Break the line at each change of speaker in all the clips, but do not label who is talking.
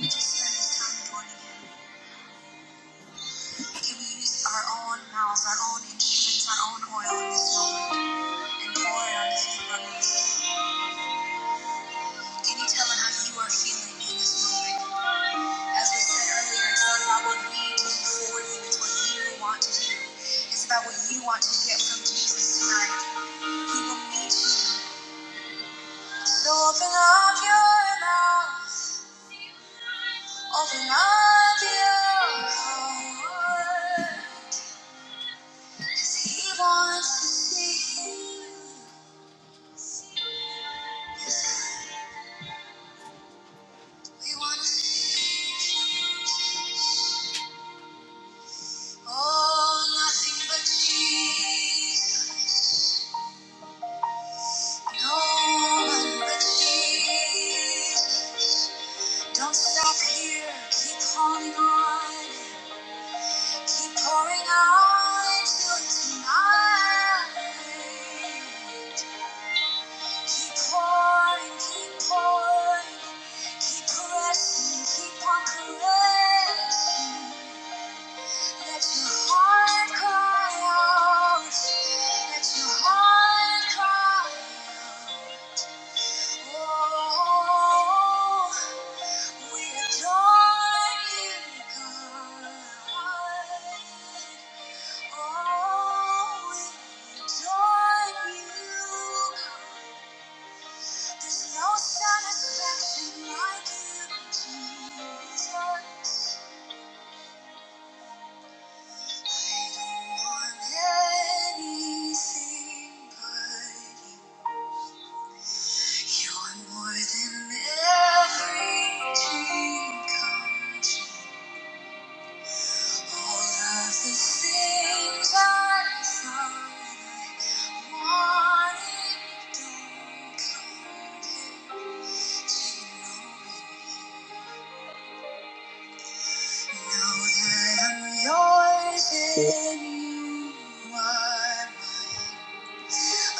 We just spend this time born again. Can we use our own mouths, our own instruments, our own oil in this moment and pour it on his brothers? Can you tell him how you are feeling in this moment? As we said earlier, it's not about what we do for you, it's what you want to do. It's about what you want to get from Jesus tonight. He will meet you. So open up your mouth, open up your heart. He wants to see you. We want to see you. Oh, nothing but Jesus. No one but Jesus. Don't stop here. Keep holding on. Keep pouring out until it's mine. Keep pouring, keep pouring. Keep pressing, keep on caressing. Let your heart cry out. Let your heart cry out. Oh, we adore you, God. Oh, we adore you, God. There's no satisfaction like you, Jesus. I don't want anything but you. You're more than every All of the things I thought I wanted don't compare to knowing Now that I'm yours and you are mine. Thank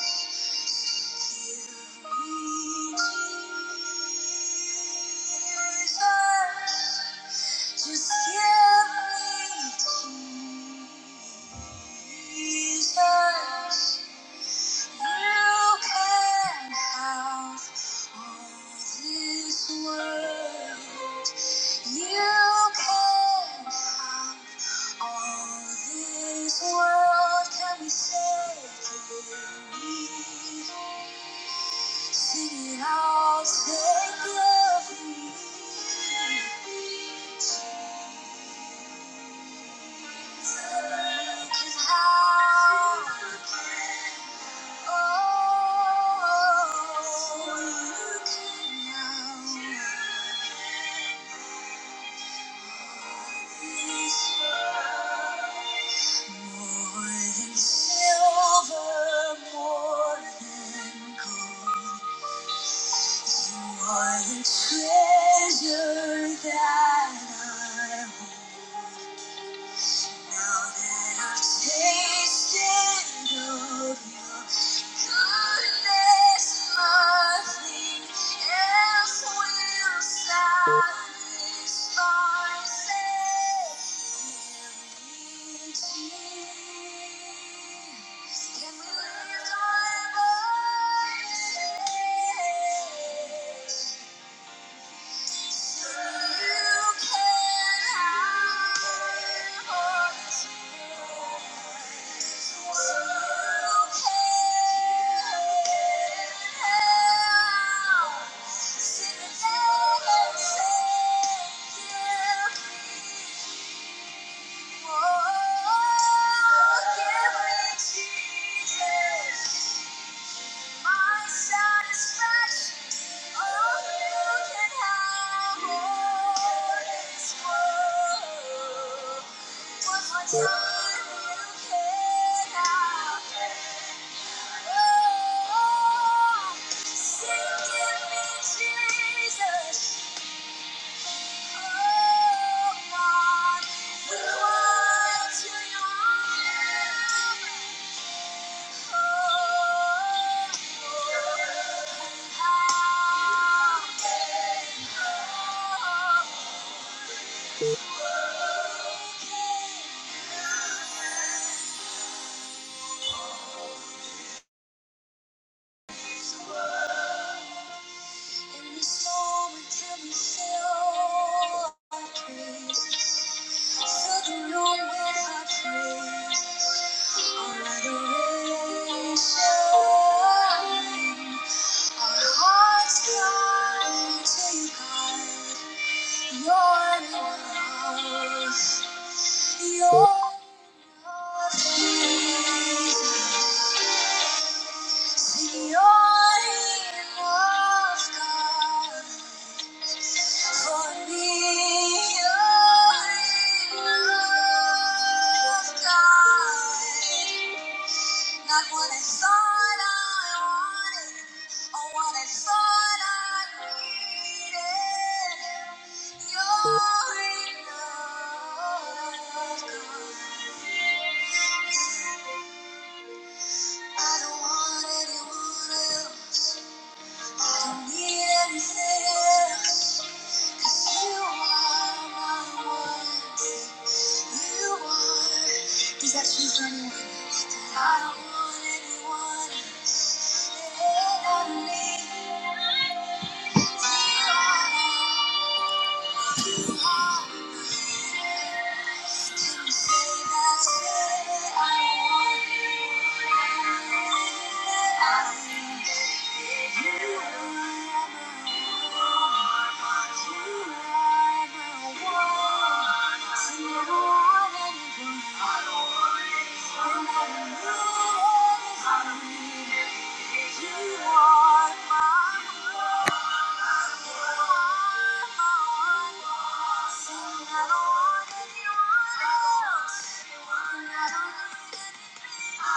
you. Just give me Jesus. You can have all this world. You can have all this world. Can we say, give me? I'll take More than silver, more than gold. You are the treasure that I hold. Now that I've tasted of your goodness, nothing else will satisfy. Say, Jesus, can we lift our voices? Jesus. My satisfaction, all you can have What my time you can have. Oh, sing, give me Jesus. In this moment, tell me, feel like peace. You're enough, God. For me, you're enough, God. Not what I thought I wanted, or what I thought I needed. You're enough, God. I don't want anyone else. I don't need anything. else. 'Cause you are my words, you are. Does that choose for anyone? I don't want anyone else. It me. You are, you are. Can you say that? Thank you. Thank you.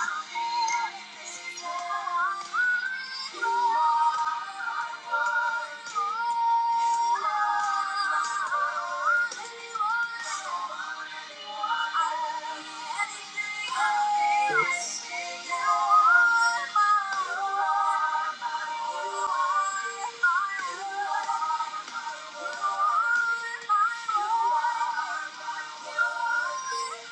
Thank you.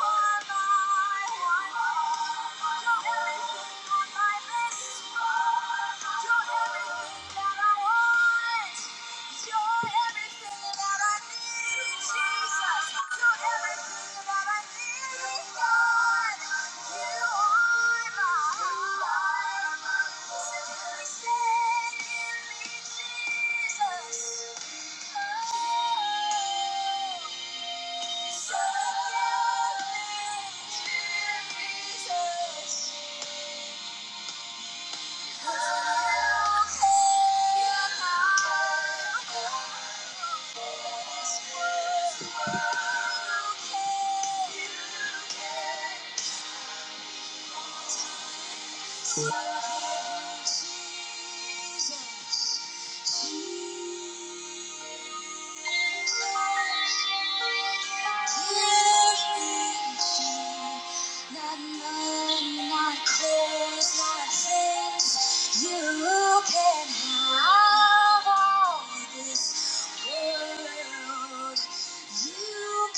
are Jesus. Jesus. Not money, not clothes, not things. You can have all this world. You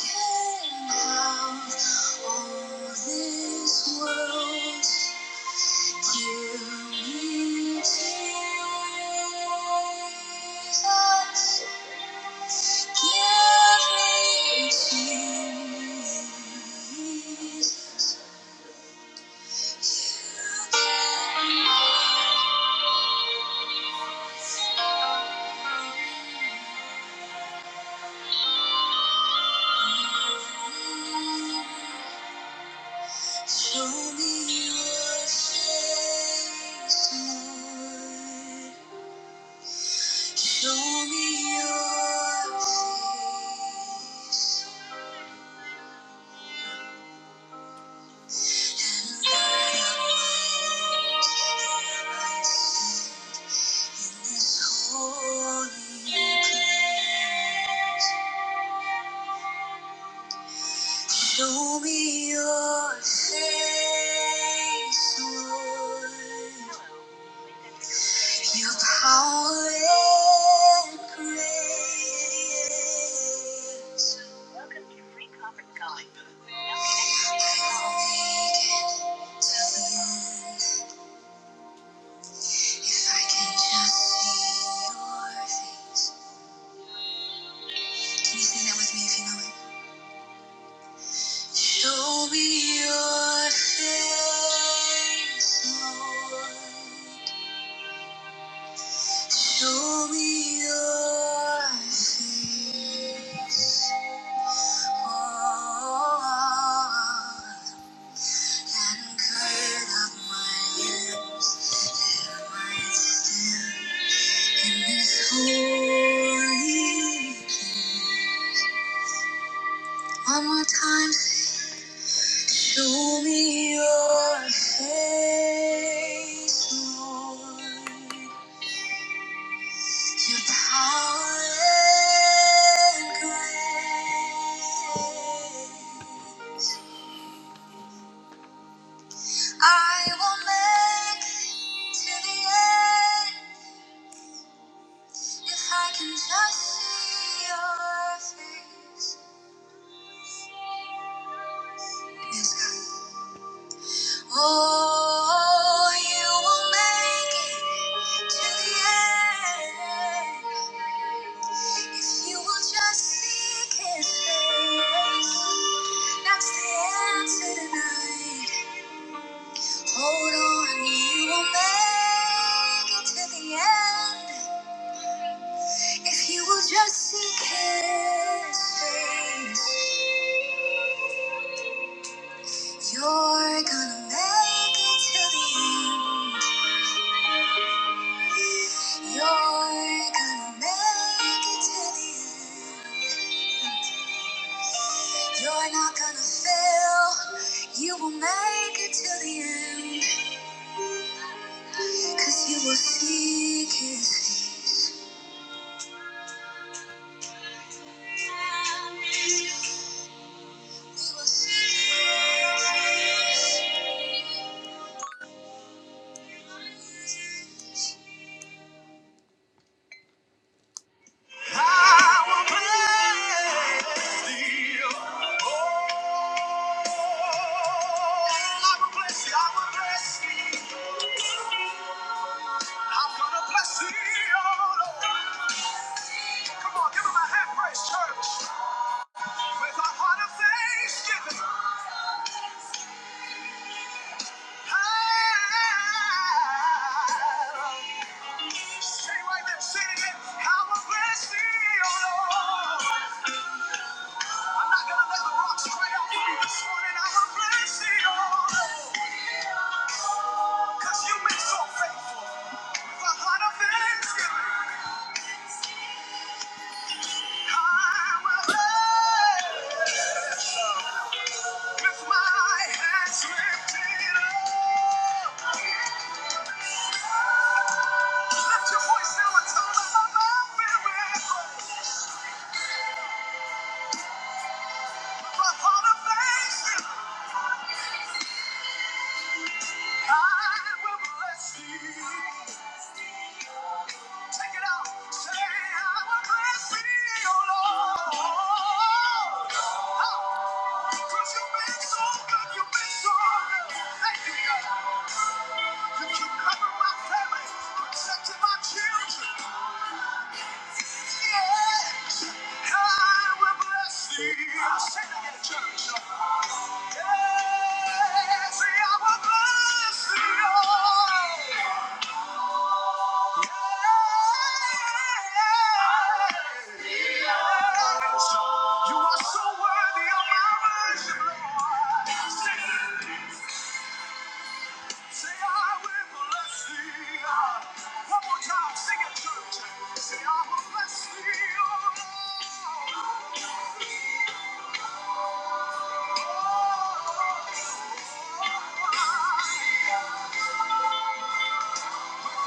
can have all this world. Show me your face, Lord. Show me your face. Holy place. Show me your face, Lord, your power and grace. I'll make it to the end if I can just see your face. Can you sing that with me if you know it? Show me your face, Lord. Show me your face, Lord. And curd up my lips, my still in this holy. place One more time, show me your face, Lord. Your power and grace. I will make it to the end if I can just see your face. Yes, God. Oh, you will make it to the end If you will just seek his face, that's the answer tonight. Hold on, you will make it to the end. If you will just seek his face, you're gonna make it to the end. You're gonna make it to the end. You're not gonna fail, you will make it to the end. Cause you will seek his I will bless thee. Oh, I will bless thee, I will bless thee. I'm gonna bless thee, oh Lord. Come on, give him a hand praise, church. With our heart of thanksgiving. Lift your voice now and tell them I'm not feeling. say that in the Church. of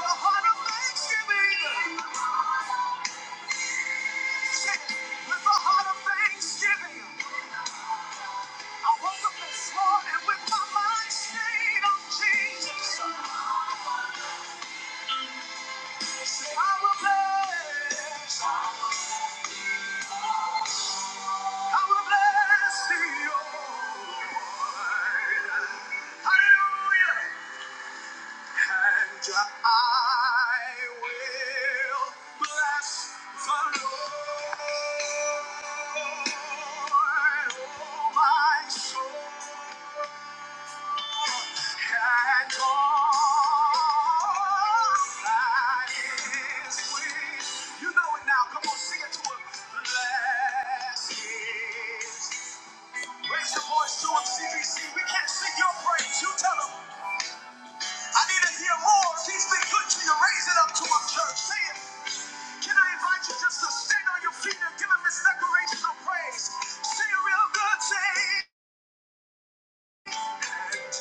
heart of Thanksgiving. I will bless the Lord. And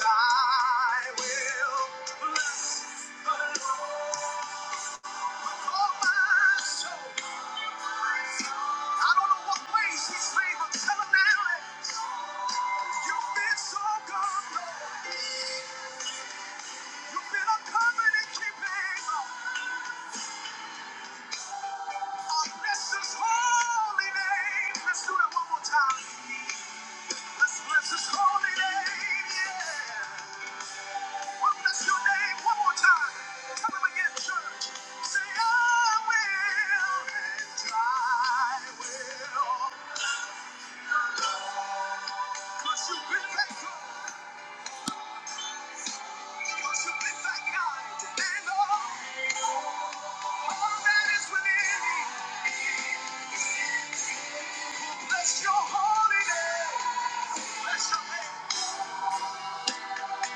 I will bless the Lord. Say I will, and I will. because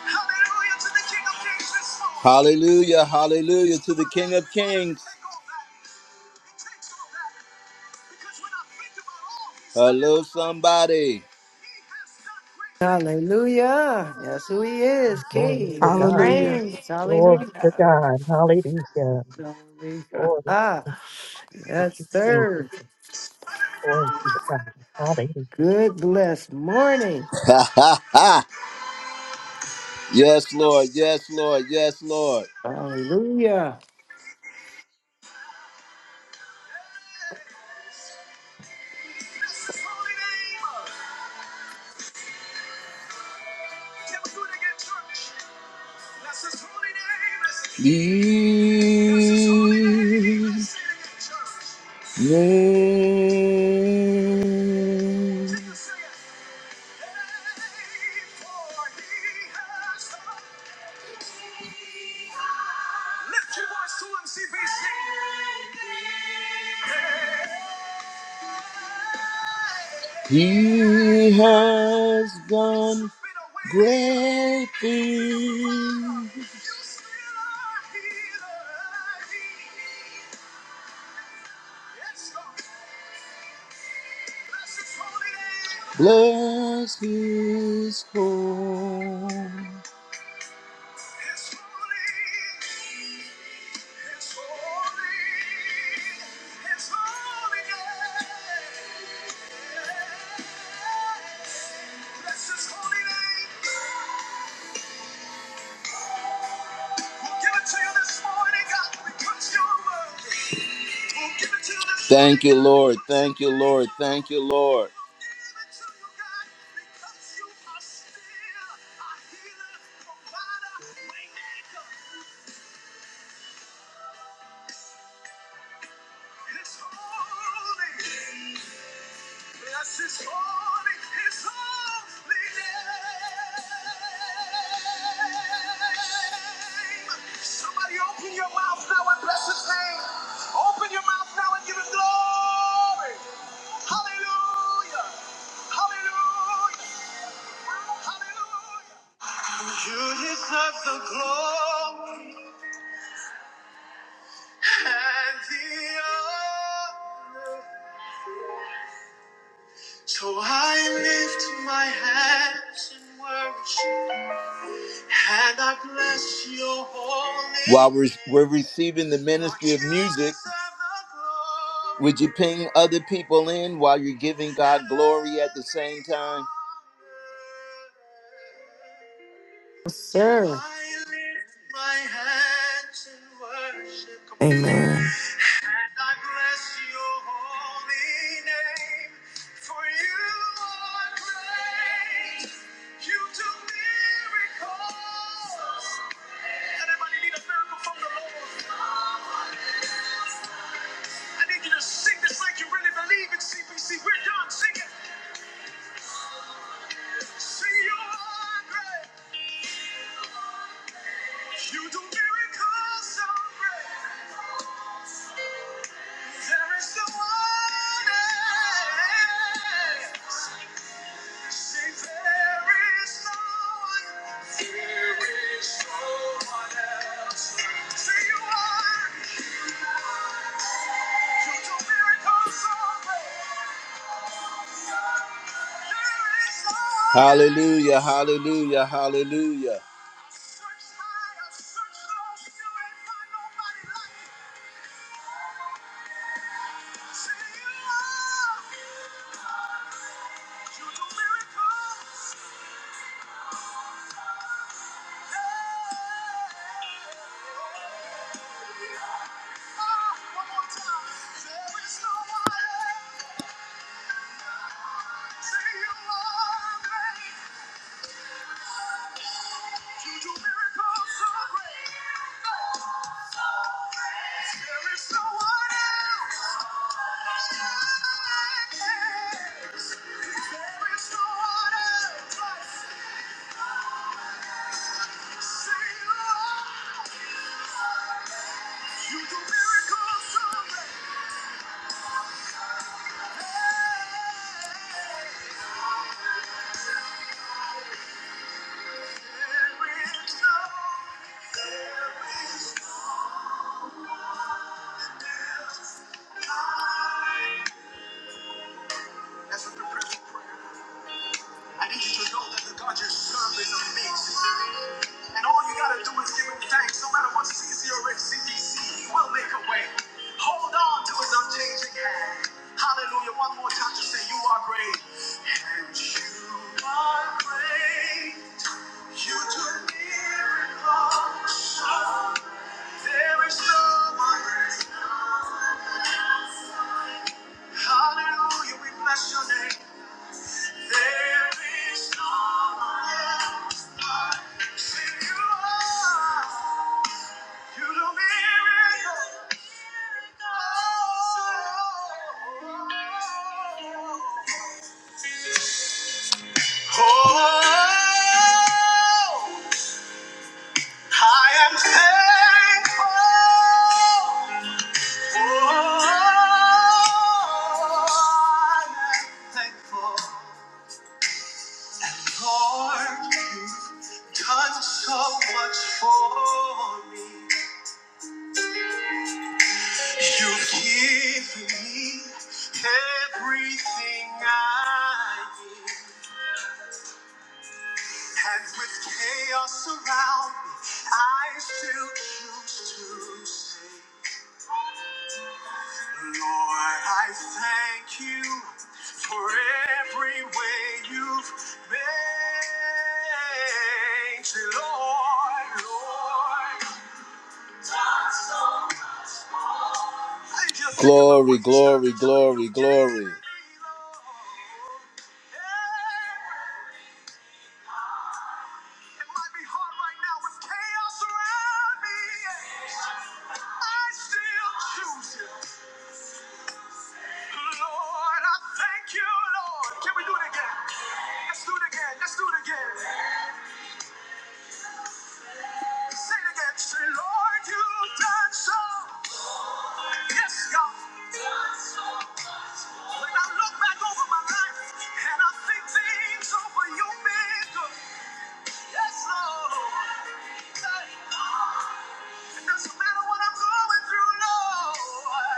Hallelujah to the King of Kings this morning. Hallelujah, hallelujah to the King of Kings. Hello, somebody.
Hallelujah. That's who he is,
Glory
King.
to
He
God.
Hallelujah.
reigns.
Glory to
Hallelujah.
God. Hallelujah.
Glory.
Glory to
Ah,
God. Thank you,
yes, sir.
Jesus. Glory to God. Hallelujah.
Good blessed morning.
Ha ha ha! yes, Lord. Yes, Lord. Yes, Lord.
Hallelujah.
His name. He has done great things. Bless his holy Yeah. Thank you, Lord. Thank you, Lord. Thank you, Lord. His holy, bless his holy, his holy name. Somebody open your mouth now and bless his name. Open your mouth now and give him glory. Hallelujah. Hallelujah. Hallelujah. You deserve the glory and the honor. So I lift my hands in worship and I bless your holy While we're, we're receiving the ministry of music, would you ping other people in while you're giving God glory at the same time?
Yes,
So
sir.
I lift my hands in worship. Come on, do it.
Amen.
And I bless your holy name. For you are great. You do miracles. Anybody need a miracle from the Lord? I need you to sing this like you really believe in CPC. We're done. Sing it. Sing you are great. You do miracles so great. no no no so Hallelujah, hallelujah, hallelujah. You do miracles so great. Hey. That's a prophetic prayer. I need you to know that the God you serve is amazing. And all you gotta do is give him thanks. No matter what season you're in, CDC, he will make a way. Hold on to his unchanging hand. Hallelujah. One more time to say, You are great. And you are great. You do miracles. So there is no one. great. Hallelujah. We bless your name. There is no one else like you are. You do Oh, I am thankful. Oh, I am thankful. Lord, you've done so much for me. You've given me everything I need. And with chaos around me, I still choose to say, Lord, I thank you for every way you've made. Say, Lord, Lord. Glory, glory, glory, glory. Yes, Lord. doesn't matter what I'm going through, Lord.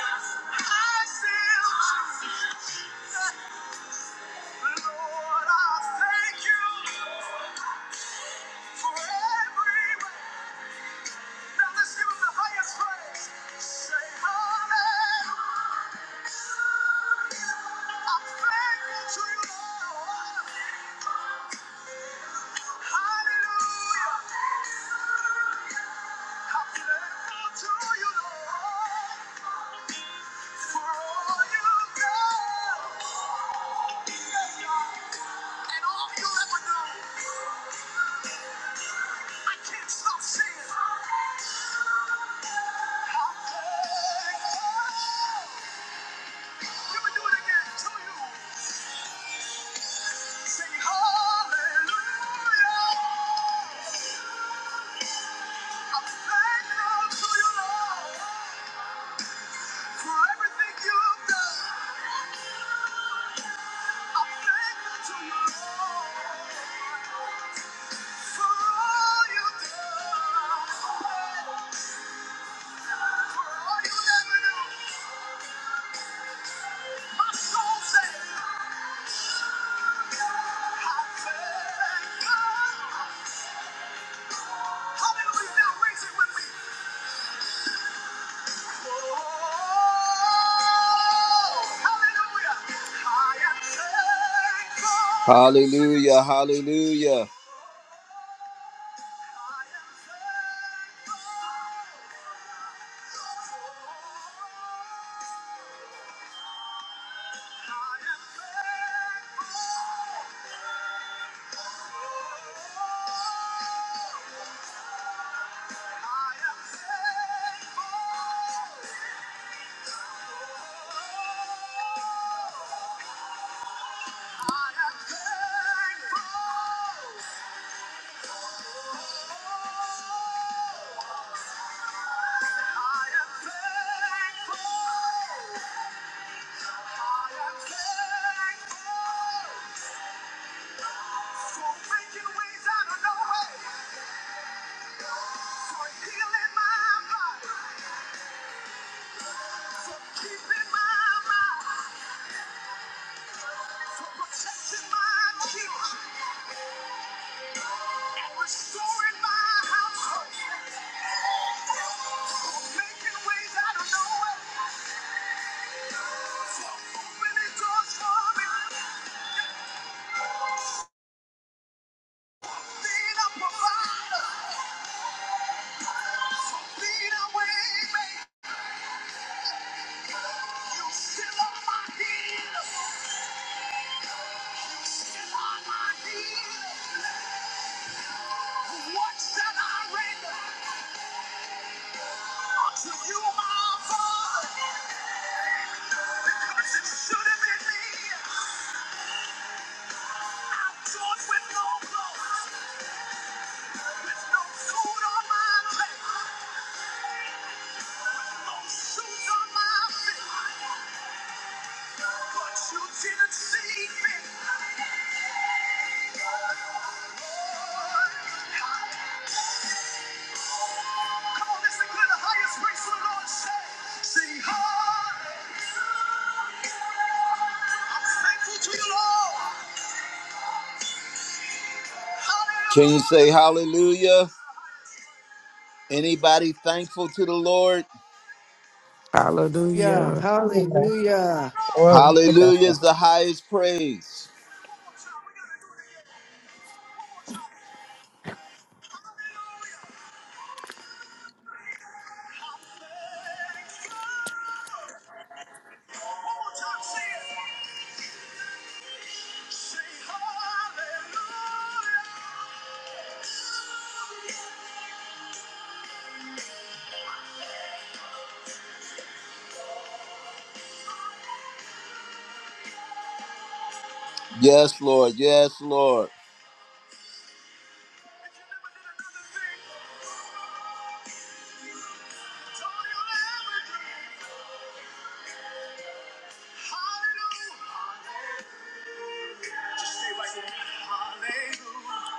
I still choose. Lord, I thank you for every Now let's the highest praise. Say hallelujah. I'm thankful to you, Lord. Hallelujah. I'm thankful to you, Lord, for all you've done and all you'll do. For every Hallelujah, hallelujah. Restoring my household, making ways out of no way, opening doors for me, and up on my a way. What shall I render to you, my Father? Should have been me, I'm torn with no clothes, with no food on my plate, no shoes on my feet, but you didn't see fit. Can you say hallelujah? Anybody thankful to the Lord?
Yeah.
Hallelujah.
Yeah.
Hallelujah.
Glory to
Hallelujah
God.
is the highest praise. Yes, Lord. Yes, Lord.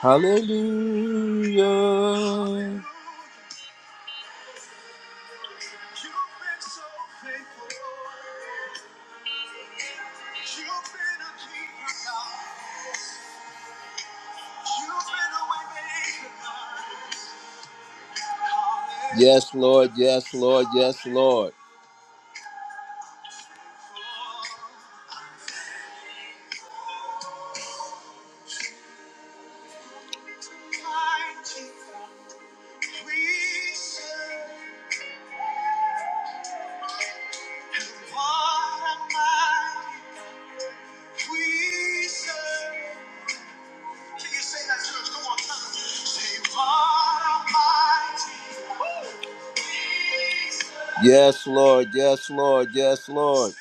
Hallelujah. You've been so faithful. You've been a keeper, God. You've been a way maker, God. Yes, Lord. Yes, Lord. Yes, Lord. Mighty we serve. What a mighty we serve. Can you say that, church? Go on, tell them. Say, what a mighty Yes, Lord. Yes, Lord. Yes, Lord.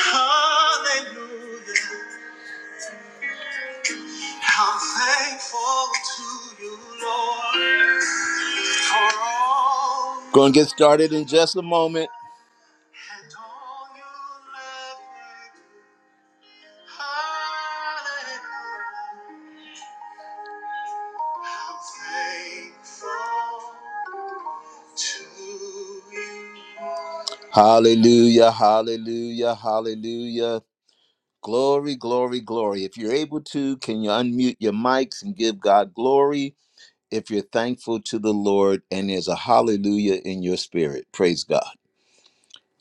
Hallelujah. I'm thankful to you, Lord, for all. Going to get started in just a moment. And all you love. Hallelujah, hallelujah, hallelujah. hallelujah. Glory, glory, glory. If you're able to, can you unmute your mics and give God glory? If you're thankful to the Lord and there's a hallelujah in your spirit, praise God.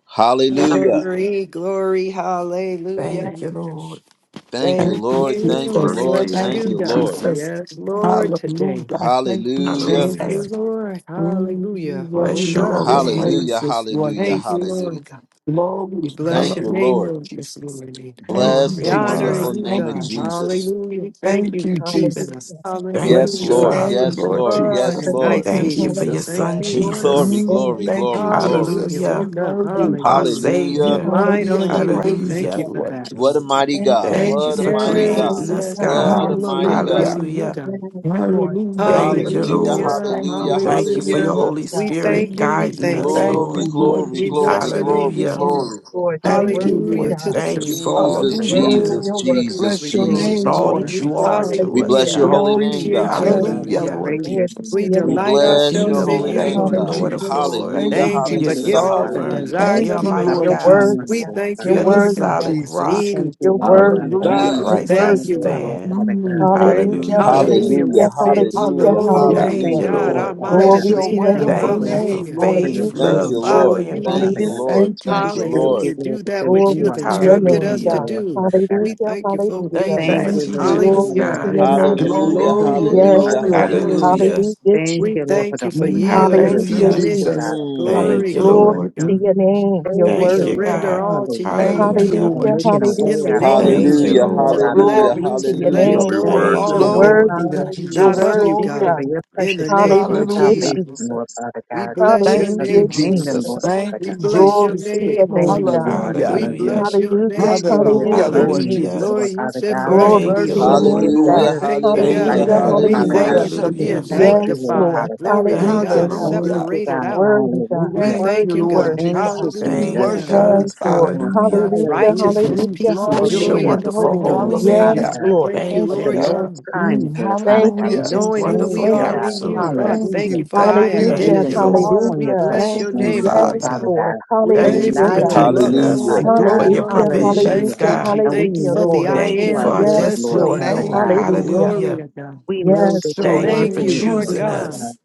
Hallelujah.
Glory, glory,
Thank
hallelujah.
you, Lord.
Thank you,
Thank
Thank you,
Lord. Thank
you.
you,
We
Jesus.
Glory to
Lord.
your
bless
Thank
Thank
you,
name,
you,
you,
God.
Lord.
God.
Jesus.
Yes, Lord, today.
Hallelujah. Thank you,
Hallelujah.
Thank you,
Hallelujah.
Jesus.
Lord.
Mm, you
Hallelujah.
Bless
Woke
your
worthy
up
of
holy
the
this
name.
morning.
Hallelujah.
praises, Lord
Hallelujah.
Thank you,
Jesus.
Lord.
Hallelujah.
Glory.
We bless
Thank
your
you,
name,
Hallelujah,
Lord.
Lord, this
Jesus.
morning.
Thank you,
Bless
Glory
We
the
to
honor
Jesus.
wonderful
God.
you,
name
Thank
of
you,
God.
Jesus.
Jesus.
Hallelujah. Thank
Thank
you for
you,
keeping us.
Jesus.
Hallelujah.
Yes,
Thank
Bless
you,
your
Hallelujah.
Lord.
Thank you,
name,
Father.
Yes,
Lord
Jesus.
Lord.
Oh, in
Yes,
the
Jesus.
night
Lord.
Thank you,
Hallelujah.
Thank you
season,
for
we
your
Jesus.
thank
son,
Hallelujah.
you, Lord God.
Glory,
Jesus.
Thank
Mm,
glory,
you,
thank you,
glory,
Jesus.
glory.
Hallelujah.
Jesus. You
Hallelujah.
Woke up.
Thank
worthy.
you,
Our
Hallelujah.
Jesus.
You
Hallelujah.
Savior.
Light
worthy of
on
Mm.
the
Hallelujah.
you. We thank
praises,
Hallelujah.
you
Hallelujah.
for
Lord
that,
What a
Lord
Jesus.
God.
mighty
Thank
God.
you,
Thank
Thank
you
What a
you,
for
Jesus.
mighty God.
Yes,
creating
Jesus.
us,
yes,
Hallelujah.
yes,
God.
What a
yes. We are
mighty
Hallelujah.
Hallelujah.
God.
blessing you,
Hallelujah.
God.
Yes, Lord.
Hallelujah,
Thank
Lord
you,
Hallelujah.
Hallelujah.
Lord.
Jesus.
Hallelujah.
Thank you,
Hallelujah.
Glory to
Thank you for
the
Jesus.
your
Hallelujah.
name
Hallelujah.
of
Holy
God.
We
Spirit
thank you.
Mm.
We
guiding
thank
us,
you.
Thank
Glory,
Hallelujah.
Lord.
you, Lord
glory,
We
Hallelujah.
glory,
bless
Jesus.
your name
glory,
Hallelujah.
this morning.
glory.
Yes, Lord, you're
Thank you,
worthy,
Hallelujah.
Hallelujah
Lord
to
God.
the
Thank you
King.
Jesus.
for all
Jesus,
that you
Hallelujah.
Worthy,
Hallelujah.
Jesus,
do
you're
Glory,
worthy.
Jesus,
glory,
Bless your
Thank
glory.
and
you,
name,
Jesus.
all
Lord.
Lord
that
Hallelujah,
you are
Jesus.
to
We
Hallelujah.
us,
Hallelujah.
bless
hallelujah.
your
We
God.
holy name,
Glory.
Thank
God.
appreciate
you,
you,
Yes,
God.
Lord
Hallelujah,
We
God.
Hallelujah.
Lord
praise your
glory
Jesus.
name
to
We
this
your
We
name,
delight
You're
morning,
God.
bless
King
your
ourselves
of
in
Mm.
holy
you,
Father.
name,
Thank
Kings,
you,
Lord
God.
Hallelujah,
God.
Lord of
Jesus. Thank
Lords.
Hallelujah,
We
you,
Thank
Jesus.
you
thank
You're
for
you,
hallelujah,
Jesus.
Lord,
giving us the
Father
Thank
God,
hallelujah.
sovereign.
for
you,
desires
Thank
You're
of
waking
our
you,
us
Jesus.
up
mighty
heart.
You're
Lord
this
God.
worthy,
morning,
We
Jesus.
God.
Lord,
thank
You're
you,
Father
You're
God.
the
Thank
Lord
worthy,
you,
God.
God.
solid
We
Jesus.
rock.
thank you,
You're
Meaningful.
Lord,
Thank
worthy,
you,
Father
God.
God,
On
God,
for
Hallelujah.
we
You're
just
Christ
Jesus.
I
thank
being
worthy,
you,
there,
God.
Lord.
Lord,
stand.
Father God,
Mm,
and your
thank
Hallelujah,
you,
Hallelujah.
concert,
Hallelujah.
hallelujah,
Hallelujah,
We're
Father
Jesus.
God.
fixed.
hallelujah,
hallelujah,
We
Hallelujah.
Glory to
Thank
thank
hallelujah.
you,
hallelujah.
you,
God.
Lord,
Our
Lord.
Father
mind
God.
is
Bless
Glory
We
your
to
just
made
your
up.
thank you,
name,
wonderful
Thank you
God.
Lord,
for
name,
Hallelujah.
Lord
for your
faith,
Hallelujah,
To
Thank
Jesus.
love,
you,
healing
follow
joy,
power,
Lord.
and
Lord,
you, God.
Thank
Father
you,
Mm,
hallelujah,
God.
peace.
Lord.
thank you,
Jesus.
We
Thank you,
just thank
Lord.
you,
Hallelujah.
Jesus.
Lord,
Do that
because
which you
you
Glory
have
are
to your
instructed
name,
us
everything,
to
Hallelujah.
God.
Lord,
do.
Father God.
We
Hallelujah,
thank you for
We just
hallelujah.
Thank you
thank
for
obedience.
Thank
you, Lord,
teaching
you.
Glory
us,
to
Hallelujah.
God.
your
hallelujah, for your
name.
Hallelujah,
Hallelujah.
provisions,
Glory,
Glory,
Lord,
Yes,
hallelujah,
Father
glory
glory,
Lord.
be
God.
to
glory.
hallelujah.
Hallelujah.
Jesus.
Hallelujah,
Thank
We
you, Lord, for
Jesus.
thank you
the
for
Holy
Mm,
yielding,
Spirit.
thank you,
Hallelujah,
Hallelujah.
Thank you,
submission.
Jesus.
God,
Jesus.
Mm.
Thank
Glory,
you,
hallelujah.
glory,
Glory
Lord.
to
God.
your
Mm,
name. You're
Thank
We
Thank
worthy,
you,
you,
Lord,
God.
surrender
God.
all to you,
thank
hallelujah,
Lord
you,
Hallelujah.
God.
for
Hallelujah,
Lord
making a
In
Jesus.
way
the
hallelujah,
out of
name of
no
Hallelujah.
Thank
Glory,
you,
way,
Jesus.
Hallelujah,
Jesus,
Lord,
Lord.
Father
let
God.
hallelujah,
Hallelujah.
Glory to
loose
your
and
We
letting
hallelujah.
glo-
just
name,
We
go
God.
of
thank you,
worship
Thank
You're
you,
all
you,
Lord,
glory
things,
Lord.
Lord.
worthy,
be to
God. You're
not
hallelujah,
Jesus.
of you,
worthy,
God.
God.
Glory.
for your
In the
precious gift
name
of
of
Hallelujah,
Hallelujah.
salvation,
Jesus,
Lord,
Jesus.
Father
we
God, and your
bless your
gift
Thank
of the
you,
Hallelujah,
name, Holy Spirit.
kingdom,
Jesus.
Lord,
Jesus.
Father
Thank
We
you,
God.
bless your
Glory
Jesus.
We
to
just
your
name,
thank
name,
holy.
you,
God.
Lord,
Hallelujah.
We
Hallelujah.
hallelujah.
bless your
Hallelujah,
Each
name.
day
You are
is a
Hallelujah,
hallelujah,
holy.
Lord
learning day,
Hallelujah.
Lord,
Lord,
Jesus.
Jesus.
you
Father
said
God.
for
We
us to
Glory
Thank
be
you,
to your
worship
to
holy.
you,
Lord.
get
name,
We
Lord.
Hallelujah,
God.
better, to
thank you,
get it
Thank you,
hallelujah,
God.
right,
Hallelujah,
Mm,
God.
Lord
We
We
Father
thank
God.
hallelujah.
you
hallelujah.
for
We
worship
just
being
you,
Hallelujah.
thank
Lord.
you,
Yes,
Lord
sanctified.
Lord.
Father God.
Glory to
Thank you,
Hallelujah,
God,
God.
Lord.
Thank
Hallelujah.
you,
separated
God.
out.
Worthy, God.
We
Hallelujah.
Thank
thank
you,
Worthy,
you,
Lord
God.
worthy,
Thank you,
God.
Jesus. We
Thank
Jesus.
you,
Hallelujah.
worship you,
God.
Thank
Yes,
you,
Father.
Lord.
Lord.
Hallelujah.
Hallelujah,
Hallelujah.
Righteousness,
Mm,
hallelujah,
peace, and
For
Bless your
joy
being
Glory.
a
hallelujah.
in the
wonderful
Holy
friend,
holy
Lord
Ghost.
Father
Hallelujah.
Yes,
name.
We
God.
Lord.
thank you,
Thank
Thank
At
you,
the
you,
Lord
God.
lowest
God
Jesus.
time,
Mm,
Lord Father
Thank
God.
you,
We
Hallelujah.
just
knowing who
Jesus.
thank
Wonderful
we
Thank
you,
are
you,
God.
in you.
counselor.
God,
Jesus.
Thank
thank
Hallelujah.
you
you.
for our
Thank you,
But we
Hallelujah,
Thank
can
you,
identity.
Jesus.
Lord.
call on
We
your
hallelujah.
bless
precious
your
Thank you,
name
name,
for
Lord
it,
Yes,
Father.
Father
God.
Lord.
God.
We
And
Thank you for
Thank
Hallelujah,
rely
you,
lifting
God.
on
you
you,
up,
protecting
Lord
Jesus.
us,
knowing
Hallelujah.
Father
who
for
God.
we
your
are.
Hallelujah,
Glory.
provisions,
Thank
Hallelujah.
hallelujah,
you,
God.
And we
Thank
Jesus.
you
hallelujah,
for
know
the
Lord.
that
I
Thank you
you
for
are
am.
our
Mm,
good,
Yes,
Bless
Lord
your
destiny,
Lord.
Father
Lord.
God.
name, Lord.
Hallelujah.
Glory
Hallelujah.
to God.
We know
Yes,
Bless
that
your
Lord.
you
Thank you
are
Thank
for
Thank
you,
name,
good,
you,
Lord
Lord
choosing
Father
Jesus.
Jesus.
God.
God.
us.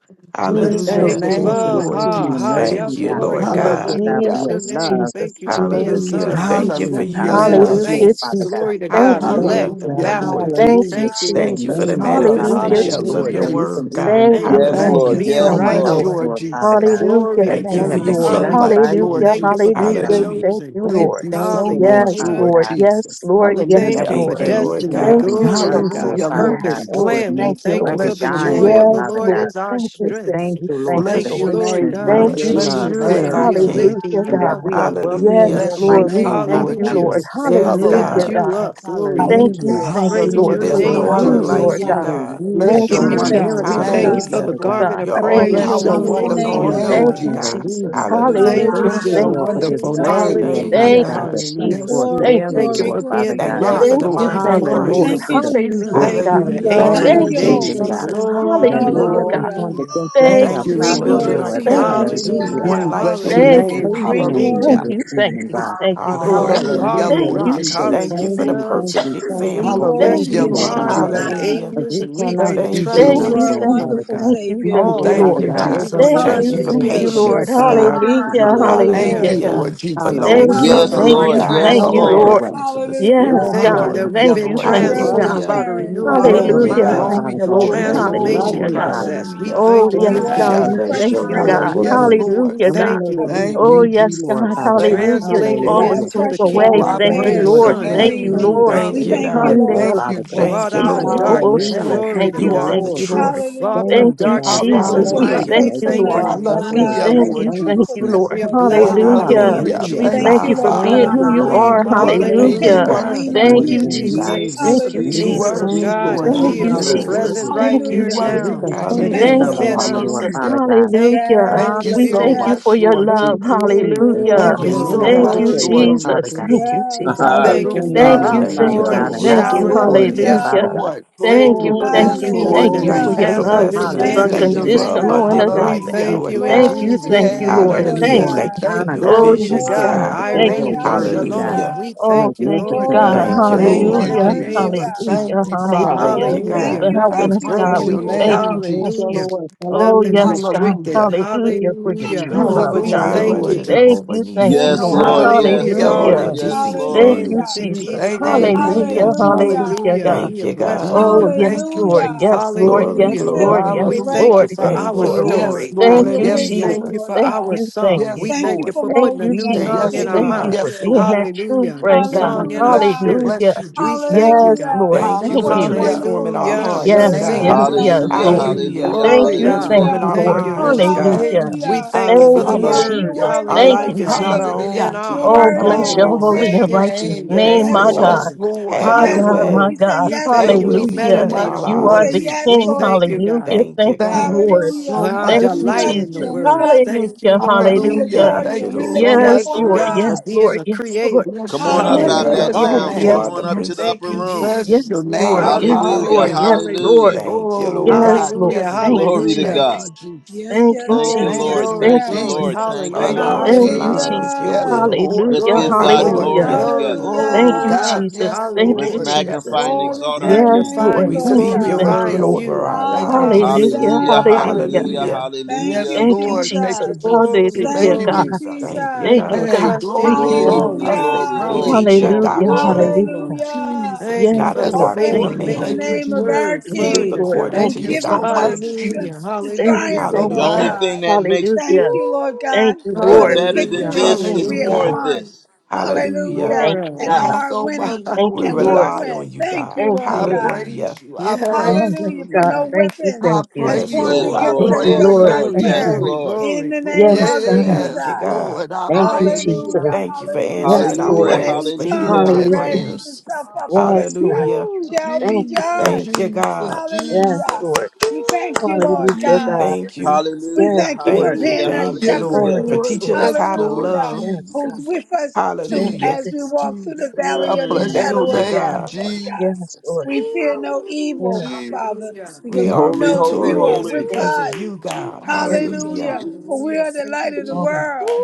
We just
Bless your
thank
Thank
Jesus,
Hallelujah.
you,
you,
Lord, for
name,
your
Lord.
Jesus,
grace
Lord
and
Ha,
your
Jesus,
ha.
Jesus.
Thank
mercy,
Yes,
Jesus.
you,
God.
Lord
Lord
Thank
God.
you,
We
God.
God, for
Hallelujah.
bless
your
your
Jesus,
name.
love.
Jesus,
Thank you for being
Thank
Jesus,
you for
Hallelujah.
sons.
Thank you
Jesus.
teaching
for
us how
Hallelujah,
to
using
Yes,
love,
Lord
us.
Lord
Hallelujah,
saints.
Father
Jesus.
Jesus.
God.
Glory to
Thank
God.
you,
Thank
Hallelujah.
Elect
you,
Jesus.
Hallelujah, Lord
ambassadors. We
Thank
Jesus.
you,
hallelujah,
thank
to
you,
your
Thank
Lord.
you for
Jesus.
the
name, Lord Father
Hallelujah,
God,
Hallelujah,
manifestations of
Jesus.
Lord
your
that
Hallelujah.
we can
word,
Jesus.
God.
even
Thank
be a
you,
Thank
Yes,
you
Thank
thank
for
blessing
Lord.
you
you,
Hallelujah.
to
being
so
thank
Yes,
someone
you,
much,
Lord.
else,
righteous.
Lord.
Lord
Lord Father
Jesus.
God,
Hallelujah,
Glory
as
to
Thank
thank
we
you for
Thank
have
you,
God.
you
your
been
Lord.
so
blessed
kingdom.
by
much,
Hallelujah.
you,
Lord
Hallelujah,
Lord
Thank you for
Father
Jesus.
being
God.
hallelujah,
Hallelujah.
thank
chosen.
you,
We
Thank
just
Lord.
you
thank
so
you, Lord
much,
Yes,
Father
Hallelujah.
Lord
Lord,
God
yes,
Jesus.
for
Lord,
each
yes,
and
Thank
Hallelujah.
you
every
for
Thank you,
Lord.
day, each
Lord
and
destiny.
Thank
God.
every
you,
Glory
breath,
to God.
Lord
Jesus.
Hallelujah,
Father
Lord
Yes,
God,
Purpose,
Jesus.
every
Lord,
plan. We
thank you,
miracle,
thank you
Lord.
every
for
Bless
the
your
dying,
joy
Lord
of
name.
the
Yes,
Father
Lord
God.
Lord,
is our
thank
We
you,
Just
thank
strength.
thank
you,
you,
thank
Lord, for
you,
Thank
the
Bless
you,
your
Lord.
Lord
richness
name,
of
God.
Thank
We
Lord.
In
you,
your
Bless
choose
love.
your
Jesus'
you
Jesus.
as
name.
name,
our
we are
Hallelujah.
king.
lifting
Hallelujah,
And
you
that
up,
God.
we are
God.
wealthy
Yes,
in
Hallelujah.
your
Bless your
might,
Lord, we
Lord
name,
thank
Father
Lord
you,
God. We
Lord.
Hallelujah.
just
Jesus.
thank
Yes,
you,
Lift
God.
Hallelujah,
God.
Hallelujah.
you
God.
up. Glory to
Thank
God.
you,
Hallelujah.
Hallelujah.
thank you,
We
Praise
Lord,
your
just
Hallelujah,
for
There's
the
no
thank
Lord
name,
you,
other
food,
Lord.
hallelujah.
like
Lord
Jesus.
you,
Hallelujah.
God.
God.
I
Hallelujah.
Bless
Thank
For
give
your
you,
Lifting
you
the
you,
thanks,
God.
wonderful
Jesus,
We
Lord
miracle,
for
thank
name.
Lord
you
those
for
God.
Hallelujah.
the
Father
people,
God.
garment
God.
of
You're
I
We
all
Thank
praise
just
you,
your
praise.
Bless your
thank
wonderful
powerful
Jesus.
and
you,
wonderful
name,
all
Hallelujah.
Lord
Jesus.
name,
Thank
God.
knowing,
you,
God.
Jesus.
Jesus.
Hallelujah.
We
Hallelujah.
Hallelujah.
thank you
Thank
Bless
you,
this
Hallelujah.
your
Thank
Lord,
morning.
you,
for this
wonderful
Hallelujah.
Jesus.
word,
name,
Lord
Thank
Hallelujah.
you,
Father
Thank
Hallelujah,
Jesus.
God,
you,
God.
that comes
hallelujah.
Jesus.
Yes,
forth
Lord.
Glory,
Thank you,
daily,
Thank you
glory,
Lord
for
Jesus.
Father
being
glory,
the
God.
Thank you
rock,
for
Yes,
glory.
Thank
the
you,
Lord.
chief
mind of
thank
Thank
you,
you,
Lord.
Hallelujah
cornerstone.
Thank
for
you,
Christ.
the
Jesus.
peace that
Hallelujah,
Thank
Jesus.
God.
you, the
surpasses
Hallelujah.
all
ancient
Thank
Thank
you,
of
Thank
you,
you,
understanding,
Lord.
days.
Jesus.
God.
Jesus.
That
Glory,
Hallelujah,
no
God.
weapon
Hallelujah.
formed
hallelujah,
against us
Thank
shall
Thank
Thank
you,
you,
you for
Bring
Lord
prosper,
building
glory
Jesus.
our
to
Lord.
your
Jesus.
Thank you,
character
name,
to
Lord
be
Hallelujah.
one
Jesus.
hallelujah,
Ooh,
God.
like
bless
And we
your
Thank
just
His.
you,
hallelujah.
name.
praise
thank
your
Bring
you,
name
glory,
thank
in
Ancient
Hallelujah.
of
this
you, thank
evening,
you,
God.
thank you, Lord.
you
Hallelujah.
are
Hallelujah,
the
Hallelujah.
Thank
We
Lord
you,
rock,
just say
Jesus.
Thank you
Jesus.
thank
for the
Thank
you,
you,
hallelujah.
thank
perfect
you, thank
Jesus.
you,
bring
example.
glory
thank
Thank
Yes,
to
Hallelujah,
you,
you,
your
you
Lord
Lord
are
name,
Father
the,
Lord
the
Jesus.
God.
Jesus.
Thank
God.
Hallelujah.
you,
As
ages,
we
and we're
Jesus.
cannot
going to
Thank you,
thank
Thank you,
you
trust
Thank
You
enough,
in
Lord.
you,
are
Jesus.
a
you,
Lord
thank you,
Father
Lord
wonderful
God.
God.
thank you,
Savior.
Mm,
thank
Lord
you,
Thank
Thank
Father
you,
Lord.
Always,
you,
God,
we're
God.
over
going
Jesus.
and
to
over
Thank
Thank
and
Thank
you,
trust
you
you,
for
in
over,
thank
we
you,
Hallelujah.
you.
Jesus.
You're
confess
Lord.
patience,
our
King of
God.
love to
kings
you,
and
Hallelujah,
Lord
Lord of
Father
Thank
God.
hallelujah,
Hallelujah.
you,
lords.
God.
Hallelujah.
Lord
For
We
Jesus.
long
thank
Thank
you
you,
for
Yes,
Hallelujah.
the
thank
You
suffering,
heart
you,
Lord.
have
Hallelujah.
God,
Yes,
thank
for
shown
you,
us
all
transplant.
the
the
Lord.
Hallelujah.
Lord.
way.
fruits of the
We
Yes,
Yes,
Spirit,
Hallelujah.
thank you
God.
God.
Lord.
that we've
Hallelujah,
Thank
been
you,
You're
Lord
the
thank
You
you,
are
rose
the
of
Jesus.
God.
transformed
Hallelujah.
by
truth
the
and
Sharon.
you
renewing
are the
of the
Thank you,
light,
Glory,
Hallelujah,
Lord
Hallelujah.
minds,
God.
thank
glory,
Father
you,
God.
Lord.
We
glory,
just
Thank you,
love
glory.
transformation
Hallelujah,
Lord.
you,
Mm-mm-mm.
God.
God.
process. We
Hallelujah.
Oh,
thank you
yes,
for
Thank
You
that,
you,
God,
Hallelujah.
are
we
a
Lord.
Jesus.
Bless
thank
fresher
your
Yes,
you,
breath,
God.
Lord.
wonderful
breath
Yes,
Hallelujah.
name.
Lord.
We
Hallelujah,
And we
God.
thank
know
you,
a,
that we
Lord.
Thank
Oh,
you,
need you,
yes,
Lord
God.
a,
Jesus.
Father
Thank
God.
you,
Hallelujah. You
Translated
Hallelujah.
a
Jesus.
always
into
make
the
a
fresher
We
Oh,
way.
kingdom
just
I
breath
of our
Thank
thank
you,
you,
dear
air
praise
Lord, that
Lord.
that
your
we
Son,
you have
you,
Thank
name,
you,
breathe.
Lord.
trained us
Lord.
Thank
We
Jesus.
in
you,
this
thank you,
God.
life,
Hallelujah.
Lord
Hallelujah.
Lord.
Thank you,
Father God.
Thank
Brought
you,
out
Jesus.
of
Lord.
Hallelujah.
darkness.
Hallelujah.
Thank you,
Glory
Thank
Thank
to
you,
you,
You are
thank
the
God.
Jesus.
Lord.
you, Lord.
truth.
Brought
Thank
from
Hallelujah.
Thank
you,
you,
God.
darkness into
Jesus.
For
We
your
Hallelujah.
light.
Hallelujah.
We
thank
Hallelujah.
you,
You
thank
Lord.
you,
are
faithfulness,
our
Lord,
Lord
We
for
truth,
it,
God,
Hallelujah,
God.
thank
and
Lord.
your
you,
Lord
Thank you,
thank you,
Jesus.
truthfulness,
Jesus.
Lord.
We are
Lord
You are
God.
blessing
not a
you,
Hallelujah.
man
Lord
Hallelujah.
that you
Hallelujah.
We
could
Thank
Thank
Jesus.
thank
you,
you,
you for
lie.
Lord
Father.
being
Thank
God,
who
you,
you
Hallelujah.
We,
God.
are.
You
that
We
we can
worthy,
praise
Thank
the
you
you,
Hallelujah.
depend and
hallelujah.
God.
precious
lean
worthy,
and
on
Thank
Lord
mighty
you,
you.
name,
We
Jesus.
God.
thank
Jesus.
you
Jesus,
for
Thank you,
the
We
You
Hallelujah.
just
kingdom
Jesus,
of
Jesus.
worthy,
thank you,
Jesus,
God is
Lord
God.
Thank
Thank
you,
here.
you,
Jesus.
It's
Jesus.
Lord.
Jesus.
present
Hallelujah.
right
Thank you,
You
here and
Hallelujah.
As we
worthy,
now,
Jesus.
and
continue to
it's
Thank
Thank
you,
love
Jesus.
Hallelujah.
you,
on
within
Lord.
you, Lord
us.
Jesus.
Hallelujah.
Father God.
Thank you,
Hallelujah.
Holy
Thank
Yes,
you
We
yes,
so
thank
Hallelujah.
you
Spirit.
yes.
much,
for your
Lord
Thank
love.
you,
Jesus.
Jesus.
Hallelujah.
Glory,
Thank you
Every
Mm,
Yes,
glory,
so
minute of
Thank
the
God.
you,
much,
glory,
day, Lord
Lord
glory,
Father
Jesus.
God.
Jesus.
Thank
glory.
you,
We
yes,
can
Jesus.
praise
Thank you
your
for
Thank
Hallelujah.
your
name,
you,
Lord
hallelujah.
Thank you,
thank
Father
you,
Hallelujah.
outpouring
God,
and
and
Lord.
not
thank
be
Yes,
you.
showering on
Lord.
ashamed,
us,
Lord
Yes,
God.
Father
Hallelujah.
Hallelujah.
God.
Lord.
We
Thank
Thank
you
just
you,
for
thank
thank
that
Holy,
you,
Yes,
you,
peace
thank
thank
Lord
you,
that
you for
thank
Thank
holy.
you
your
you,
Hallelujah.
Jesus.
for
past
Lord.
love, which
blessing
is
us.
Thank
Bless
you,
Thank
understanding,
Hallelujah.
you
your
for
Lord.
name.
unconditional
Jesus.
and
abundant
We
agape.
life,
Hallelujah.
Thank
thank
Lord
you,
you in
Thank
God.
Glory
Jesus.
you,
to
Jesus'
your
thank you,
name.
We
name,
Lord.
give
Lord
you
Yes,
Hallelujah.
Thank
Peace,
glory
you.
and
Lord.
God.
Thank you for
Thank
honor,
you,
new
God.
Oh,
glory to
yes,
Jesus.
visions,
Dear
God.
God.
God,
Oh,
God.
because
Thank
glory,
your
you,
Thank
Irene
you,
and
thank
word to
you.
God.
Jesus.
Shalom.
Hallelujah.
hallelujah.
We
Oh,
thank you,
thank you,
Lord
Magnificent,
Glory,
God.
God,
Lord.
Thank you,
Thank
Thank
hallelujah,
you,
Lord.
you,
in the
Hallelujah.
Jesus.
name of
Jesus.
hallelujah.
Jesus.
Hallelujah.
Thank you, Father.
Thank
Hallelujah.
you,
Oh,
Hallelujah.
Hallelujah.
thank
God.
For
you,
I
helping
Nothing's
thank
us,
you,
God.
praise
thank
Thank
We
broken.
your
you,
you.
God.
thank
name,
you.
Thank you,
Thank you.
Hallelujah.
Jesus.
Lord.
Oh,
Nothing's
Hallelujah.
yes, God.
restricted.
Hallelujah.
Hallelujah.
Thank
For
you,
your
Hallelujah.
Jesus.
true love,
Jehovah
We
God.
Hallelujah,
Jireh,
thank you,
Hallelujah.
Lord
God.
Thank
Jehovah
you.
Jesus.
Thank
Oh,
you,
Nisi,
Yes,
how
Lord.
Lord.
wonderful
Hallelujah.
it
Yes,
It's
Hallelujah,
all
Lord.
Jehovah
in
Lord
Hallelujah.
is.
Yes,
Jesus'
Tasiki
Jesus.
Thank
Lord.
name.
you,
Nu.
It's
Hallelujah.
in
Mm,
Jesus.
Jesus'
Thank you.
name.
Thank you,
Hallelujah.
Hallelujah.
Jesus.
Hallelujah.
Hallelujah,
Hallelujah.
God.
We
Thank you,
have blessed
God.
you,
Oh,
Mm,
God.
yes,
Thank you,
Lord.
Hallelujah.
Yes,
Jesus.
Lord.
To
Glory,
Yes,
be
Hallelujah.
filled
Lord.
with
glory.
your
We
Yes,
thank you
Hallelujah.
Lord.
for
Yes,
righteousness,
Thank
our
you,
Lord
Lord.
God,
Yes,
Lord.
story.
and
Thank
Lord.
your
you,
We
Yes,
Hallelujah.
thank
wisdom,
Lord.
you
Jesus.
for
Lord
Thank
God.
our
you. Thank
song.
you.
We
Yes,
Thank
thank
you
you
Lord.
for
for
Thank
putting a
you,
molding
new
us
Mm,
and
Jesus.
Thank
song
you,
Yes,
in our
Thank
shaping
Lord.
you
God.
mouth.
us,
for
Yes,
Lord
being
Lord.
that
God.
true
Hallelujah. A new
friend, God.
song
Mm,
in our
Bless you.
Hallelujah.
spirit.
Hallelujah.
Bless you,
We
Jesus.
thank you,
Yes,
God.
Hallelujah.
Lord.
Thank you
Thank
for
What a
you.
Hallelujah.
wonderful
transforming our
thing to
Hallelujah.
Bless your
We
hearts,
serve
Yes,
a
sing a
yes,
name.
God.
God
new
Bless
like
yes,
your
Hallelujah.
song.
you.
Lord.
name, God.
Hallelujah.
Hallelujah.
Thank
Glory
you,
God.
thank
We
Hallelujah.
Transforming
you,
our
Hallelujah.
thank
Lord.
Mm,
you,
minds,
Lord
Bless your
God.
God.
Hallelujah.
name,
We
Hallelujah.
thank you
Jesus.
Thank
for the
Lord
you,
Hallelujah.
God, you're
word.
Hallelujah.
Jesus.
worthy
Our
of
Thank
our
life
you,
is
Hallelujah.
not our
praise.
Jesus.
In
Hallelujah.
own. To
our
You're
Oh,
heart,
you we
worthy
God,
bless
of our
your
Oh,
won't
holy
belong.
sin
bless
and
praise.
your
against
righteous
you in
name,
the
name,
name
Yes,
of
Yes,
my
Jesus.
Lord.
God.
Lord.
Yes,
Jesus.
Lord.
Have
My
Hide
your
in
Yes,
Yes,
the
God,
Lord.
Lord.
my
way.
word.
We say
God.
We
yes,
Your
thank
Lord,
Thank
you.
you
will
We
to
be
you.
so
done
Hallelujah.
in
meditate
our
much,
on the
You
We
are
Lord
say
the
word.
lives.
yes,
We
King.
Jesus.
Lord,
thank
to
you,
you.
God.
Hallelujah.
Thank you,
Thank you,
Thank
God.
you
Lord.
Hallelujah.
so
Ah,
Thank
We
much,
you,
delight
trust
Lord
in the
you
Jesus.
and we
word.
Jesus.
love you
Thank
Hallelujah.
you, Lord
and we
Jesus.
Hallelujah.
Hallelujah.
adore
Thank
you
Thank
you,
and
you
we lift
so
Lord.
you up
Yes,
Thank
much,
on
you,
Lord.
Lord
God, for
Yes,
high.
being
Jesus.
Lord.
the
Yes, Lord.
creator.
Bless
Come
your
on
Thank
Yes,
up
you,
name.
out of
Hallelujah.
Hallelujah.
that
Of
God.
Bless
yes,
your
all
lounge.
You
Come
yes,
name.
are
on
the
things.
up
yes,
to the
Prince of
Thank
upper
you,
room.
Peace.
Bless your
yes,
Jesus.
Yes,
name.
Lord. Yes,
Hallelujah.
Hallelujah.
Lord.
Hallelujah.
Hallelujah.
Yes,
Hallelujah.
Lord.
Hallelujah.
Thank you,
Oh,
Lord.
Yes,
God.
Lord.
Hallelujah.
Yes,
Thank you,
Glory
Lord.
to
Hallelujah.
Thank you,
God.
Jesus.
yes,
Jesus.
Thank you,
yes,
Thank you,
yes,
Glory,
Thank
Lord.
Jesus.
yes,
you,
glory,
Thank
Thank you,
you,
yes.
glory.
Lord.
Jesus.
Jesus.
Thank you,
Our
Thank
Hallelujah.
you,
Lord.
lives
Thank you,
Hallelujah.
align with
Jesus.
Jesus.
your
Yes,
Hallelujah.
will.
Lord.
Let's
Hallelujah.
give
Yes,
Glory,
God
Lord.
glory,
glory
Hallelujah.
Hallelujah.
glory.
together.
Come
Thank
Oh,
you,
on
Hallelujah.
God.
up.
Jesus.
Yes,
Thank
Let's
you,
Lord.
Hallelujah.
Yes,
magnify
Jesus.
and
Lord.
Glory
exalt
to
our
your
Yes,
King.
Lord.
name,
We
Magnifying,
Thank
Lord
Yes,
speak
you.
your
Thank
Lord.
God.
you,
word
glorifying
Yes,
Lord.
over
you.
Lord.
our
Thank you,
lives.
Jesus.
Hallelujah.
Hallelujah,
Hallelujah.
Hallelujah.
Hallelujah.
hallelujah,
Hallelujah.
Hallelujah.
Thank
Yes,
hallelujah.
you,
Thank you,
Lord. Thank
Jesus.
you,
Jesus.
Jesus.
Glory,
Hallelujah,
Thank
Thank
you,
God.
you,
glory.
Jesus.
Thank you,
Jesus.
We
Thank you,
will
God.
Hey,
God.
trust in
Thank you,
you
glory.
God.
Glory,
I say,
always.
glory,
Hallelujah.
We
hey.
glory,
teach your
Hallelujah.
Hallelujah.
glory, glory.
doctrine,
Yes,
Hallelujah.
Woo,
Lord.
Hallelujah.
Yes,
Jesus.
Thank you
not
for
the
the
Yes,
Oh,
Lord.
faith.
doctrine
Thank
of
We
blessed
Lord.
be
you.
the
mix it
Thank
man.
you,
with
name of our
word.
Yes,
Jesus.
We live
Glory
King
to
Lord.
according
God.
Thank
who
Thank
to
you
you,
your
so
giveth us
Jesus.
doctrine.
the
much,
strength
Hallelujah.
Jesus.
to
Thank
Thank you
you.
Hallelujah.
triumph,
so
Thank
The
you,
Lord
only
God.
much.
Hallelujah.
thing
God.
that makes
Thank
Hallelujah.
you, Lord
Thank
God,
Woo!
you,
for
it
Thank
the
Lord.
better
We
than
Hallelujah.
you.
victories
this
trust
Mm,
that
Thank
is
you,
we
you,
have
more
Hallelujah.
God.
of
Lord.
won.
this.
Hallelujah.
Hallelujah.
Thank
More.
Woo!
of
you,
And
Thank
God.
you
are
so
it.
much,
winning
Thank
We
you,
Lord
and will
Lord.
Jesus.
rely on
win.
you,
Thank you,
God.
Thank you,
Lord
I
Lord.
God.
Hallelujah.
praise you. I
yes.
Oh,
praise
yes,
Hallelujah.
you,
For
God.
no
Lord.
Thank you.
weapon
I
Thank you.
as
Yes,
praise
formed
you.
Yes,
I
Lord.
against
Lord,
Thank
us
you,
shall
Glory,
yes,
Lord.
Lord,
glory,
praise
Thank
you,
yes,
prosper.
you.
glory,
Lord.
Lord.
In
glory.
the
We
name
Yes,
bless
of
you,
God.
Jesus.
God.
Thank you,
Yes,
God.
Lord. I
Thank you,
praise you.
Hallelujah.
Jesus.
Hallelujah.
Thank you for
Hallelujah.
Yes,
Hallelujah.
Yes,
answering our
Hallelujah,
Lord.
And
Lord.
prayers,
every
for hearing
tongue
Hallelujah.
hallelujah,
our
that
Hallelujah.
Yes,
raises
prayers.
itself
Jesus.
up
Yes,
against us
Lord.
Hallelujah.
Woo!
shall
Thank
be
you.
Jesus,
Thank
Thank
you.
judged.
you,
Jesus,
God.
Yes,
Hallelujah.
Jesus.
Lord.
We thank you,
Woo!
Hallelujah,
Lord God.
God.
Thank
Jesus.
you.
We
Yes,
hallelujah,
thank you for
Lord.
Thank you.
hallelujah,
being
Woo.
our
Thank you,
Yes,
shepherd.
Oh,
Lord,
hallelujah.
for
yes,
Lord.
teaching
Lord.
us
Yes,
how to
Lord
Hallelujah.
love.
Yes, God.
Who's
Jesus.
with us to-
Thank you.
Hallelujah.
as
Thank
we
Jesus,
walk through the
Jesus. I
valley of
you.
the
Hallelujah.
Yes,
bless
Mm.
your
shadow
Lord.
Thank you,
of
name,
death,
God.
Lord God.
Yes,
Jesus.
Lord.
We fear no
Ooh,
Hallelujah,
evil,
Yes,
Father,
Jesus.
hallelujah,
We
because
yes,
we
are
Holy,
know that
holy,
you are
victorious
holy.
with
yes,
because of
us.
Ooh,
you, God.
yes.
Jesus,
hallelujah,
Hallelujah.
Hallelujah. For we
hallelujah.
are the
Jesus.
Thank
light
you,
of the
Oh,
Jesus.
world.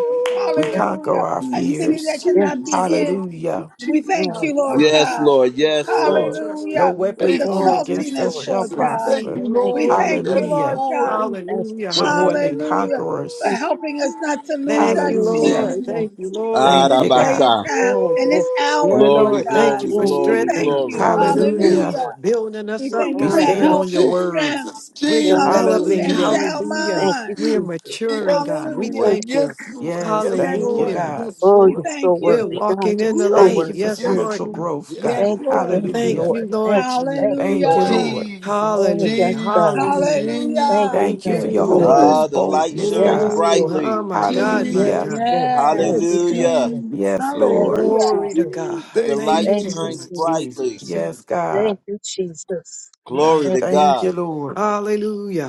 We
yes,
conquer
Hallelujah.
our
A city
Jesus,
that
fears.
Oh,
yes,
my
cannot be
Jesus,
hid.
Hallelujah.
We thank
God,
yes,
you,
Jesus.
Lord
Lord.
Lord,
Yes,
I'm
Ooh,
God.
Lord, yes,
Jesus. I
Yes.
Lord.
trust in
No
Hallelujah.
you,
For
weapon
God.
your
Thank
formed
you,
Oh, yes,
against us
saltiness,
Lord.
shall
Lord
Jesus.
Who
God.
we,
Thank
prosper.
you,
who
Thank
We
you,
we,
Lord.
who
Jesus.
thank you,
Yes,
we.
Hallelujah.
Lord God.
Lord.
Thank you,
Hallelujah,
We're
Jesus.
more than
hallelujah.
Hallelujah. For
conquerors.
Thank you.
Ooh,
helping us not to lose
Thank
our
you,
Jesus.
Thank
Hallelujah.
Lord.
you. Thank
Thank
seasoning
you,
you.
Jesus.
in
Lord.
Thank
this
you,
day
God.
and
Arabasa.
time,
Oh,
in
yes,
this
Lord.
hour,
Yeah,
Lord
Glory,
Lord,
Ooh,
thank
God.
you
glory,
for
Yes,
We
glory,
strengthening
thank
us.
you.
glory.
Jesus.
yes,
Hallelujah.
Hallelujah.
Lord.
Hallelujah.
Building
We
us up,
Ooh,
thank you
We
for
God.
Oh,
Thank
We
stand
yes,
are,
you,
on
help
your
and
Lord.
word.
strength.
Jesus,
we're
Yes, Lord.
Jesus,
Hallelujah.
developing.
And
Hallelujah.
sound
Jesus.
Hallelujah.
Thank you,
mind.
We are
Jesus.
maturing,
Yes,
God. We
Hallelujah.
Thank
Lord,
you.
thank you.
yes, Lord,
Yes,
yes,
Yes,
thank you,
Lord,
Lord.
Hallelujah.
God.
yes,
Oh,
We
you're
Lord.
so
thank
We're
you.
worthy, God.
walking
You're
in the
so
light.
Thank you for
Ooh,
worthy,
Yes,
God.
yes,
Lord.
spiritual
Lord,
growth,
yes,
God.
Yes,
Thank you,
Lord.
Lord.
thank you,
Thank
Hallelujah.
Lord.
you,
Thank
Lord
you,
Jesus.
thank you,
Thank you,
Lord.
Hallelujah.
Lord.
Jesus,
Oh, yes,
Hallelujah.
God.
Jesus,
Hallelujah.
Thank you,
Hallelujah.
Thank
Thank you
thank
for
Jesus.
you,
your Holy
you.
Lord.
Ah,
Ghost
the light
boldness,
shines
Yes,
God.
Lord.
Ooh,
brightly.
oh,
Ooh,
my God, my
Hallelujah.
Yes,
God.
Lord. Thank
Yes.
Jesus,
you, thank
Hallelujah.
you.
Jesus.
Yes,
Thank
Lord.
you,
Hallelujah.
Glory
Jesus.
to God.
Ooh,
The
thank
Thank
light
you,
you,
Thank you,
shines
Lord
Jesus.
Jesus.
brightly.
Jesus.
Yes, God.
Thank you, Jesus.
Glory
Yes.
Thank
to
you,
Thank
God.
you,
Jesus.
Lord.
Hallelujah.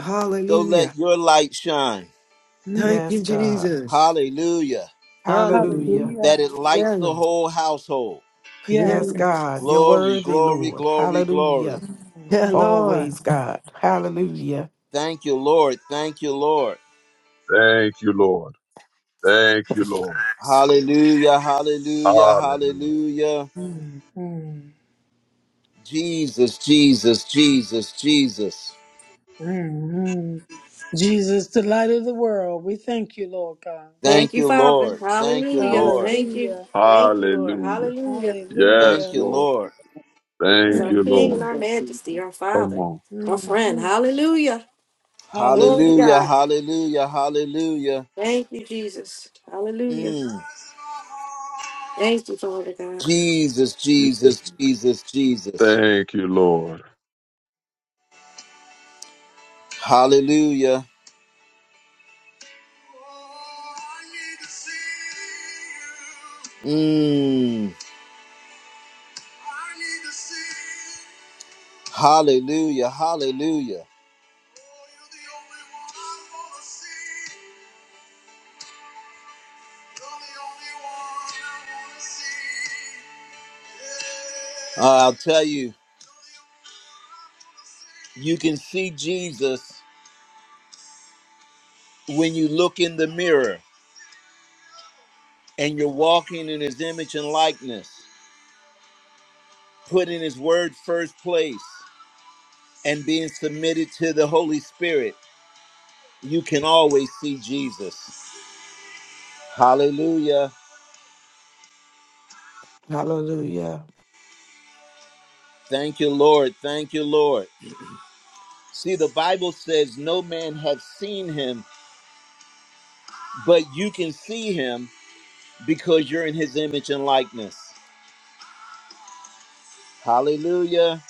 So
Hallelujah.
let your light shine.
Mm.
Thank
Yes,
you,
God.
Jesus.
Hallelujah.
Hallelujah.
Hallelujah.
That
Hallelujah.
it lights
Yeah,
the
Lord.
whole household.
Yes.
yeah,
Yes, God. You're
Glory,
worthy,
glory,
Lord.
glory, glory.
Hallelujah.
yeah, Lord.
Always, God. Hallelujah.
Thank you, Lord. Thank you, Lord.
Thank you, Lord. Thank you, Lord.
Hallelujah, hallelujah,
Hallelujah.
hallelujah. Jesus, Jesus, Jesus, Jesus.
Mhm. Jesus, the light of the world. We thank you, Lord God.
Thank
Thank
you,
you,
Father.
Lord. Thank you,
Hallelujah.
Lord.
Thank you.
Hallelujah.
Thank you, Lord.
Hallelujah.
Hallelujah.
Yes,
Thank you,
Hallelujah.
Lord.
Lord.
He is
Thank
our
you,
Mm,
King and
Thank
mm,
Lord.
our
you, Jesus.
Majesty,
Thank
our
Come
Father,
on.
our
mm,
friend.
mm.
Hallelujah. Glory
Hallelujah.
to
Hallelujah,
God.
hallelujah, hallelujah.
Thank you, Jesus. Hallelujah.
Mm.
Thank you, Father God.
Jesus,
Thank you,
Jesus, Jesus, Jesus.
Thank you, Lord.
Hallelujah. Mm. Hallelujah, hallelujah. Uh, I'll tell you, You can see Jesus when you look in the mirror and you're walking in his image and likeness, putting his word first place and being submitted to the Holy Spirit. You can always see Jesus. Hallelujah.
Hallelujah.
Thank you, Lord. Thank you, Lord. See, the Bible says no man has seen him, but you can see him because you're in his image and likeness. Hallelujah.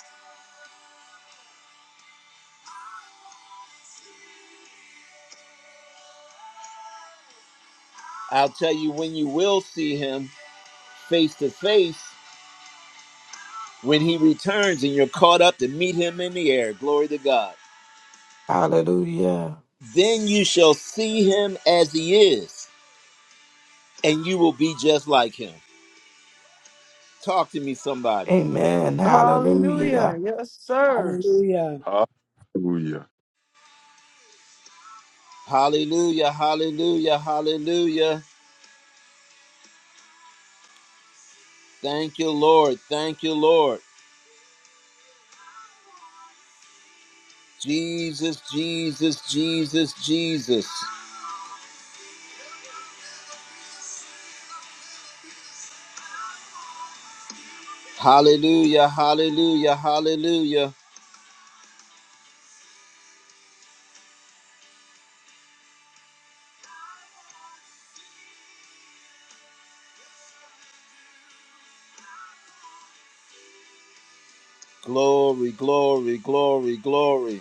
I'll tell you when you will see him face to face When he returns and you're caught up to meet him in the air, glory to God,
Hallelujah.
then you shall see him as he is, and you will be just like him. Talk to me, somebody.
Amen. Hallelujah.
Hallelujah. Yes, sir.
Hallelujah.
Hallelujah.
Hallelujah, hallelujah, hallelujah. Thank you, Lord. Thank you, Lord. Jesus, Jesus, Jesus, Jesus. Hallelujah, hallelujah, hallelujah. Glory, glory, glory, glory.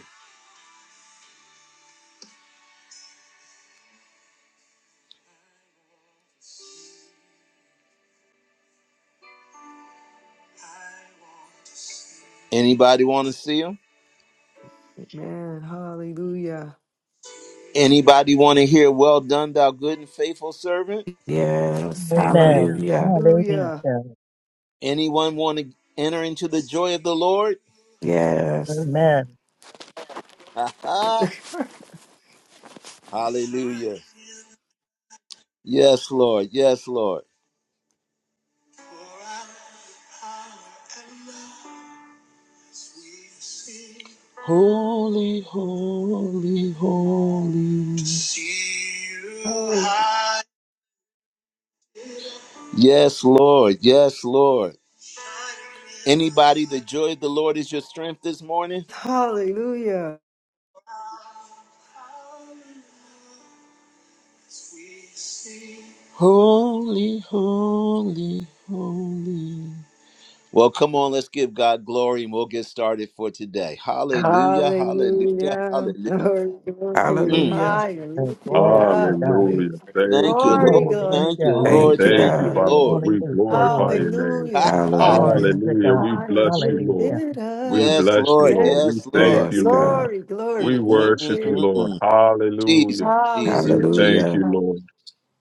Anybody want to see him?
Amen. Hallelujah.
Anybody want to hear, Well done, thou good and faithful servant?
Yes.
Amen.
Amen.
Hallelujah.
Hallelujah.
Hallelujah.
Anyone want to enter into the joy of the Lord?
Yes.
Amen.
Ha ha! Hallelujah. Yes, Lord. Yes, Lord. Holy, holy, holy. Yes, Lord. Yes, Lord. Anybody, the joy of the Lord is your strength this morning?
Hallelujah.
Holy, holy, holy. Well, come on, let's give God glory and we'll get started for today. Hallelujah, hallelujah,
Hallelujah.
hallelujah.
Glory, glory.
Mm,
Hallelujah.
Hallelujah. Glory to
Hallelujah.
God.
Hallelujah.
Hallelujah. Thank
thank
you,
you, Lord.
Glory,
Lord.
glory,
Thank you,
Hallelujah.
glory
We
to
Lord.
Thank you,
the
thank
Thank
you,
you,
God.
Father.
King.
Lord.
We
Hallelujah,
glorify
Lord.
your name.
Ha
Hallelujah.
ha.
Glory
Hallelujah.
to
Hallelujah.
God.
We bless you,
Hallelujah.
Lord.
Thank
We
Hallelujah.
Yes,
bless you,
Lord.
Yes,
Lord. We
Yes,
thank
Lord.
Yes,
you, Lord.
God.
Glory,
We
Mm,
glory.
mm, mm,
worship you,
glory.
mm,
Lord.
mm. Jesus,
Hallelujah.
Jesus,
We
Jesus.
Hallelujah.
thank you,
Hallelujah.
Lord.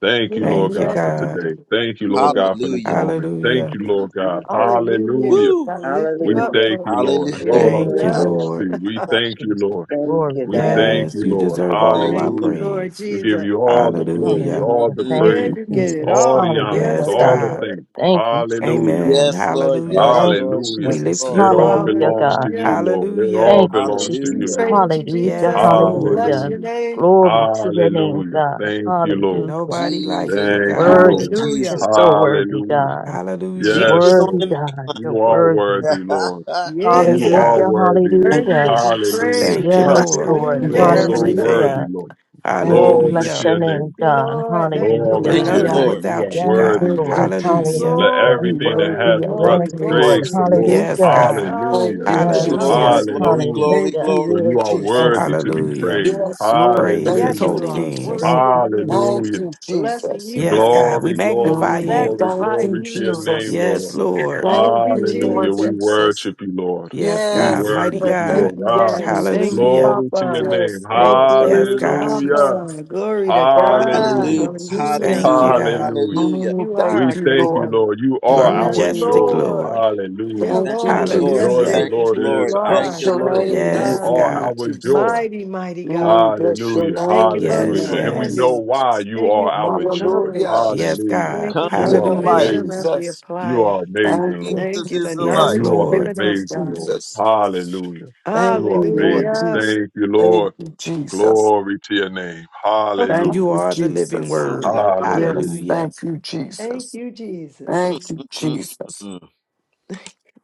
Thank you,
We
Lord
Thank you,
God,
bless
for
you.
God.
today.
God.
Thank you,
you,
Lord
Lord.
God, for this
Hallelujah.
moment.
Hallelujah.
Thank you,
Thank you,
Lord God.
Jesus.
Hallelujah.
Hallelujah.
Woo.
I lift
We
you up,
Hallelujah.
thank
Lord
you,
God.
Lord. I
Hallelujah.
We
go
Glory,
lift
out of
you
Thank
glory,
you,
this
Ha,
up.
first
glory.
Lord.
thing. We
you,
ha.
thank you,
Jesus.
Lord.
Thank
Glory
you,
We
to
Thank
God.
you,
God.
thank
Yes,
you,
you
Lord.
Jesus.
deserve all
thank you,
our
Thank
Lord.
you,
Hallelujah.
Lord
praise.
We
Jesus.
give you all the
Mm,
glory,
Hallelujah.
mm,
all
Hallelujah.
the
mm,
Thank
Yeah,
mm,
you,
praise,
you get
mm.
it
Jesus.
all the
all.
honors,
This
Hallelujah,
Yes,
is
all
God.
the
God.
yours.
thanks.
Thank you, Jesus.
Hallelujah.
Amen.
Yes, Lord. Yes,
Hallelujah.
Thank you,
Lord.
Hallelujah.
We
Yes,
Jesus.
lift
Lord.
It
you
all
up.
Hallelujah,
belongs
God.
to you,
Hallelujah.
Lord. It
Hallelujah.
all
Thank you,
belongs to
We
you,
Jesus.
Hallelujah.
Lord.
praise you,
Hallelujah.
Yes,
Jesus. We
Lord.
bless
Hallelujah.
your
Hallelujah.
name.
Glory to your name,
Hallelujah.
God.
Thank you, Lord.
Hallelujah.
Nobody like
Jesus,
you,
Thank you,
God.
Jesus,
Worthy,
Lord.
God.
Jesus.
Hallelujah.
Just so worthy,
Hallelujah.
God.
Hallelujah.
Yes,
Jesus on
Worthy,
the
Lord.
main.
God. You're
You are
worthy.
worthy, Lord.
Yeah,
Yes,
You
you are
are
God.
Hallelujah.
worthy,
Thank you,
Lord.
worthy
Hallelujah.
to be
Hallelujah.
Jesus.
Thank
praised.
you,
Huh.
Yes,
Lord.
Thank
Lord.
you,
You
You're
are
Lord
Hallelujah.
so
Jesus.
worthy,
Hallelujah.
everything.
Lord.
Thank
Oh,
you,
Glory
Jesus.
Hallelujah.
bless
to
your
your
Thank
name,
name.
you,
God.
Lord. Thank you,
We're
Glory
Hallelujah.
Thank
to
you,
your
Lord.
nothing
Hallelujah.
Lord.
name. You are
without you,
Yes,
worthy,
God.
Thank
Lord.
you,
Lord.
Jesus.
Hallelujah.
Let
Hallelujah.
You
Glory,
everything that
glory,
hath
worthy of the
breath
Yes,
glory,
Lord.
praise
praises,
the
glory.
Jesus.
Lord.
Yes,
Hallelujah.
God.
Thank
Hallelujah.
you,
Yes,
Hallelujah.
Glory,
Hallelujah.
Lord.
Jesus.
Hallelujah.
glory,
Hallelujah.
glory,
Thank you,
Hallelujah.
glory,
For you
Lord
are
glory.
Thank
Jesus.
you,
worthy to be
Hallelujah.
Jesus.
praised.
Yes, Lord,
Praise his
thank
Yes,
Hallelujah.
you,
you
holy
are
name.
Jesus.
worthy
Thank
to
you,
be lifted
Thank
up.
Hallelujah.
you,
Jesus.
Blessing
Jesus.
you,
Yes,
God.
God. We
Glory, glory,
magnify
Mm,
you.
glory,
Thank you,
Magnifying
glory
you,
to your
Lord.
name,
Jesus.
Yes,
Lord.
Thank
Lord.
Thank
you,
you,
Hallelujah.
Lord
Jesus.
We
Jesus.
worship you, Lord.
Yes,
We
God.
Yes,
worship
Mighty
Lord.
you,
Thank
Thank
God.
Lord.
you,
you,
Ah,
Daddy. Thank
Jesus.
you,
Hallelujah.
glory to your
Papa.
name.
Yes,
Thank
Lord. Thank
Yes,
you,
you,
God.
Hallelujah.
Jesus.
Abba. Glory to
Glory be
God.
Hallelujah,
to
Hallelujah.
Hallelujah.
Jesus.
Thank you,
hallelujah,
God.
Hallelujah.
hallelujah.
Mm,
You are
thank
We
our
you,
thank you,
Lord.
King.
Lord. You
You
are
are
our
Yes,
majestic,
Mm,
joy.
Lord.
Lord.
Yeah,
Hallelujah.
Thank
thank you,
Lord,
you,
The
Lord.
joy of
Jesus.
the
majestic
Hallelujah.
Thank
is
Lord
you,
who you
is
Lord. Thank
our
are.
Bless
you,
your
Glory
strength.
Lord.
to
name
You
this
Yes,
God.
are
morning,
God.
our joy.
Jesus.
Mighty, mighty God.
Mm, bless your
Hallelujah.
Thank
name
you for
this
Yes,
Hallelujah. And
morning,
we
yes.
know
understanding.
why
Jesus.
you
Thank
are
you for
our
your
joy.
Hallelujah.
knowledge.
Yes,
Hallelujah.
God.
Thank you
Come
You
to
for
Thank
the
are
you,
light.
Hallelujah.
wisdom
amazing.
as we
Jesus.
apply
You
it.
are amazing,
Thank you,
Lord.
Thank
Jesus
you,
is
the
the
Jesus.
Yes,
light.
knowledge
You are
you've
Lord.
Thank
given
you,
us,
amazing,
God.
Lord.
Jesus.
Hallelujah.
Thank
You are
you, Lord
amazing.
Hallelujah.
Jesus.
Thank you,
Thank
Lord.
you, Jesus.
Glory to your name.
Thank
Hallelujah.
You
you,
are the living
Jesus.
word.
Hallelujah.
Our King.
Yes,
Hallelujah.
Hallelujah.
thank you,
Thank
Jesus.
you, Jesus.
Mm,
Thank you,
mm, mm, mm,
Jesus.
mm.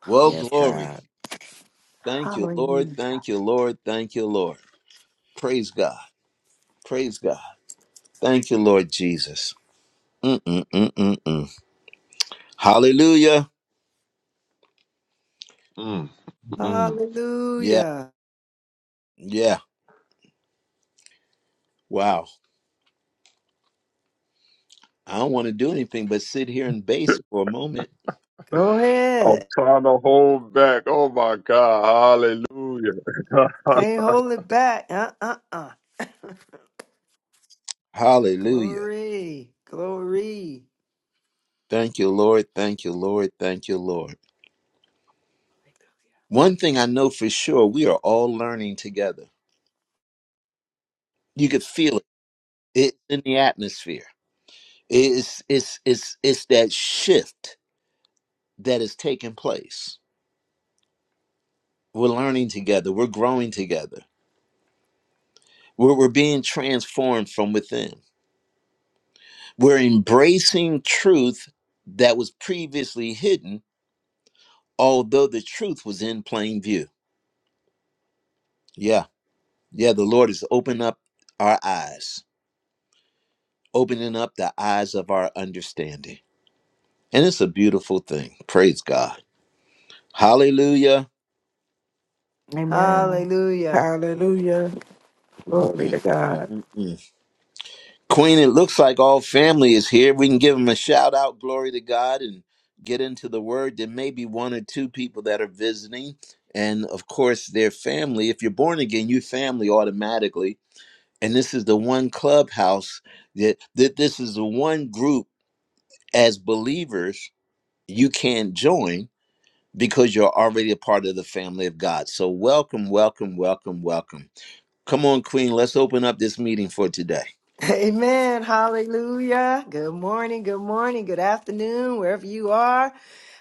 Well,
Yes,
glory.
God.
Thank you, Lord.
Hallelujah.
Thank you, Lord. Thank you, Lord. Praise God. Praise God. Thank you, Lord Jesus. Mm-mm-mm-mm-mm. Hallelujah.
Mm, mm.
Yeah.
Hallelujah.
Yeah. Wow. I don't want to do anything but sit here and base for a moment.
Go
I'm
ahead.
trying to hold back. Oh my God. Hallelujah.
Can't hold it back. Uh uh uh.
Hallelujah.
Glory. Glory.
Thank you, Lord. Thank you, Lord. Thank you, Lord. One thing I know for sure, we are all learning together. You could feel it. It's in the atmosphere. It's it's it's it's that shift that is taking place. We're learning together. We're growing together. We're, we're being transformed from within. We're embracing truth that was previously hidden, although the truth was in plain view. Yeah. Yeah, the Lord is opening up our eyes, opening up the eyes of our understanding. And it's a beautiful thing. Praise God. Hallelujah.
Amen.
Hallelujah.
Hallelujah. Glory
Mm-mm-mm.
to God.
Queen, it looks like all family is here. We can give them a shout out, glory to God, and get into the word. There may be one or two people that are visiting. And of course, their family. If you're born again, you family automatically. And this is the one clubhouse that, that this is the one group as believers you can't join because you're already a part of the family of God. So, welcome, welcome, welcome, welcome. Come on, Queen, let's open up this meeting for today.
Amen. Hallelujah. Good morning. Good morning. Good afternoon, wherever you are.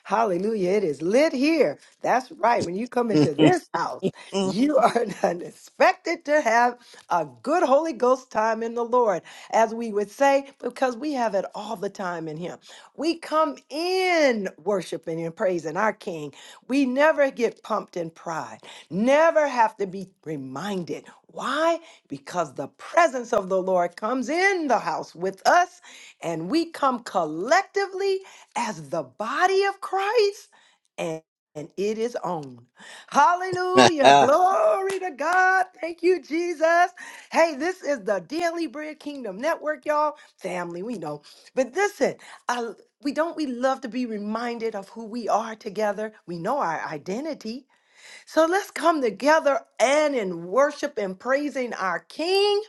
Hallelujah. It is lit here. That's right. When you come into this house, you are expected to have a good Holy Ghost time in the Lord, as we would say, because we have it all the time in Him. We come in worshiping and praising our King. We never get pumped in pride, never have to be reminded. Why? because the presence of the Lord comes in the house with us and we come collectively as the body of Christ and, and it is on. Hallelujah. Glory to God. Thank you, Jesus. Hey, this is the Daily Bread Kingdom Network, y'all. Family, we know. But listen, I, we don't we love to be reminded of who we are together. We know our identity. So let's come together and in worship and praising our King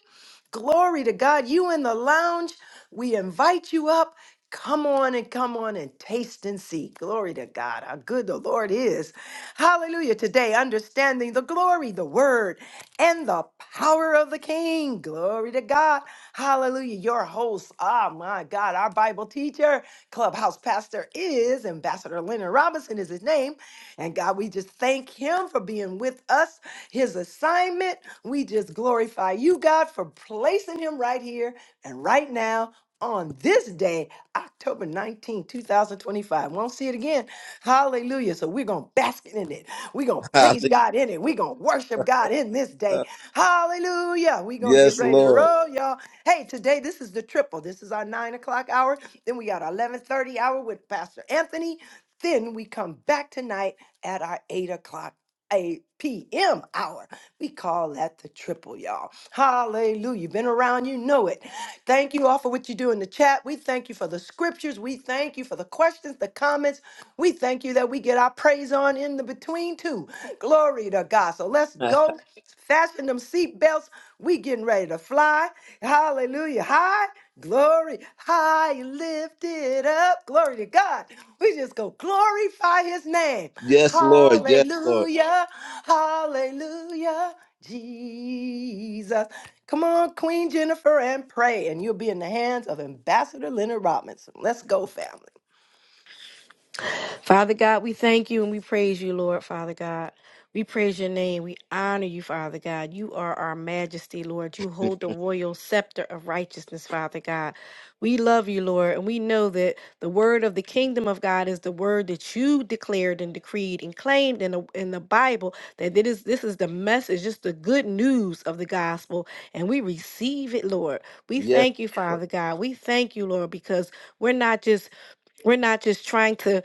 Glory to God. You in the lounge, we invite you up. Come on and come on and taste and see. Glory to God, how good the Lord is. Hallelujah. Today, understanding the glory, the word, and the power of the King. Glory to God. Hallelujah. Your host, ah, my God, our Bible teacher, clubhouse pastor is Ambassador Leonard Robinson, is his name. And God, we just thank him for being with us his assignment. We just glorify you, God, for placing him right here and right now on this day, October nineteenth, two 2025. Won't see it again. Hallelujah. So we're going to bask in it. We're going to praise God in it. We're going to worship God in this day. Hallelujah. We're going to get
yes,
ready to
Lord.
roll, y'all. Hey, today this is the triple. This is our nine o'clock hour. Then we got our 1130 hour with Pastor Anthony. Then we come back tonight at our eight o'clock a PM hour. We call that the triple, y'all. Hallelujah. Been around, you know it. Thank you all for what you do in the chat. We thank you for the scriptures. We thank you for the questions, the comments. We thank you that we get our praise on in the between, too. Glory to God. So let's go. Fasten them seatbelts. We getting ready to fly. Hallelujah. High. Glory. High. Lift it up. Glory to God. We just go glorify his name.
Yes, Lord. Yes, Lord.
Hallelujah. Hallelujah. Jesus. Come on, Queen Jennifer, and pray, and you'll be in the hands of Ambassador Leonard Robinson. Let's go, family.
Father God, we thank you and we praise you, Lord, Father God. We praise your name. We honor you, Father God. You are our majesty, Lord. You hold the royal scepter of righteousness, Father God. We love you, Lord, and we know that the word of the kingdom of God is the word that you declared and decreed and claimed in the, in the Bible that it is, this is the message, just the good news of the gospel, and we receive it, Lord. We
Yes,
thank you,
Lord.
Father God. We thank you, Lord, because we're not just we're not just trying to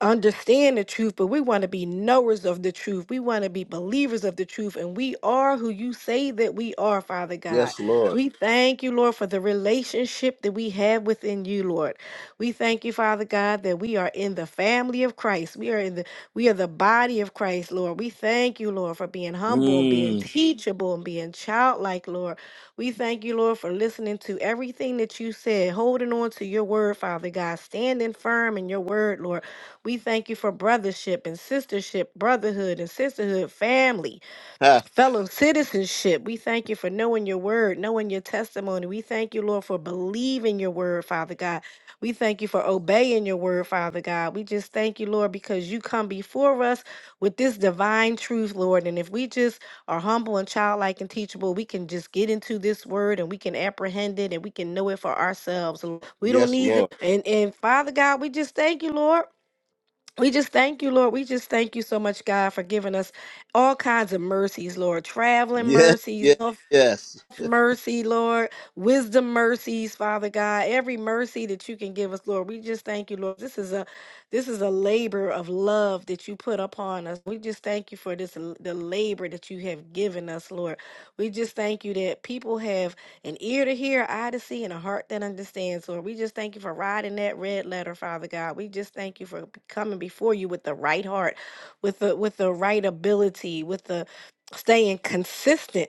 understand the truth, but we want to be knowers of the truth. We want to be believers of the truth, and we are who you say that we are, Father God.
Yes, Lord.
We thank you, Lord, for the relationship that we have within you, Lord. We thank you, Father God, that we are in the family of Christ. We are in the we are the body of Christ, Lord. We thank you, Lord, for being humble and being
Mm.
teachable and being childlike, Lord. We thank you, Lord, for listening to everything that you said, holding on to your word, Father God, standing firm in your word, Lord. We thank you for brothership and sistership, brotherhood and sisterhood, family,
Ha.
fellow citizenship. We thank you for knowing your word, knowing your testimony. We thank you, Lord, for believing your word, Father God. We thank you for obeying your word, Father God. We just thank you, Lord, because you come before us with this divine truth, Lord. And if we just are humble and childlike and teachable, we can just get into this word and we can apprehend it and we can know it for ourselves. We don't
Yes,
need
Lord.
it. And, and Father God, we just thank you, Lord. We just thank you, Lord. We just thank you so much, God, for giving us all kinds of mercies, Lord. Traveling
Yes,
mercies,
yes, yes.
mercy, Lord. Wisdom mercies, Father God. Every mercy that you can give us, Lord. We just thank you, Lord. This is a this is a labor of love that you put upon us. We just thank you for this the labor that you have given us, Lord. We just thank you that people have an ear to hear, eye to see, and a heart that understands, Lord. We just thank you for riding that red letter, Father God. We just thank you for coming before you with the right heart, with the with the right ability, with the staying consistent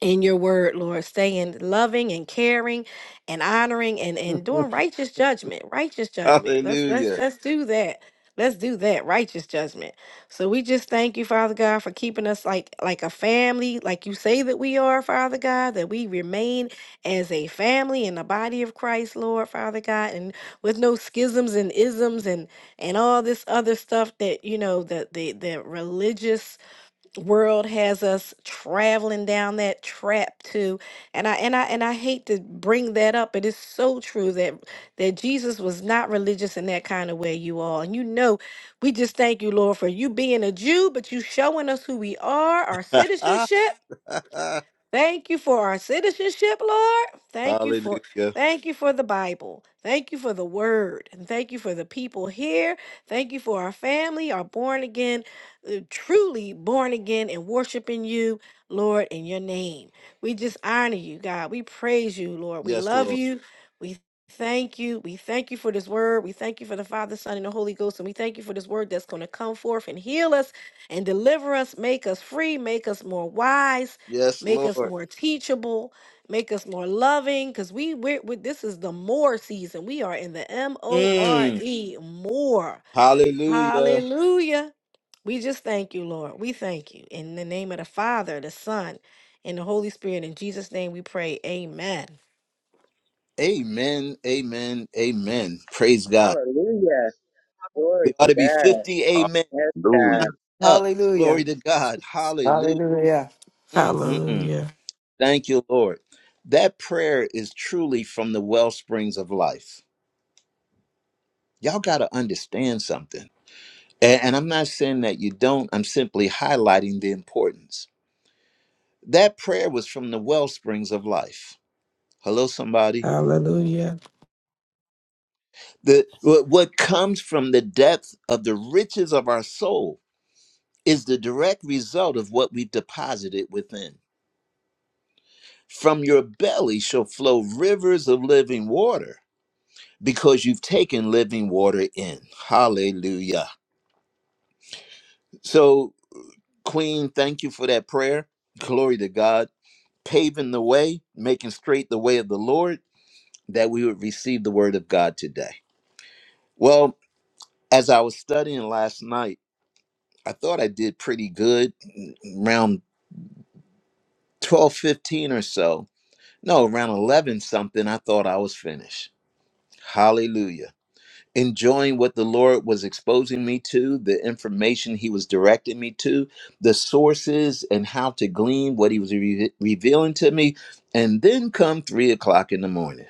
in your word, Lord, staying loving and caring and honoring and, and doing righteous judgment. Righteous judgment. Let's let's
Hallelujah.
let's do that. Let's do that. Righteous judgment. So we just thank you, Father God, for keeping us like like a family, like you say that we are, Father God, that we remain as a family in the body of Christ, Lord, Father God, and with no schisms and isms and and all this other stuff that you know that the the religious world has us traveling down that trap too and i and i and i hate to bring that up but it's so true that that jesus was not religious in that kind of way you all and you know we just thank you lord for you being a jew but you showing us who we are our citizenship Thank you for our citizenship, Lord. Thank you
Hallelujah.
for thank you for the Bible. Thank you for the word. And thank you for the people here. Thank you for our family, our born again, uh, truly born again and worshiping you, Lord, in your name. We just honor you, God. We praise you, Lord. We
Yes,
love
Lord.
you. We thank you. We thank you for this word. We thank you for the Father, Son, and the Holy Ghost. And we thank you for this word that's going to come forth and heal us and deliver us, make us free, make us more wise
Yes,
make us
Lord.
more teachable make us more loving because we we're, we this is the more season we are in the
Mm.
m-o-r-e more
Hallelujah.
hallelujah we just thank you lord we thank you in the name of the father the son and the holy spirit in jesus name we pray amen
Amen. Amen. Amen. Praise God.
Hallelujah. Glory
There
to
ought to be
God.
50
Hallelujah.
amen
Yes, God.
Mic up.
Hallelujah.
Glory to God. Hallelujah.
Hallelujah.
Mm, mm, mm.
Hallelujah.
Thank you, Lord. That prayer is truly from the well springs of life. Y'all got to understand something. And, and I'm not saying that you don't, I'm simply highlighting the importance. That prayer was from the well springs of life. Hello, somebody.
Hallelujah.
The, what what comes from the depth of the riches of our soul is the direct result of what we've deposited within. From your belly shall flow rivers of living water because you've taken living water in. Hallelujah. So, Queen, thank you for that prayer. Glory to God. Paving the way, making straight the way of the Lord, that we would receive the word of God today. Well, as I was studying last night, I thought I did pretty good mm, around 12:15 or so No, around 11 something, I thought I was finished. Hallelujah. Enjoying what the Lord was exposing me to, the information He was directing me to, the sources and how to glean what He was re- revealing to me. And then come three o'clock in the morning.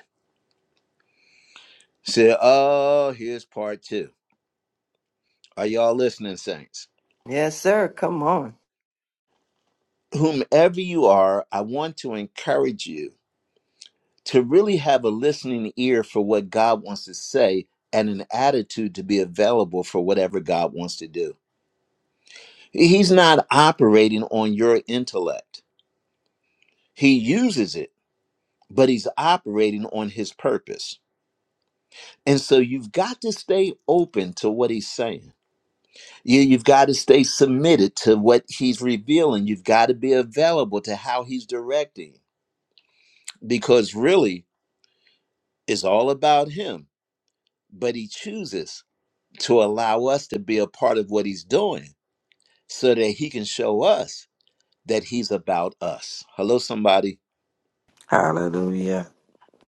Say, oh, here's part two. Are y'all listening, Saints?
Yes, sir. Come on.
Whomever you are, I want to encourage you to really have a listening ear for what God wants to say and an attitude to be available for whatever God wants to do. He's not operating on your intellect, He uses it, but He's operating on His purpose. And so you've got to stay open to what he's saying. You, you've got to stay submitted to what he's revealing. You've got to be available to how he's directing because really it's all about him. But he chooses to allow us to be a part of what he's doing so that he can show us that he's about us. Hello, somebody.
Hallelujah.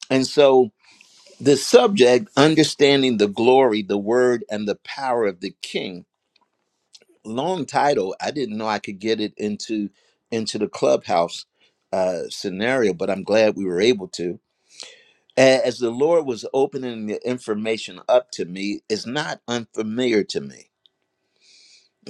And so the subject, understanding the glory, the word, and the power of the king, long title. I didn't know I could get it into into the clubhouse uh, scenario, but I'm glad we were able to. A- As the Lord was opening the information up to me, it's not unfamiliar to me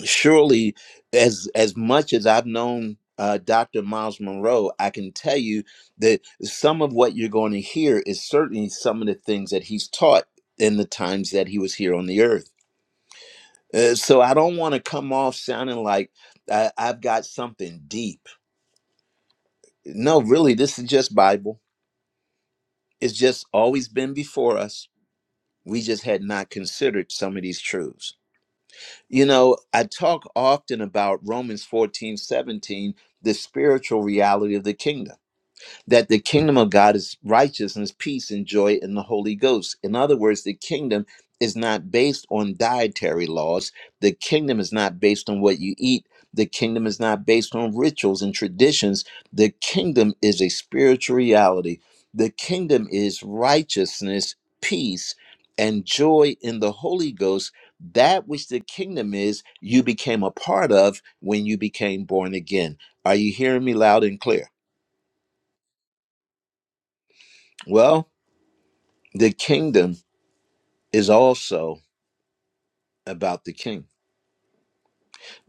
surely as as much as i've known uh, dr miles monroe i can tell you that some of what you're going to hear is certainly some of the things that he's taught in the times that he was here on the earth Uh, so i don't want to come off sounding like I, i've got something deep no really this is just bible it's just always been before us we just had not considered some of these truths You know, I talk often about Romans 14 17, the spiritual reality of the kingdom that the kingdom of God is righteousness, peace, and joy in the Holy Ghost. In other words, the kingdom is not based on dietary laws. The kingdom is not based on what you eat. The kingdom is not based on rituals and traditions. The kingdom is a spiritual reality. The kingdom is righteousness, peace, and joy in the Holy Ghost. That which the kingdom is, you became a part of when you became born again. Are you hearing me loud and clear? Well, The kingdom is also about the king.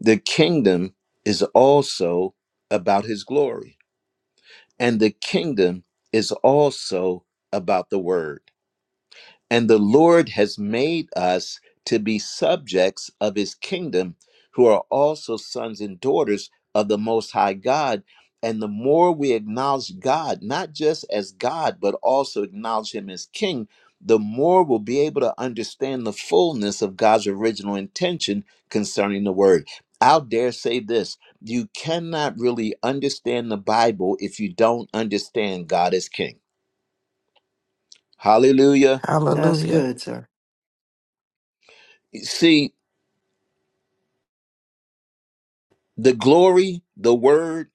The kingdom is also about his glory. And the kingdom is also about the word. And the Lord has made us to be subjects of his kingdom, who are also sons and daughters of the Most High God. And the more we acknowledge God, not just as God, but also acknowledge him as king, the more we'll be able to understand the fullness of God's original intention concerning the word. I'll dare say this you cannot really understand the Bible if you don't understand God as king. Hallelujah.
That's
Hallelujah.
good, sir.
See, The glory, the word,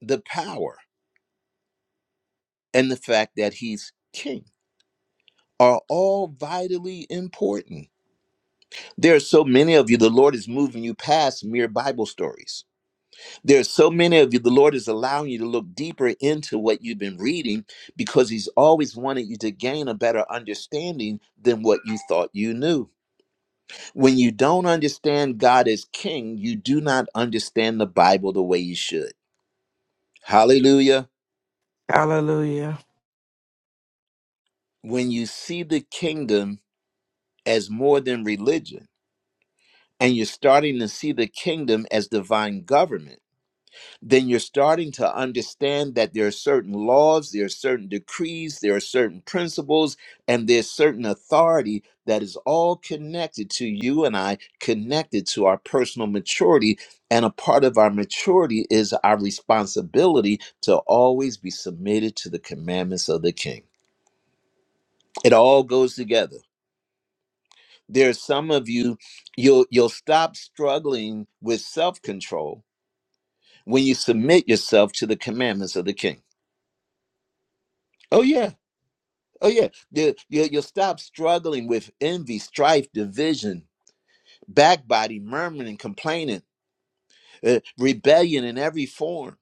the power, and the fact that he's king are all vitally important. There are so many of you, the Lord is moving you past mere Bible stories. There are so many of you, the Lord is allowing you to look deeper into what you've been reading because he's always wanted you to gain a better understanding than what you thought you knew. When you don't understand God as king, you do not understand the Bible the way you should. Hallelujah.
Hallelujah.
When you see the kingdom, as more than religion and you're starting to see the kingdom as divine government, then you're starting to understand that there are certain laws, there are certain decrees, there are certain principles, and there's certain authority that is all connected to you and I, connected to our personal maturity. And a part of our maturity is our responsibility to always be submitted to the commandments of the king. It all goes together. there's some of you you'll you'll stop struggling with self-control when you submit yourself to the commandments of the king oh yeah oh yeah you, you, will stop struggling with envy strife division backbiting murmuring complaining uh, rebellion in every form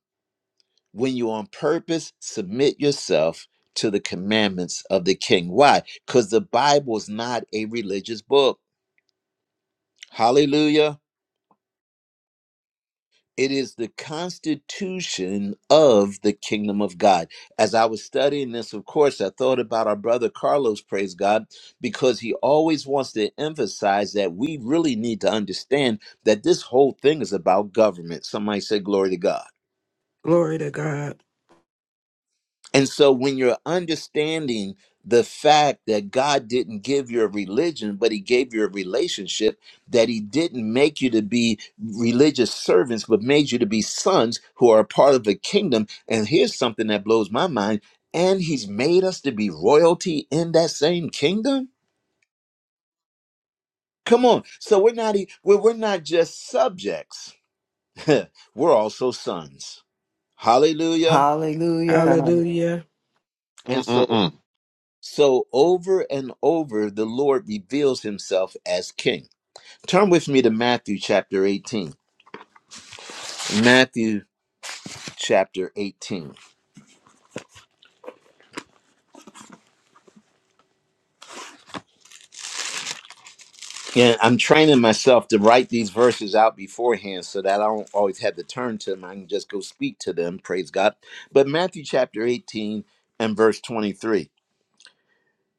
when you on purpose submit yourself to the commandments of the king why because the bible is not a religious book hallelujah It is the constitution of the kingdom of God. As I was studying this, of course, I thought about our brother Carlos, praise God, because he always wants to emphasize that we really need to understand that this whole thing is about government. Somebody say, Glory to God.
Glory to God.
And so when you're understanding the fact that God didn't give you a religion, but he gave you a relationship, that he didn't make you to be religious servants, but made you to be sons who are a part of the kingdom. And here's something that blows my mind. And he's made us to be royalty in that same kingdom. Come on. So we're not e- we're, we're not just subjects. we're also sons. Hallelujah.
Hallelujah.
Hallelujah.
And so
Mm-mm-mm.
So over and over, the Lord reveals himself as king. Turn with me to Matthew chapter 18. Matthew chapter 18. And I'm training myself to write these verses out beforehand so that I don't always have to turn to them. I can just go speak to them. Praise God. But Matthew chapter 18 and verse 23.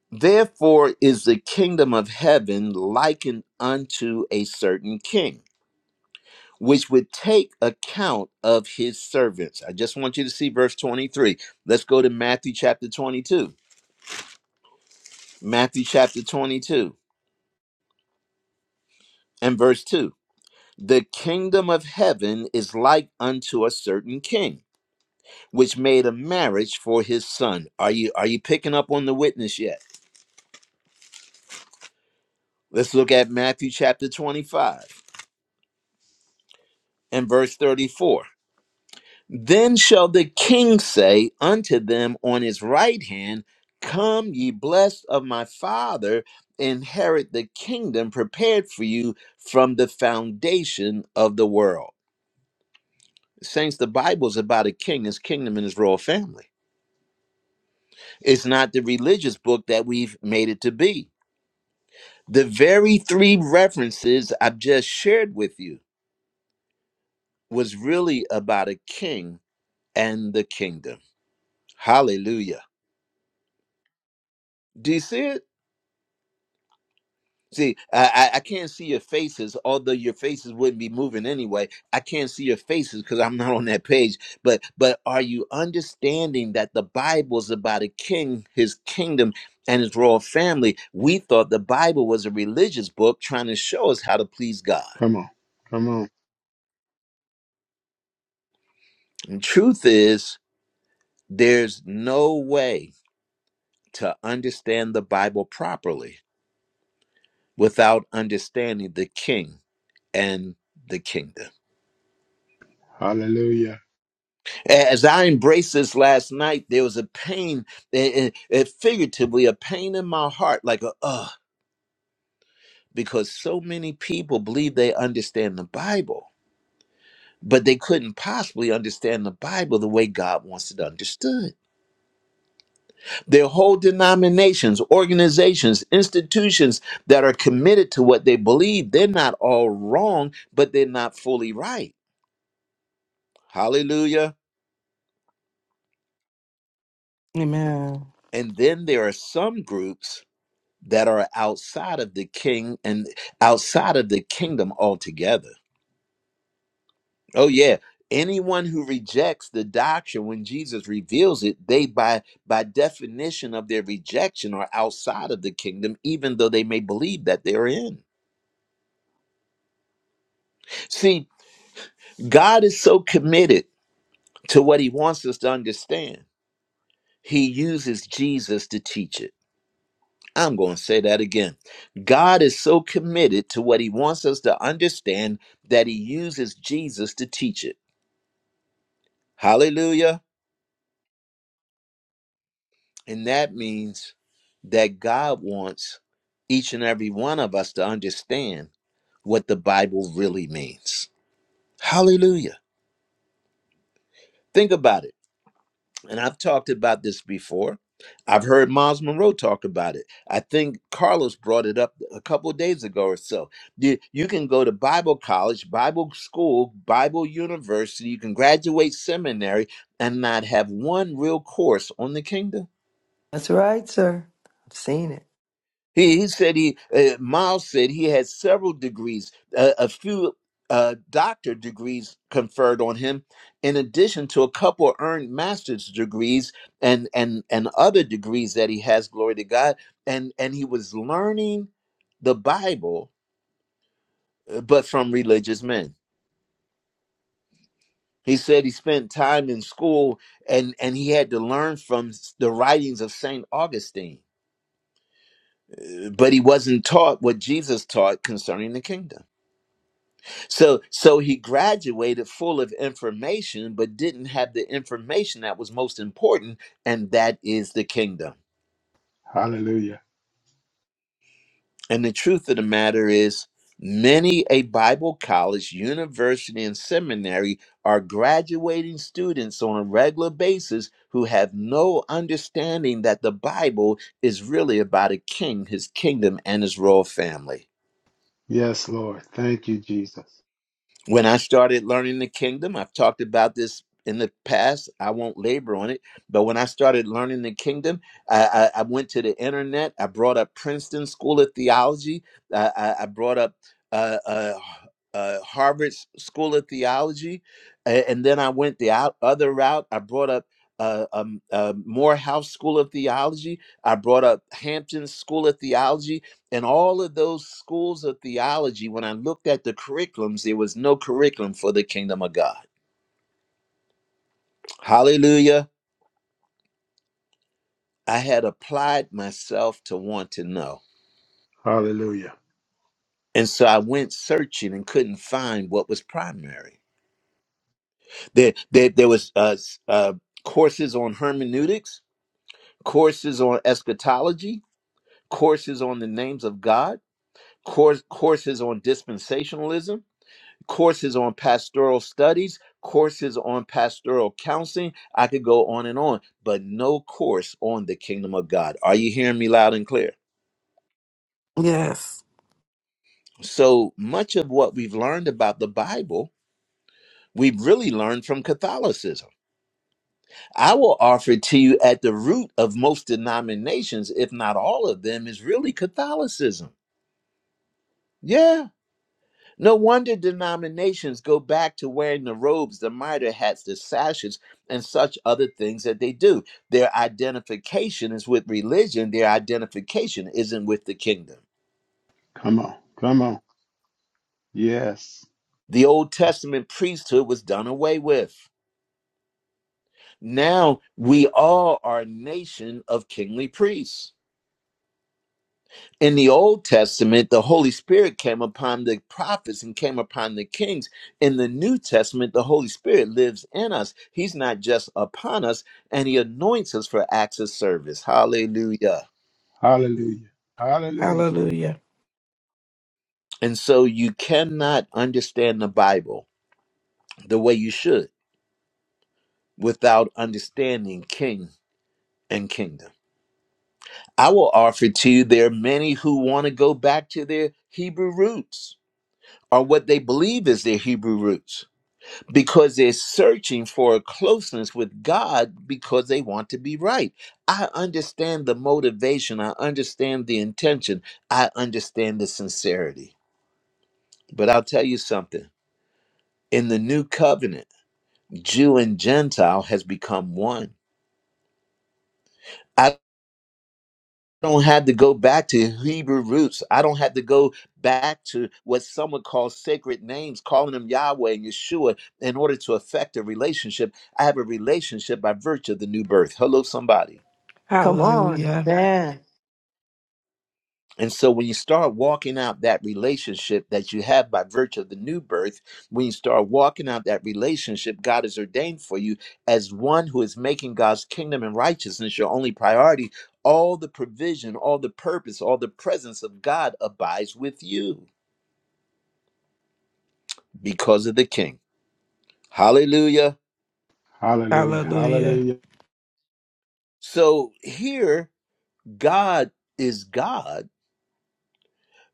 Therefore is the kingdom of heaven likened unto a certain king which would take account of his servants. I just want you to see verse 23. Let's go to Matthew chapter 22. Matthew chapter 22 and verse 2. The kingdom of heaven is like unto a certain king, which made a marriage for his son. Are you are you picking up on the witness yet? Let's look at Matthew chapter 25 and verse 34. Then shall the king say unto them on his right hand, Come, ye blessed of my father, inherit the kingdom prepared for you from the foundation of the world. Saints, the Bible's about a king, his kingdom, and his royal family. It's not the religious book that we've made it to be. The very three references I've just shared with you was really about a king and the kingdom. Hallelujah. Do you see it? See, I, I I can't see your faces, although your faces wouldn't be moving anyway. I can't see your faces because I'm not on that page. But but are you understanding that the Bible is about a king, his kingdom, and his royal family? We thought the Bible was a religious book trying to show us how to please God.
Come on. Come on.
And truth is, there's no way to understand the Bible properly without understanding the king and the kingdom.
Hallelujah.
As I embraced this last night, there was a pain, eh, eh, eh, figuratively, a pain in my heart, like a, uh, because so many people believe they understand the Bible, but they couldn't possibly understand the Bible the way God wants it understood. There are whole denominations, organizations, institutions that are committed to what they believe. They're not all wrong, but they're not fully right. Hallelujah.
Amen.
And then there are some groups that are outside of the king and outside of the kingdom altogether. Oh yeah, anyone who rejects the doctrine when Jesus reveals it, they by by definition of their rejection are outside of the kingdom even though they may believe that they're in. See, God is so committed to what he wants us to understand. He uses Jesus to teach it. I'm going to say that again. God is so committed to what he wants us to understand that he uses Jesus to teach it. Hallelujah. And that means that God wants each and every one of us to understand what the Bible really means. Hallelujah. Think about it. and I've talked about this before. I've heard Miles Monroe talk about it. I think Carlos brought it up a couple of days ago or so. You, you can go to Bible college, Bible school, Bible university, you can graduate seminary and not have one real course on the kingdom.
That's right, sir. I've seen it.
He, he said he, uh, Miles said he had several degrees, uh, a few uh, doctor degrees conferred on him, in addition to a couple earned master's degrees and and and other degrees that he has. Glory to God! And and he was learning the Bible, uh, but from religious men. He said he spent time in school and and he had to learn from s- the writings of Saint Augustine, uh, but he wasn't taught what Jesus taught concerning the kingdom. So so he graduated full of information but didn't have the information that was most important and that is the kingdom.
Hallelujah.
And the truth of the matter is many a Bible college, university and seminary are graduating students on a regular basis who have no understanding that the Bible is really about a king, his kingdom and his royal family.
Yes, Lord. Thank you, Jesus.
when I started learning the kingdom, I've talked about this in the past. I won't labor on it, but when I started learning the kingdom, I, I, I went to the internet. I brought up Princeton School of Theology. I, I, I brought up uh, uh, uh, Harvard School of Theology, a- and then I went the out, other route. I brought up. Uh, um, uh, Morehouse School of Theology. I brought up Hampton School of Theology and all of those schools of theology, when I looked at the curriculums, there was no curriculum for the kingdom of God. Hallelujah. I had applied myself to want to know.
Hallelujah.
And so I went searching and couldn't find what was primary. There, there, there was uh, uh, courses on hermeneutics, courses on eschatology, courses on the names of God, course, courses on dispensationalism, courses on pastoral studies, courses on pastoral counseling. I could go on and on, but no course on the kingdom of God. Are you hearing me loud and clear?
Yes.
So much of what we've learned about the Bible, we've really learned from Catholicism. I will offer to you at the root of most denominations, if not all of them, is really Catholicism. Yeah. No wonder denominations go back to wearing the robes, the mitre hats, the sashes, and such other things that they do. Their identification is with religion, their identification isn't with the kingdom.
Come on. Come on. Yes.
The Old Testament priesthood was done away with. Now we all are a nation of kingly priests. in the Old Testament, the Holy Spirit came upon the prophets and came upon the kings. In the New Testament, the Holy Spirit lives in us. He's not just upon us, and He anoints us for acts of service. Hallelujah.
Hallelujah. Hallelujah.
Hallelujah.
And so you cannot understand the Bible the way you should without understanding King and Kingdom. I will offer to you there are many who want to go back to their Hebrew roots or what they believe is their Hebrew roots because they're searching for a closeness with God because they want to be right. I understand the motivation, I understand the intention, I understand the sincerity. But I'll tell you something in the new covenant, Jew and Gentile has become one. I don't have to go back to Hebrew roots. I don't have to go back to what some would call sacred names, calling them Yahweh and Yeshua, in order to affect a relationship. I have a relationship by virtue of the new birth. Hello, somebody.
Come on.
Hallelujah.
Man.
And so when you start walking out that relationship that you have by virtue of the new birth, when you start walking out that relationship God has ordained for you as one who is making God's kingdom and righteousness your only priority, all the provision, all the purpose, all the presence of God abides with you because of the king. Hallelujah.
Hallelujah.
Hallelujah.
Hallelujah.
So here God is God,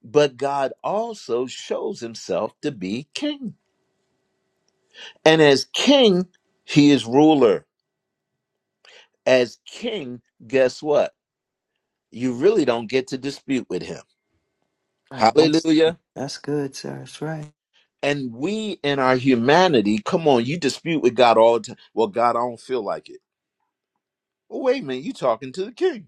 but God also shows himself to be king. And as king, he is ruler. as king, guess what? You really don't get to dispute with him.
Right. That's
Hallelujah.
that's good, sir. That's right.
And we in our humanity, come on, you dispute with God all the time. Well, God, I don't feel like it. Well, wait a minute, you talking to the king.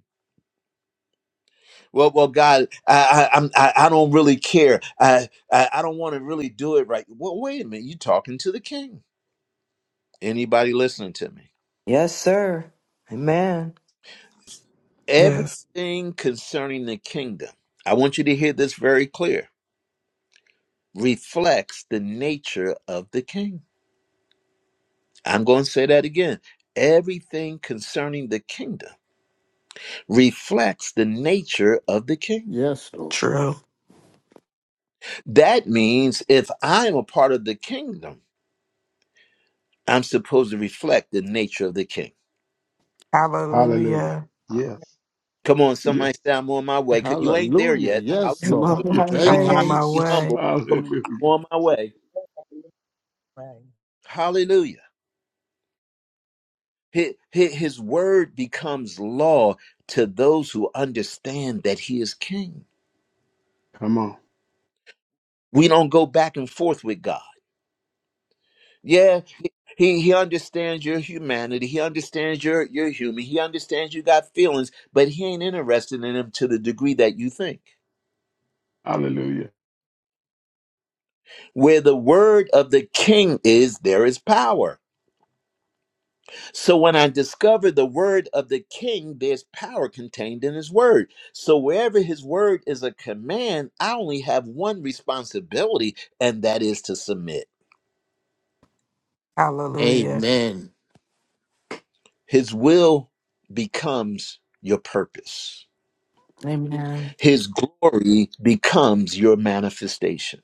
Well, well, God, I, I, I'm, I, I don't really care. I, I, I don't want to really do it right. Well, wait a minute, you talking to the king. Anybody listening to me?
Yes, sir. Amen.
Yes.
Everything concerning the kingdom, I want you to hear this very clear, reflects the nature of the King. I'm going to say that again. Everything concerning the kingdom reflects the nature of the king.
Yes, Lord.
True.
That means if I'm a part of the kingdom, I'm supposed to reflect the nature of the king.
Hallelujah.
Hallelujah.
Yes.
Come on,
Yes.
somebody say, I'm on my way. You ain't there
Hallelujah.
yet.
All
Yes,
Am on,
Lord.
Yes.
my
Hallelujah. Be
Thank
I'm
you,
on
honest,
way?
my
be
Jesus.
way.
humble. Come on, I'm
Hallelujah.
on my way.
right,
Hallelujah. Hi- His word becomes law to those who understand that he is king.
Come on.
We don't go back and forth with God. Yeah, He he understands your humanity. He understands you're you're human. He understands you got feelings, but he ain't interested in them to the degree that you think.
Hallelujah.
Where the word of the king is, there is power. So when I discover the word of the king, there's power contained in his word. So wherever his word is a command, I only have one responsibility, and that is to submit.
Hallelujah.
Amen.
His will becomes your purpose.
Amen.
His glory becomes your manifestation.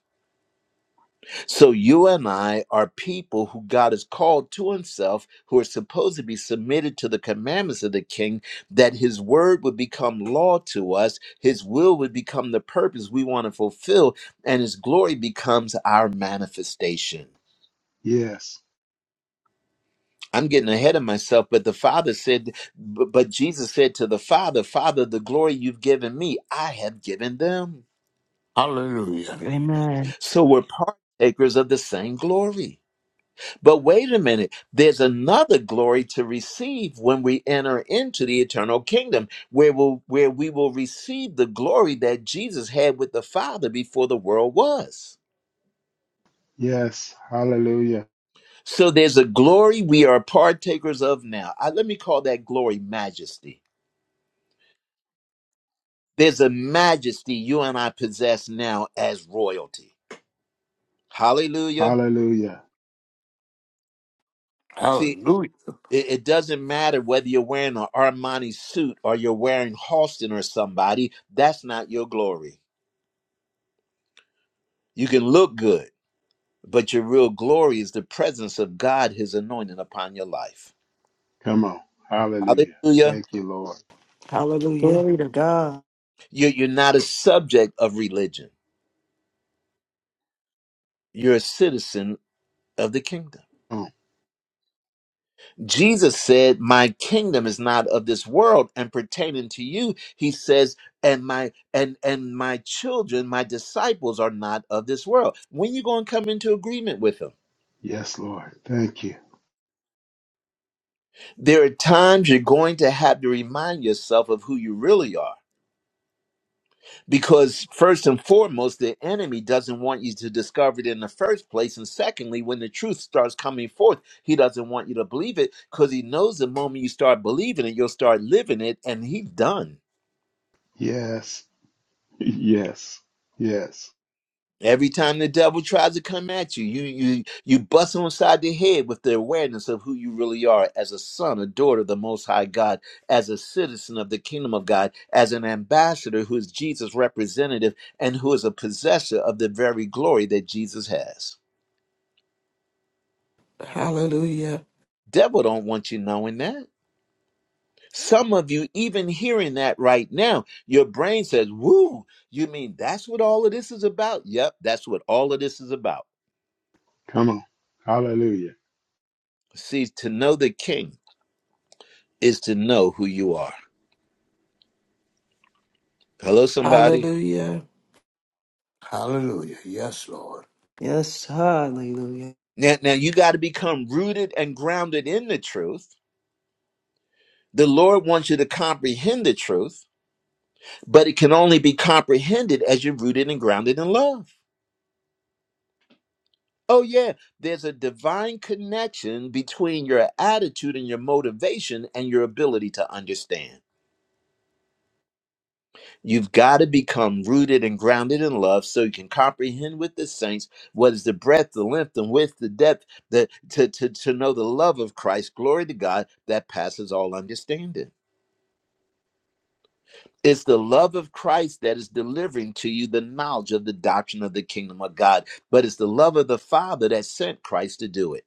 So you and I are people who God has called to himself, who are supposed to be submitted to the commandments of the king, that his word would become law to us, his will would become the purpose we want to fulfill, and his glory becomes our manifestation.
Yes.
I'm getting ahead of myself, but the Father said, bu- but Jesus said to the Father, Father, the glory you've given me, I have given them.
Hallelujah.
Amen.
So we're partakers of the same glory. But wait a minute, there's another glory to receive when we enter into the eternal kingdom, where we'll, where we will receive the glory that Jesus had with the Father before the world was.
Yes. Hallelujah.
So there's a glory we are partakers of now. I, let me call that glory majesty. There's a majesty you and I possess now as royalty. Hallelujah.
Hallelujah.
See,
Hallelujah.
it, it doesn't matter whether you're wearing an Armani suit or you're wearing Halston or somebody, that's not your glory. You can look good, but your real glory is the presence of God, His anointing upon your life.
Come on. Hallelujah.
Hallelujah.
Thank you, Lord.
Hallelujah.
Glory to God.
You're, you're not a subject of religion, you're a citizen of the kingdom.
Come on.
Jesus said, My kingdom is not of this world and pertaining to you, he says, and my and and my children, my disciples are not of this world. When you going to come into agreement with them?
Yes, Lord. Thank you.
There are times you're going to have to remind yourself of who you really are Because first and foremost, the enemy doesn't want you to discover it in the first place. And secondly, when the truth starts coming forth, he doesn't want you to believe it because he knows the moment you start believing it, you'll start living it, and he's done.
Yes. Yes. Yes.
Every time the devil tries to come at you, you you you bust him inside the head with the awareness of who you really are as a son, a daughter of the Most High God, as a citizen of the Kingdom of God, as an ambassador who is Jesus' representative and who is a possessor of the very glory that Jesus has.
and
Hallelujah.
Devil don't want you knowing that. Some of you even hearing that right now, your brain says, "Woo, you mean that's what all of this is about?" Yep, that's what all of this is about.
Come on. Hallelujah.
See, to know the king is to know who you are. Hello somebody.
Hallelujah.
Hallelujah. Yes, Lord.
Yes, hallelujah.
Now now you got to become rooted and grounded in the truth. The Lord wants you to comprehend the truth, but it can only be comprehended as you're rooted and grounded in love. Oh, yeah. There's a divine connection between your attitude and your motivation and your ability to understand. You've got to become rooted and grounded in love so you can comprehend with the saints what is the breadth, the length, and width, the depth, the, to, to, to know the love of Christ. Glory to God that passes all understanding. It's the love of Christ that is delivering to you the knowledge of the doctrine of the kingdom of God, but it's the love of the Father that sent Christ to do it.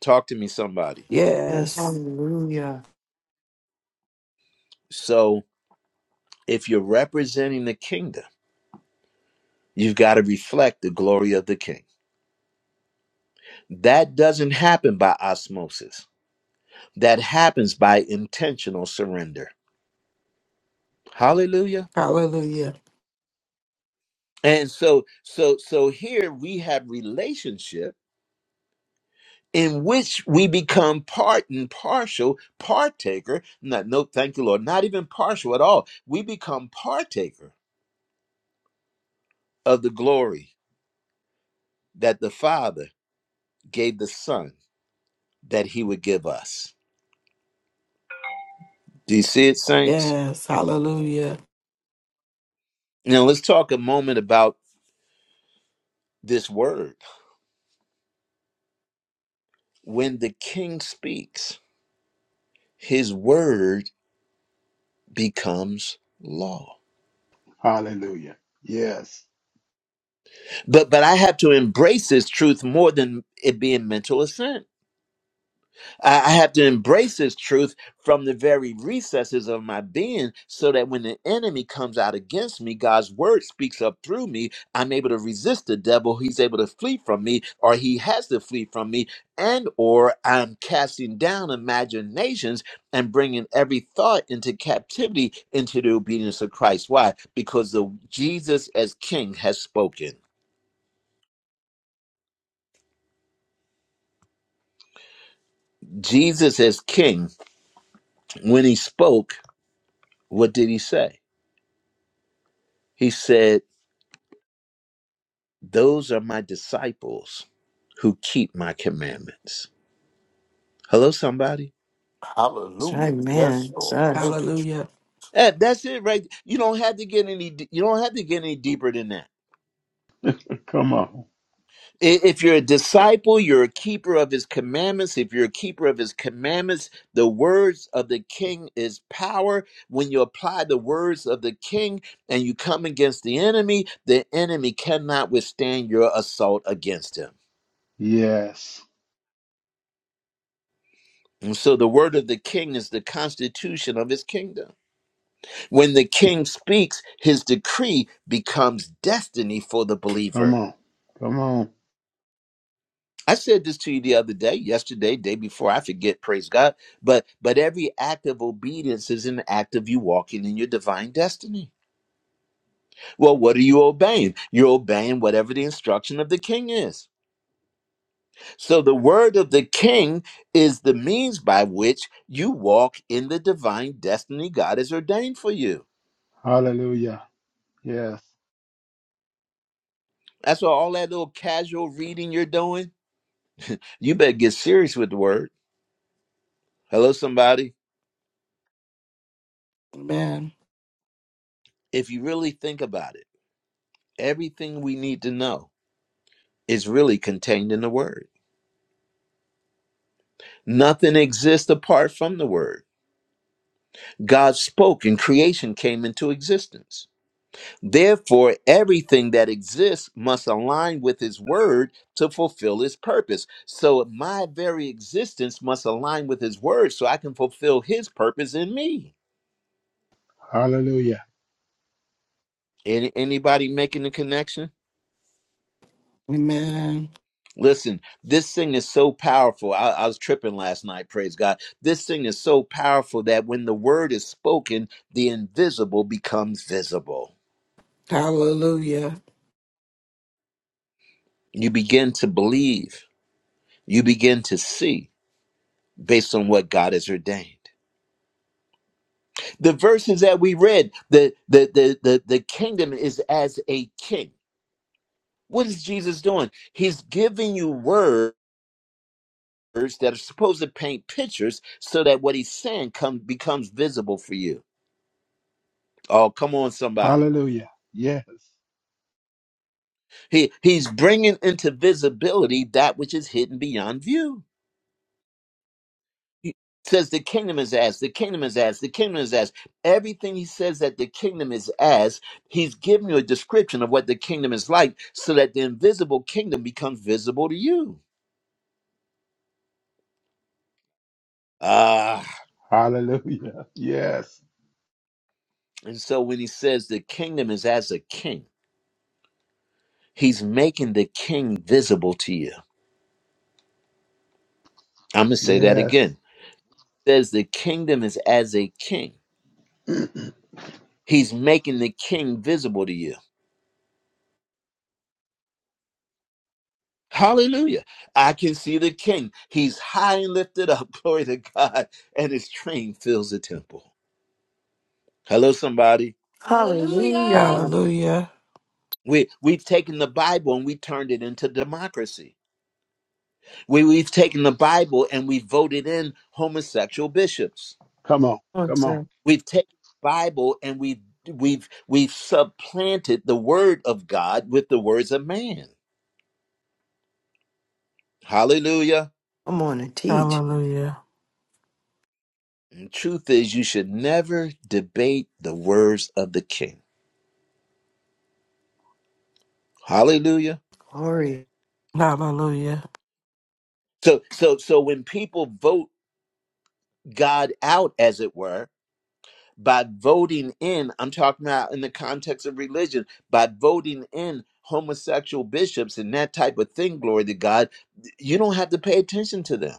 Talk to me, somebody.
Yes,
Yes.
hallelujah.
So, if you're representing the kingdom, you've got to reflect the glory of the king. That doesn't happen by osmosis, that happens by intentional surrender. Hallelujah.
Hallelujah.
And so, so, so here we have relationship in which we become part and partial partaker. Not, no, thank you, Lord. Not even partial at all. We become partaker of the glory that the Father gave the Son that He would give us. Do you see it, saints?
Yes. Hallelujah.
Now, let's talk a moment about this word. When the king speaks, his word becomes law.
Hallelujah. Yes.
But but I have to embrace this truth more than it being mental assent. I I have to embrace this truth from the very recesses of my being so that when the enemy comes out against me, God's word speaks up through me. I'm able to resist the devil. He's able to flee from me or he has to flee from me and or I'm casting down imaginations and bringing every thought into captivity into the obedience of Christ. Why? Because the Jesus as king has spoken. Jesus as king, when he spoke, what did he say? He said, Those are my disciples who keep my commandments. Hello, somebody.
That's
Hallelujah.
right,
Yes,
man.
Lord.
Yes,
Thank you. Jesus.
Hallelujah.
Eh, that's it, right? You don't have to get any. You don't have to get any deeper than that.
Come on.
I- If you're a disciple, you're a keeper of his commandments. If you're a keeper of his commandments, the words of the king is power. When you apply the words of the king and you come against the enemy, the enemy cannot withstand your assault against him.
Yes.
And so the word of the king is the constitution of his kingdom. When the king speaks, his decree becomes destiny for the
Come
believer.
on. Come on.
I said this to you the other day, yesterday, day before, I forget, praise God. But but every act of obedience is an act of you walking in your divine destiny. Well, what are you obeying? You're obeying whatever the instruction of the king is. So the word of the king is the means by which you walk in the divine destiny God has ordained for you.
Hallelujah. Yes.
That's why all that little casual reading you're doing, you better get serious with the word. Hello, somebody.
Amen.
If you really think about it, everything we need to know is really contained in the Word. Nothing exists apart from the Word. God spoke and creation came into existence. Therefore, everything that exists must align with His Word to fulfill His purpose. So, my very existence must align with His Word so I can fulfill His purpose in me.
Hallelujah.
Any, anybody making the connection?
Amen.
Listen, this thing is so powerful. I, I was tripping last night, praise God. This thing is so powerful that when the word is spoken, the invisible becomes visible.
Hallelujah.
You begin to believe, you begin to see based on what God has ordained. The verses that we read, the the the the, the kingdom is as a king. What is Jesus doing? He's giving you words that are supposed to paint pictures so that what he's saying come becomes visible for you. Oh, come on, somebody.
Hallelujah. Yes.
He he's bringing into visibility that which is hidden beyond view. He says the kingdom is as, the kingdom is as, the kingdom is as. Everything he says that the kingdom is as, he's giving you a description of what the kingdom is like so that the invisible kingdom becomes visible to you. Ah,
Hallelujah. Yes.
and so when he says the kingdom is as a king, he's making the king visible to you. I'm going to say that
Yes.
again. Says the kingdom is as a king. He's making the king visible to you Hallelujah. I can see the king. He's high and lifted up. Glory to God. And his train fills the temple. Hello, somebody.
hallelujah
Hallelujah.
Hallelujah.
We, we've taken the Bible and we turned it into democracy. We, we've taken the Bible and we voted in homosexual bishops.
Come on.
Come on,
Come on.
sir.
We've taken the Bible and we, we've, we've supplanted the word of God with the words of man. Hallelujah.
Come on and teach.
Hallelujah.
And truth is, you should never debate the words of the king. Hallelujah.
and
Glory.
Hallelujah.
So so so when people vote God out, as it were, by voting in, I'm talking about in the context of religion, by voting in homosexual bishops and that type of thing, glory to God, you don't have to pay attention to them.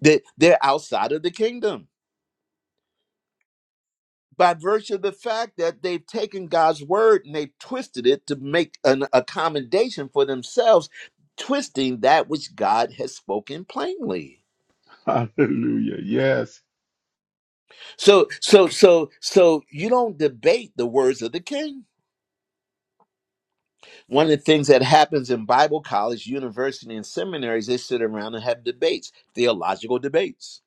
They they're outside of the kingdom. By virtue of the fact that they've taken God's word and they've twisted it to make an accommodation for themselves, twisting that which God has spoken plainly.
Hallelujah. Yes.
So, so, so, so you don't debate the words of the king. One of the things that happens in Bible college, university, and seminaries, they sit around and have debates, theological debates.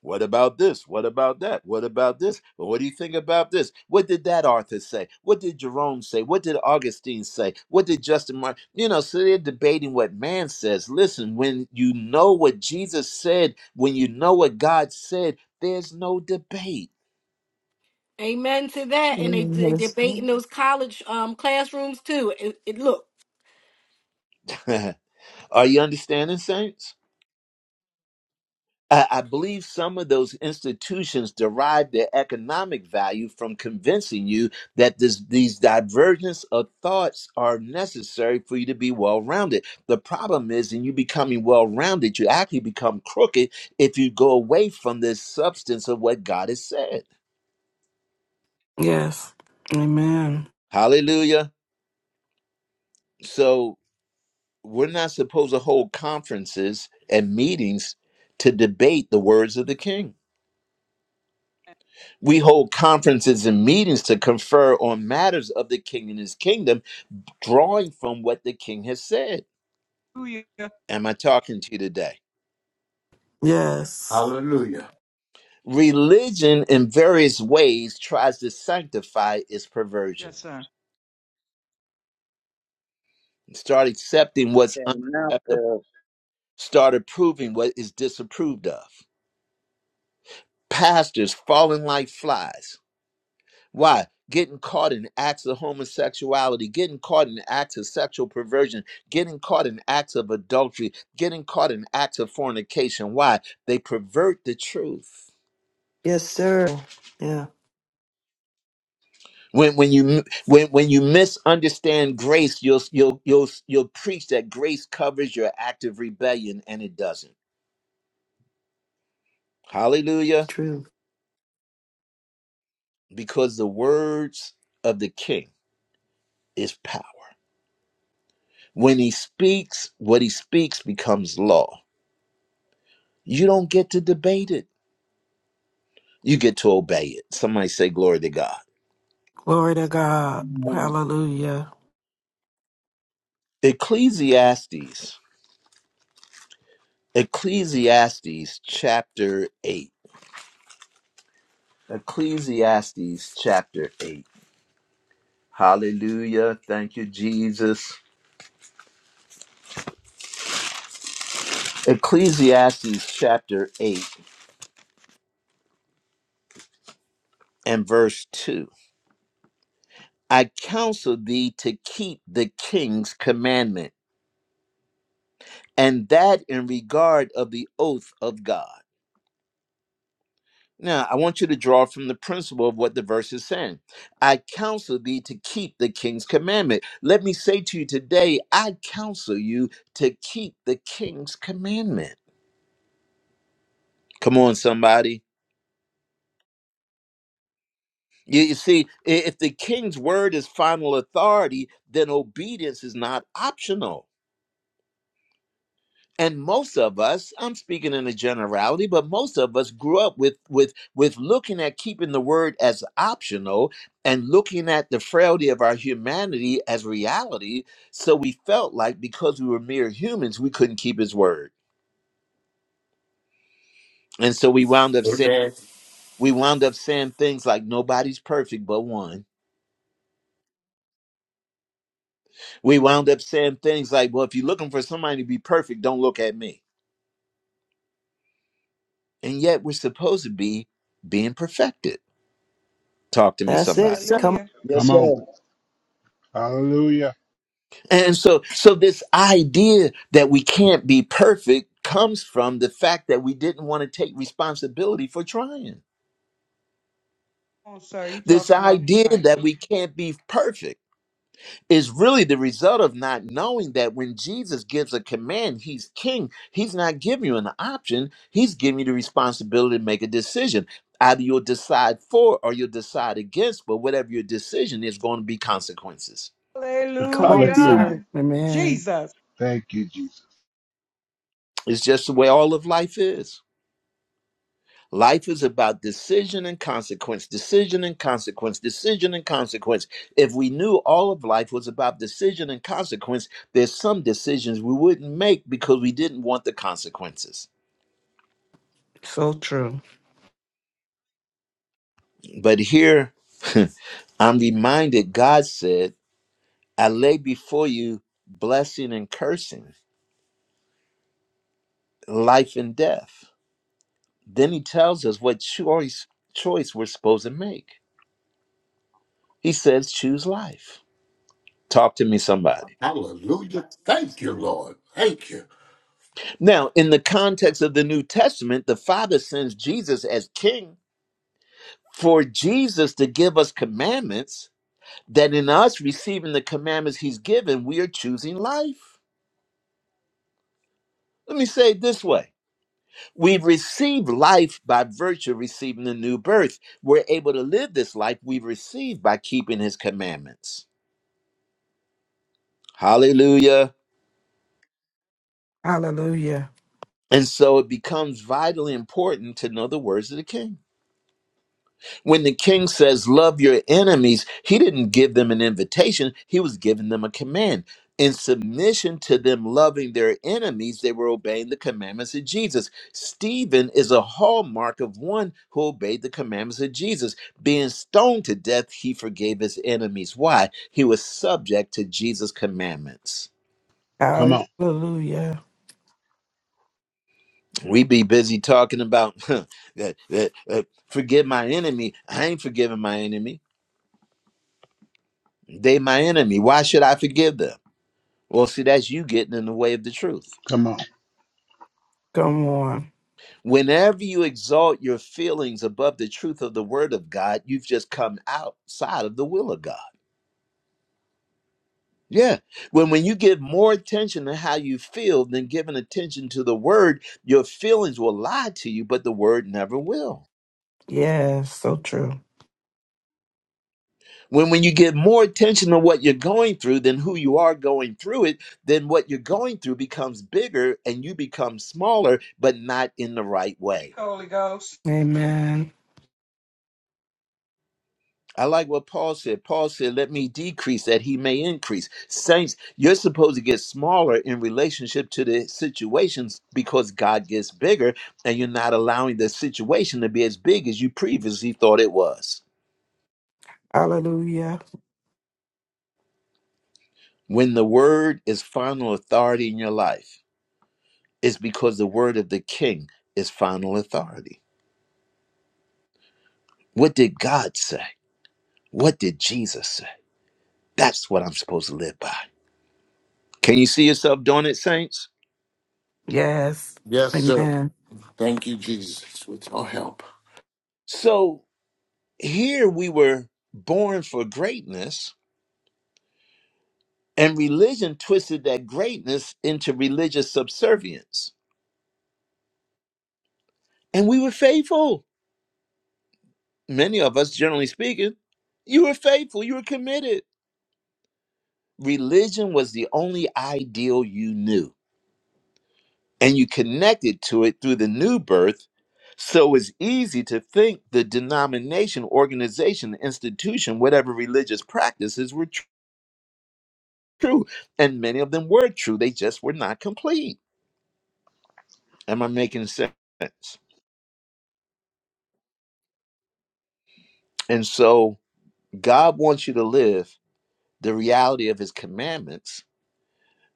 What about this? What about that? What about this? Well, what do you think about this? What did that author say? What did Jerome say? What did Augustine say? What did Justin Martin? You know, so they're debating what man says. Listen, when you know what Jesus said, when you know what God said, there's no debate.
amen to that and they, they
Yes,
debate in those college um classrooms too it, it look
Are you understanding, saints? I, I believe some of those institutions derive their economic value from convincing you that this, these divergence of thoughts are necessary for you to be well rounded. The problem is, in you becoming well rounded, you actually become crooked if you go away from this substance of what God has said.
Yes. Amen.
Hallelujah. So, we're not supposed to hold conferences and meetings to debate the words of the king. We hold conferences and meetings to confer on matters of the king and his kingdom, drawing from what the king has said.
Hallelujah.
Am I talking to you today?
Yes.
Hallelujah.
Religion, in various ways, tries to sanctify its perversion.
Yes, sir.
Start accepting what's
That mouth
unacceptable,
of
start approving what is disapproved of. Pastors falling like flies Why? Getting caught in acts of homosexuality, getting caught in acts of sexual perversion, getting caught in acts of adultery, getting caught in acts of fornication. Why? They pervert the truth.
Yes, sir. Yeah,
When, when you m- when, when you misunderstand grace, you'll you'll you'll you'll preach that grace covers your act of rebellion, and it doesn't.
it's
Hallelujah!
true.
Because the words of the King is power. When he speaks, what he speaks becomes law. You don't get to debate it. you get to obey it. Somebody say, Glory to God.
Glory to God.
Amen.
Hallelujah.
Ecclesiastes, Ecclesiastes chapter 8. Ecclesiastes chapter 8. Hallelujah. Thank you, Jesus. Ecclesiastes chapter 8 and verse 2. I counsel thee to keep the king's commandment, and that in regard of the oath of God. Now, I want you to draw from the principle of what the verse is saying. I counsel thee to keep the king's commandment. Let me say to you today, I counsel you to keep the king's commandment. Come on, somebody. You, you see, i- if the king's word is final authority, then obedience is not optional. and most of us i'm speaking in a generality but most of us grew up with with with looking at keeping the word as optional and looking at the frailty of our humanity as reality so we felt like because we were mere humans we couldn't keep his word and so we wound up saying
Amen.
we wound up saying things like nobody's perfect but one we wound up saying things like well if you're looking for somebody to be perfect don't look at me and yet we're supposed to be being perfected talk to me
That's it,
somebody
sir. Come,
Hallelujah.
Come
Yes,
on.
sir.
Hallelujah.
And so, so this idea that we can't be perfect comes from the fact that we didn't want to take responsibility for trying.
Come on, sir. You
This
talking right.
idea
right.
that we can't be perfect is really the result of not knowing that when Jesus gives a command, he's king. He's not giving you an option. He's giving you the responsibility to make a decision. Either you'll decide for or you'll decide against, but whatever your decision is going to be consequences.
come on,
Hallelujah.
Hallelujah.
sir.
Amen.
Jesus.
Thank you, Jesus.
It's just the way all of life is. Life is about decision and consequence, decision and consequence, decision and consequence. If we knew all of life was about decision and consequence, there's some decisions we wouldn't make because we didn't want the consequences.
So true.
But here, I'm reminded God said, I lay before you blessing and cursing, life and death. Then he tells us what choice choice we're supposed to make. He says, choose life. Talk to me, somebody.
Hallelujah. Thank you, Lord. Thank you.
Now, in the context of the New Testament, the Father sends Jesus as king for Jesus to give us commandments that in us receiving the commandments he's given, we are choosing life. Let me say it this way We receive life by virtue of receiving the new birth. We're able to live this life we've received by keeping his commandments. Hallelujah.
Hallelujah.
And so it becomes vitally important to know the words of the king. When the king says, Love your enemies, he didn't give them an invitation, he was giving them a command. In submission to them loving their enemies, they were obeying the commandments of Jesus. Stephen is a hallmark of one who obeyed the commandments of Jesus. Being stoned to death, he forgave his enemies. Why? He was subject to Jesus' commandments.
Come on.
Hallelujah.
We be busy talking about that, that, uh, forgive my enemy. I ain't forgiving my enemy. They my enemy. Why should I forgive them? Well, see, that's you getting in the way of the truth.
Come on.
Come on.
Whenever you exalt your feelings above the truth of the word of God, you've just come outside of the will of God. Yeah. When when you give more attention to how you feel than giving attention to the word, your feelings will lie to you, but the word never will.
Yes. So true.
When when you give more attention to what you're going through than who you are going through it, then what you're going through becomes bigger and you become smaller, but not in the right
Thank
way.
you, Holy Ghost.
Amen.
I like what Paul said. Paul said, Let me decrease that he may increase. Saints, you're supposed to get smaller in relationship to the situations because God gets bigger, and you're not allowing the situation to be as big as you previously thought it was.
Hallelujah.
When the word is final authority in your life, it's because the word of the king is final authority. What did God say? What did Jesus say? That's what I'm supposed to live by. Can you see yourself doing it, saints?
Yes.
Yes, sir.
Amen.
Thank you, Jesus, with your help.
So, Here we were born for greatness, and religion twisted that greatness into religious subservience. And we were faithful. Many of us, generally speaking, you were faithful, you were committed. Religion was the only ideal you knew, and you connected to it through the new birth. So it's easy to think the denomination, organization, institution, whatever religious practices were tr- true. And many of them were true, they just were not complete. Am I making sense? And so God wants you to live the reality of his commandments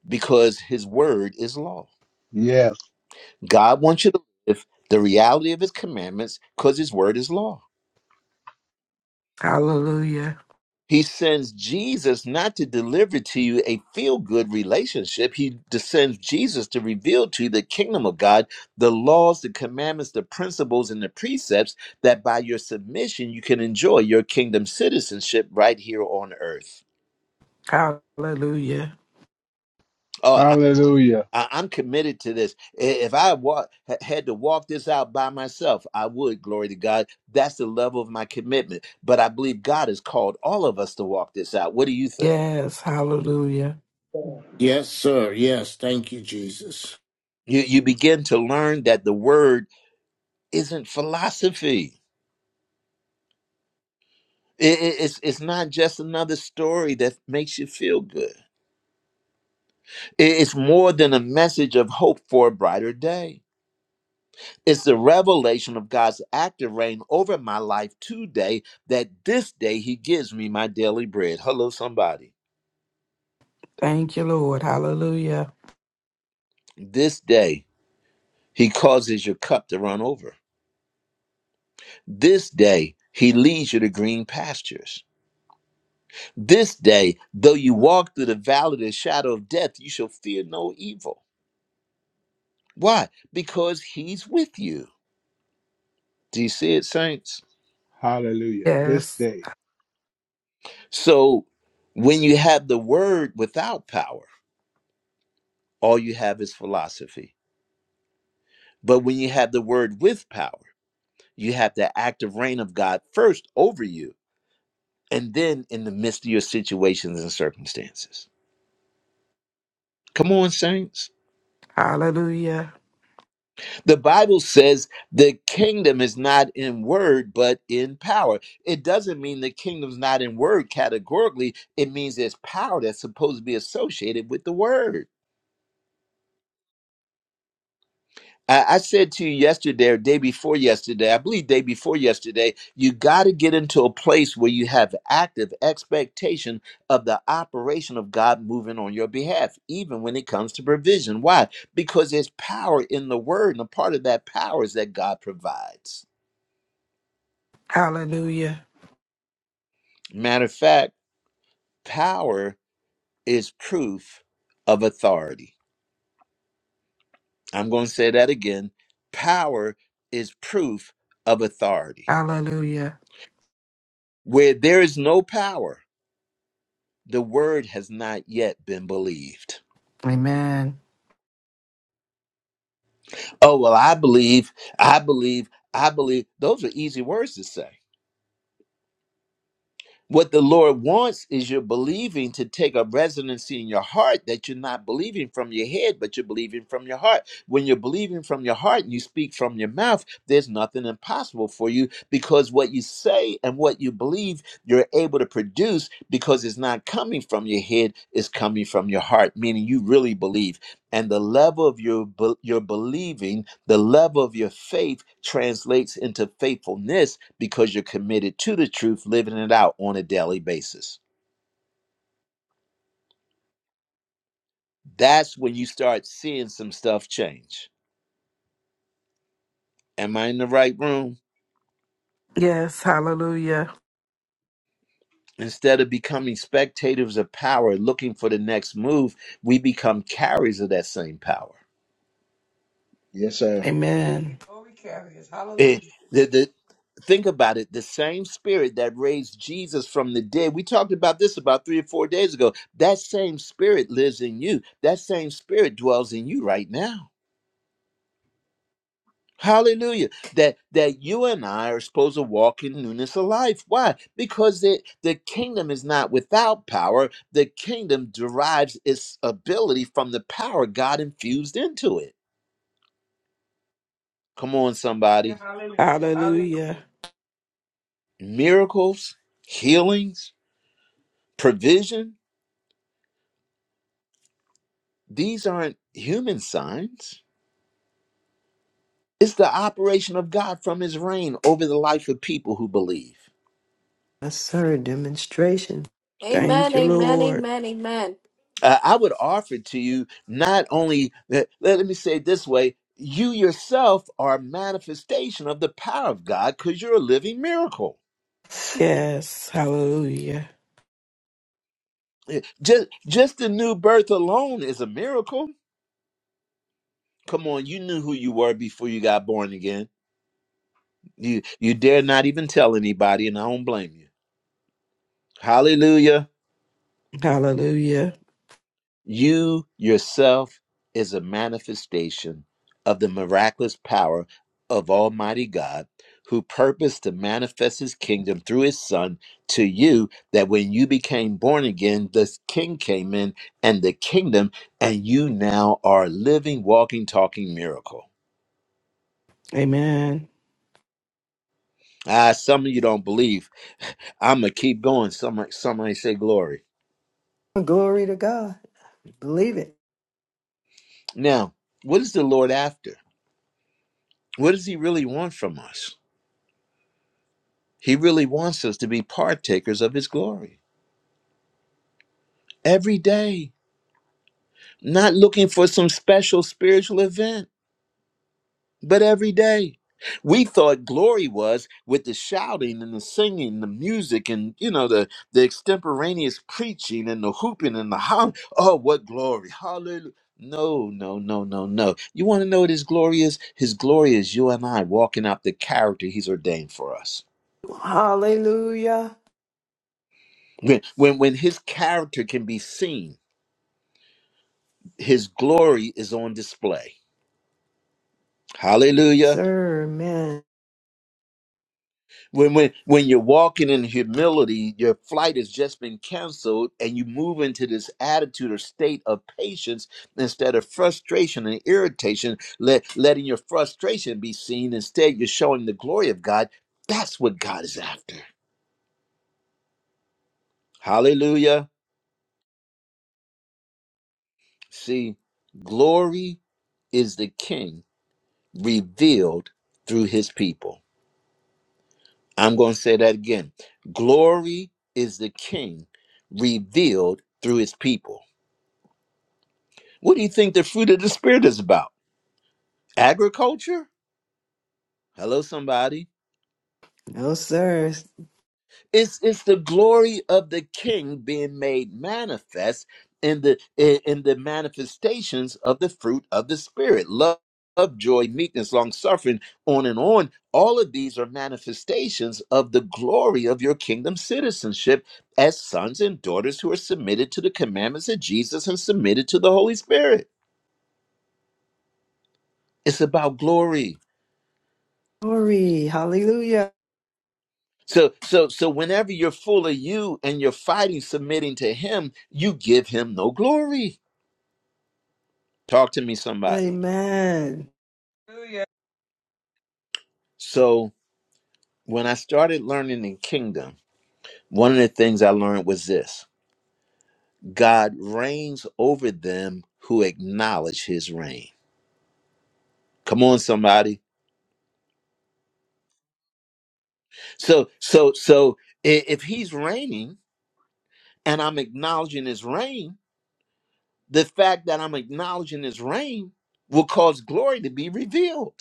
because his word is law.
Yes.
God wants you to live the reality of his commandments because his word is law.
Hallelujah.
He sends Jesus not to deliver to you a feel good relationship. He sends Jesus to reveal to you the kingdom of God, the laws, the commandments, the principles, and the precepts that by your submission you can enjoy your kingdom citizenship right here on earth.
Hallelujah.
Oh.
Hallelujah.
I, I'm committed to this. I- If I wa- ha- had to walk this out by myself, I would. Glory to God. That's the level of my commitment. But I believe God has called all of us to walk this out. What do you think?
Yes. Hallelujah.
Yes, sir. Yes. Thank you, Jesus.
You you begin to learn that the word isn't philosophy. I- i- it's it's not just another story that makes you feel good. I- it's more than a message of hope for a brighter day. It's the revelation of God's active reign over my life today that this day He gives me my daily bread. Hello, somebody.
Thank you, Lord. Hallelujah.
This day He causes your cup to run over. This day He leads you to green pastures. This day, though you walk through the valley of the shadow of death, you shall fear no evil. Why? Because He's with you. Do you see it, saints?
Hallelujah. This
Yes.
day.
So when you have the word without power, all you have is philosophy But when you have the word with power, you have the active reign of God first over you and then in the midst of your situations and circumstances. Come on, saints.
Hallelujah.
The Bible says the kingdom is not in word, but in power. It doesn't mean the kingdom's not in word categorically. It means there's power that's supposed to be associated with the word. I, I said to you yesterday or day before yesterday, I believe day before yesterday, you got to get into a place where you have active expectation of the operation of God moving on your behalf, even when it comes to provision. Why? Because there's power in the word, and a part of that power is that God provides.
Hallelujah.
Matter of fact, power is proof of authority. I'm going to say that again. Power is proof of authority.
Hallelujah.
Where there is no power, the word has not yet been believed.
Amen.
Oh, well, I believe, I believe, I believe. Those are easy words to say. What the Lord wants is your believing to take a residency in your heart that you're not believing from your head, but you're believing from your heart. When you're believing from your heart and you speak from your mouth, there's nothing impossible for you because what you say and what you believe, you're able to produce because it's not coming from your head, it's coming from your heart, meaning you really believe. And the level of your, be- your believing the level of your faith translates into faithfulness because you're committed to the truth, living it out on a daily basis. That's when you start seeing some stuff change. Am I in the right room?
Yes. Hallelujah.
Instead of becoming spectators of power, looking for the next move, we become carriers of that same power.
Yes, sir.
Amen.
Glory carriers. Hallelujah.
It, the, the, think about it the same spirit that raised Jesus from the dead, we talked about this about three or four days ago. That same spirit lives in you, that same spirit dwells in you right now. Hallelujah. That that you and I are supposed to walk in newness of life. Why? Because the, the kingdom is not without power. The kingdom derives its ability from the power God infused into it. Come on,
Yeah,
somebody.
Hallelujah.
Hallelujah.
Hallelujah.
Miracles, healings, provision, these aren't human signs. It's the operation of God from his reign over the life of people who believe.
Yes, sir. Demonstration.
Thank
amen
you,
amen
Lord.
amen amen
uh, I would offer to you not only that, let, let me say it this way you yourself are a manifestation of the power of God because you're a living miracle.
Yes. Hallelujah.
Eh, Just, just the new birth alone is a miracle. Come on, you knew who you were before you got born again. You, you dare not even tell anybody, and I don't blame you. Hallelujah.
Hallelujah.
You yourself is a manifestation of the miraculous power of Almighty God, who purposed to manifest his kingdom through his son to you, that when you became born again, the king came in and the kingdom, and you now are a living, walking, talking miracle.
Amen.
Ah, some of you don't believe. I'm gonna keep going. Somebody, somebody say glory.
Glory to God. Believe it.
Now, what is the Lord after? What does he really want from us? He really wants us to be partakers of his glory every day, not looking for some special spiritual event, but every day. We thought glory was with the shouting and the singing, the music, and you know the the extemporaneous preaching and the hooping and the hollering. Oh, what glory! Hallelujah! No, no, no, no, no. You want to know what His glory is? His glory is you and I walking out the character He's ordained for us.
Hallelujah.
When when when His character can be seen his glory is on display. Hallelujah.
Sir, man.
When when when you're walking in humility, your flight has just been canceled and you move into this attitude or state of patience instead of frustration and irritation, let letting your frustration be seen. Instead, you're showing the glory of God. That's what God is after. Hallelujah. See, glory is the king revealed through his people. I'm going to say that again. Glory is the King revealed through his people. What do you think the fruit of the Spirit is about? Agriculture? Hello, somebody.
No, sir.
It's it's the glory of the King being made manifest in the in, in the manifestations of the fruit of the Spirit. Love, love, joy, meekness, long suffering, on and on. All of these are manifestations of the glory of your kingdom citizenship as sons and daughters who are submitted to the commandments of Jesus and submitted to the Holy Spirit. It's about glory.
Glory. Hallelujah.
So so so whenever you're full of you and you're fighting submitting to him, you give him no glory. Talk to me, somebody.
Amen.
Hallelujah.
So, when I started learning in kingdom, one of the things I learned was this God reigns over them who acknowledge his reign. Come on, somebody. So, so, so i- if he's reigning and I'm acknowledging his reign, the fact that I'm acknowledging his reign will cause glory to be revealed.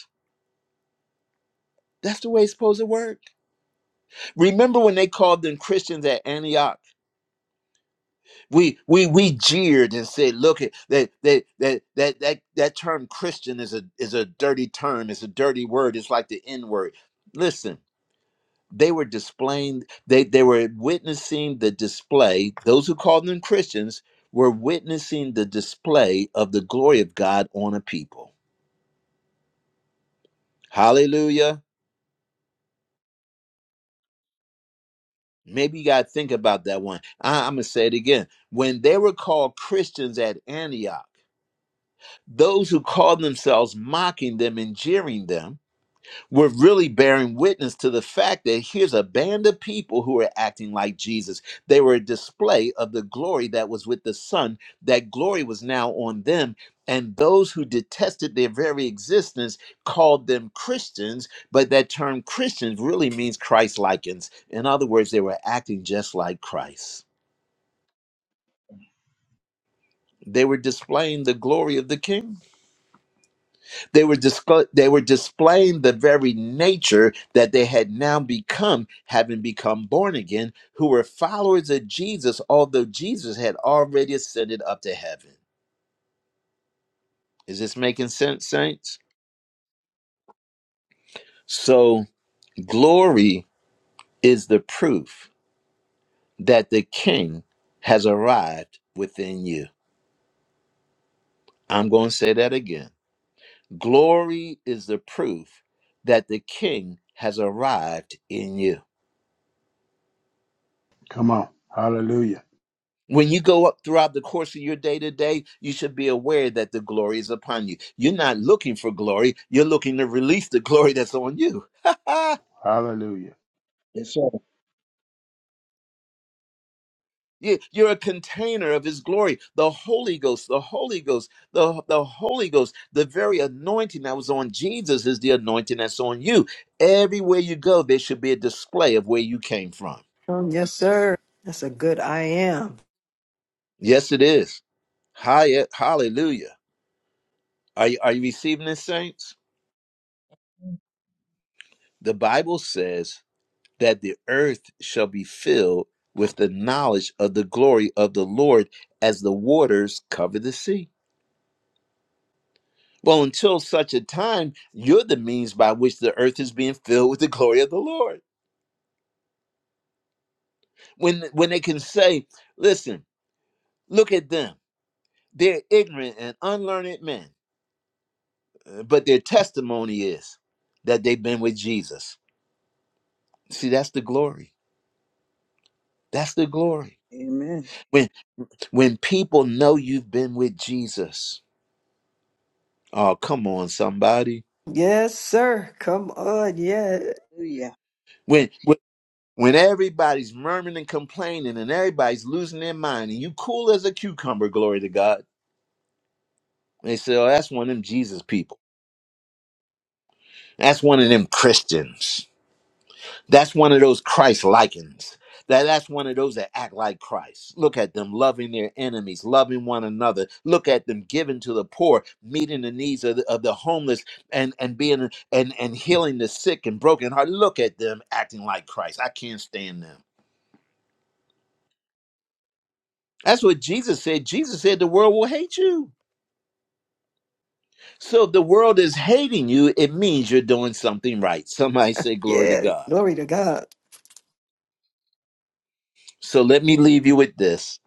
That's the way it's supposed to work. Remember when they called them Christians at Antioch? We we we jeered and said, "Look at that that that that that that term Christian is a is a dirty term. It's a dirty word. It's like the N word." Listen, they were displaying they they were witnessing the display. Those who called them Christians were witnessing the display of the glory of God on a people. Hallelujah. Maybe you got to think about that one. I, I'm going to say it again. When they were called Christians at Antioch, those who called themselves mocking them and jeering them we're really bearing witness to the fact that here's a band of people who are acting like Jesus. They were a display of the glory that was with the Son. That glory was now on them. And those who detested their very existence called them Christians, but that term Christians really means Christ likens. In other words, they were acting just like Christ. They were displaying the glory of the King. They were disco- they were displaying the very nature that they had now become, having become born again, who were followers of Jesus, although Jesus had already ascended up to heaven. Is this making sense, saints? So glory is the proof that the King has arrived within you. I'm going to say that again. Glory is the proof that the King has arrived in you.
Come on. Hallelujah.
When you go up throughout the course of your day to day, you should be aware that the glory is upon you. You're not looking for glory, you're looking to release the glory that's on you.
Hallelujah.
Yes, sir.
You- You're a container of his glory. The Holy Ghost, the Holy Ghost, the, the Holy Ghost, the very anointing that was on Jesus is the anointing that's on you. Everywhere you go, there should be a display of where you came from.
Um, yes, sir. That's a good I am.
Yes, it is. Hi, eh, hallelujah. Are you, are you receiving this, saints?
the
The Bible says that the earth shall be filled with the knowledge of the glory of the Lord as the waters cover the sea. Well, until such a time, you're the means by which the earth is being filled with the glory of the Lord. When when they can say, listen, look at them. They're ignorant and unlearned men, uh, but their testimony is that they've been with Jesus. See, that's the glory. That's the glory.
Amen.
When when people know you've been with Jesus. Oh, come on, somebody
Yes, sir. Come on. Yeah.
Hallelujah.
when when when everybody's murmuring and complaining and everybody's losing their mind and you cool as a cucumber glory to god they say oh that's one of them jesus people that's one of them christians that's one of those christ likens that that's one of those that act like christ look at them loving their enemies loving one another look at them giving to the poor meeting the needs of the, of the homeless and and being and and healing the sick and broken heart look at them acting like christ i can't stand them That's what Jesus said. Jesus said the world will hate you. So if the world is hating you, it means you're doing something right. Somebody say, Glory to
Yeah.
God.
Glory to God.
So let me leave you with this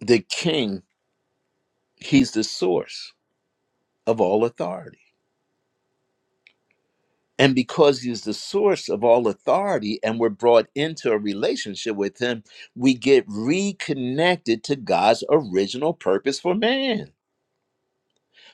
the king, he's the source of all authority. And because he's the source of all authority and we're brought into a relationship with him, we get reconnected to God's original purpose for man.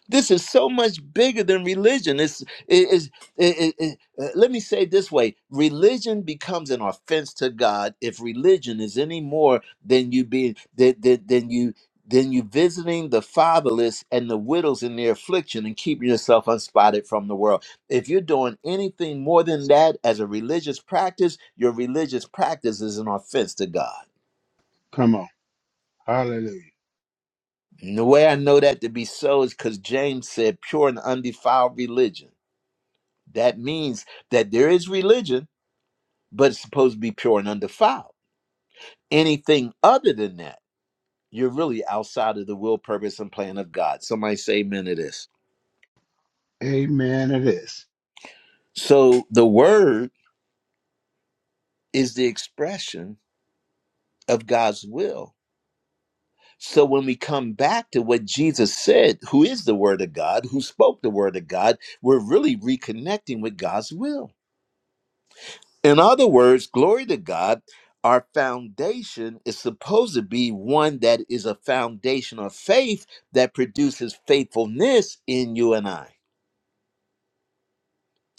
This is so much bigger than religion. It's it is. It, it, it- uh, let me say it this way: religion becomes an offense to God if religion is any more than you being than, than, than you than you visiting the fatherless and the widows in their affliction and keeping yourself unspotted from the world. If you're doing anything more than that as a religious practice, your religious practice is an offense to God.
Come on. Hallelujah.
And the way I know that to be so is because James said, "Pure and undefiled religion." That means that there is religion, but it's supposed to be pure and undefiled. Anything other than that, you're really outside of the will, purpose, and plan of God. Somebody say amen to this.
Amen. It is.
So the word is the expression of God's will. So when we come back to what Jesus said, who is the word of God, who spoke the word of God, we're really reconnecting with God's will. In other words, glory to God, our foundation is supposed to be one that is a foundation of faith that produces faithfulness in you and I.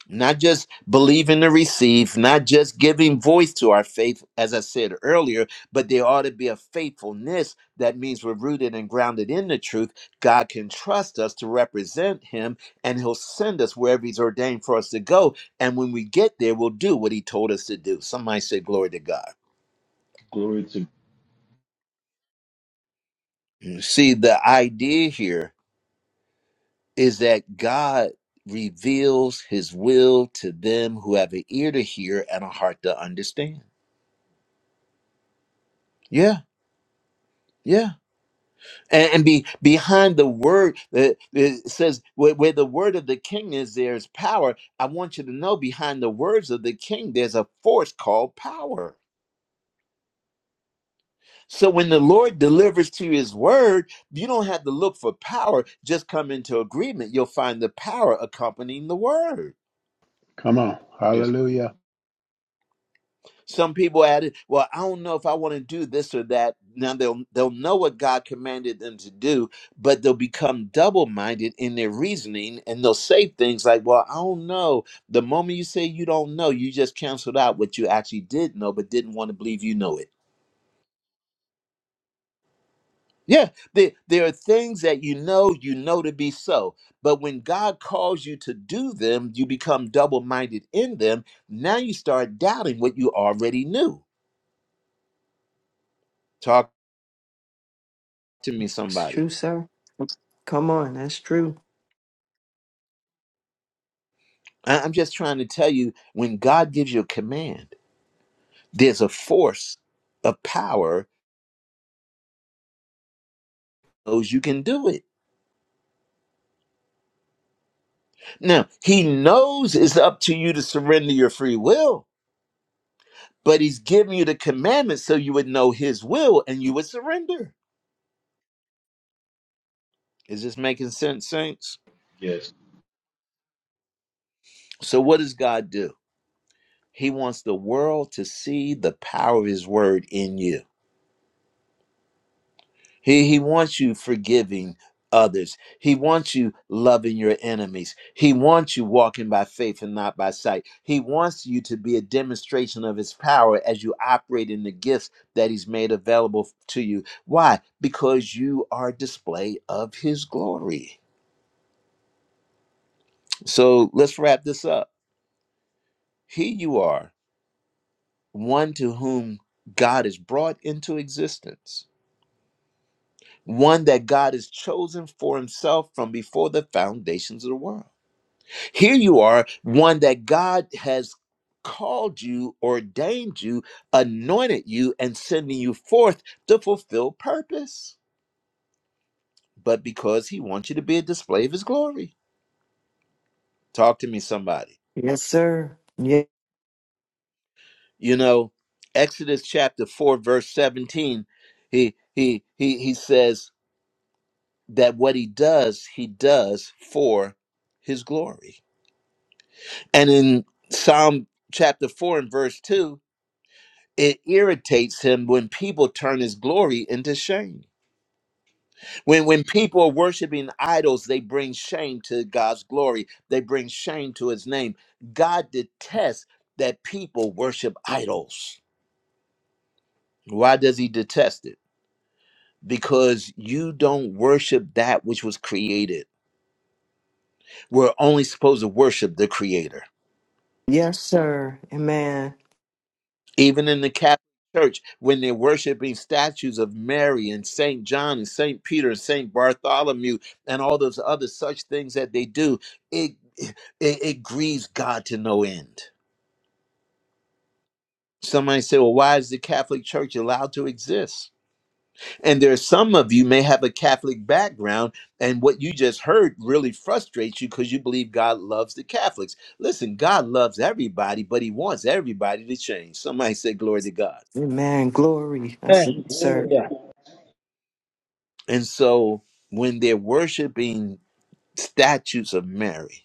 Not just believing to receive, not just giving voice to our faith, as I said earlier, but there ought to be a faithfulness that means we're rooted and grounded in the truth. God can trust us to represent Him, and He'll send us wherever He's ordained for us to go. And when we get there, we'll do what He told us to do. Somebody say, Glory to God.
Glory to
See, the idea here is that God reveals his will to them who have an ear to hear and a heart to understand. Yeah, yeah. And, and be behind the word that it says where, where the word of the king is, there's power. I want you to know behind the words of the king, there's a force called power. So when the Lord delivers to you his word, you don't have to look for power. Just come into agreement. You'll find the power accompanying the word.
Come on.
just
Hallelujah.
Some people added, "Well, I don't know if I want to do this or that." Now they'll they'll know what God commanded them to do, but they'll become double minded in their reasoning, and they'll say things like, "Well, I don't know." The moment you say you don't know, you just canceled out what you actually did know, but didn't want to believe you know it. Yeah, there, there are things that you know you know to be so, but when God calls you to do them, you become double minded in them. Now you start doubting what you already knew. Talk to me,
That's
somebody.
true, sir. Come on. That's true.
I- I'm just trying to tell you when God gives you a command, there's a force of power knows you can do it. Now, he knows it's up to you to surrender your free will, but he's giving you the commandment so you would know his will and you would surrender. Is this making sense, saints?
yes.
So what does God do? He wants the world to see the power of his word in you. He, he wants you forgiving others. He wants you loving your enemies. He wants you walking by faith and not by sight. He wants you to be a demonstration of his power as you operate in the gifts that he's made available to you. Why? Because you are a display of his glory. So let's wrap this up. Here you are, one to whom God has brought into existence, one that God has chosen for himself from before the foundations of the world Here you are, one that God has called you, ordained you, anointed you, and sending you forth to fulfill purpose, but because he wants you to be a display of his glory. Talk to me, somebody.
Yes, sir. Yeah.
You know, Exodus chapter 4, verse 17, he he he he says that what he does, he does for his glory. And in Psalm chapter 4 and verse 2, it irritates him when people turn his glory into shame. When when people are worshiping idols, they bring shame to God's glory. They bring shame to his name. God detests that people worship idols. Why does he detest it? Because you don't worship that which was created. We're only supposed to worship the creator.
Yes, sir. Amen.
Even in the Catholic Church, when they're worshiping statues of Mary and St. John and St. Peter and St. Bartholomew and all those other such things that they do, it, it, it grieves God to no end. Somebody say, well, why is the Catholic Church allowed to exist? And there are some of you may have a Catholic background, and what you just heard really frustrates you because you believe God loves the Catholics. Listen, God loves everybody, but He wants everybody to change. Somebody say, glory to God.
Amen. Glory. That's
Hey,
it,
glory to
sir.
God.
And so when they're worshiping statues of Mary,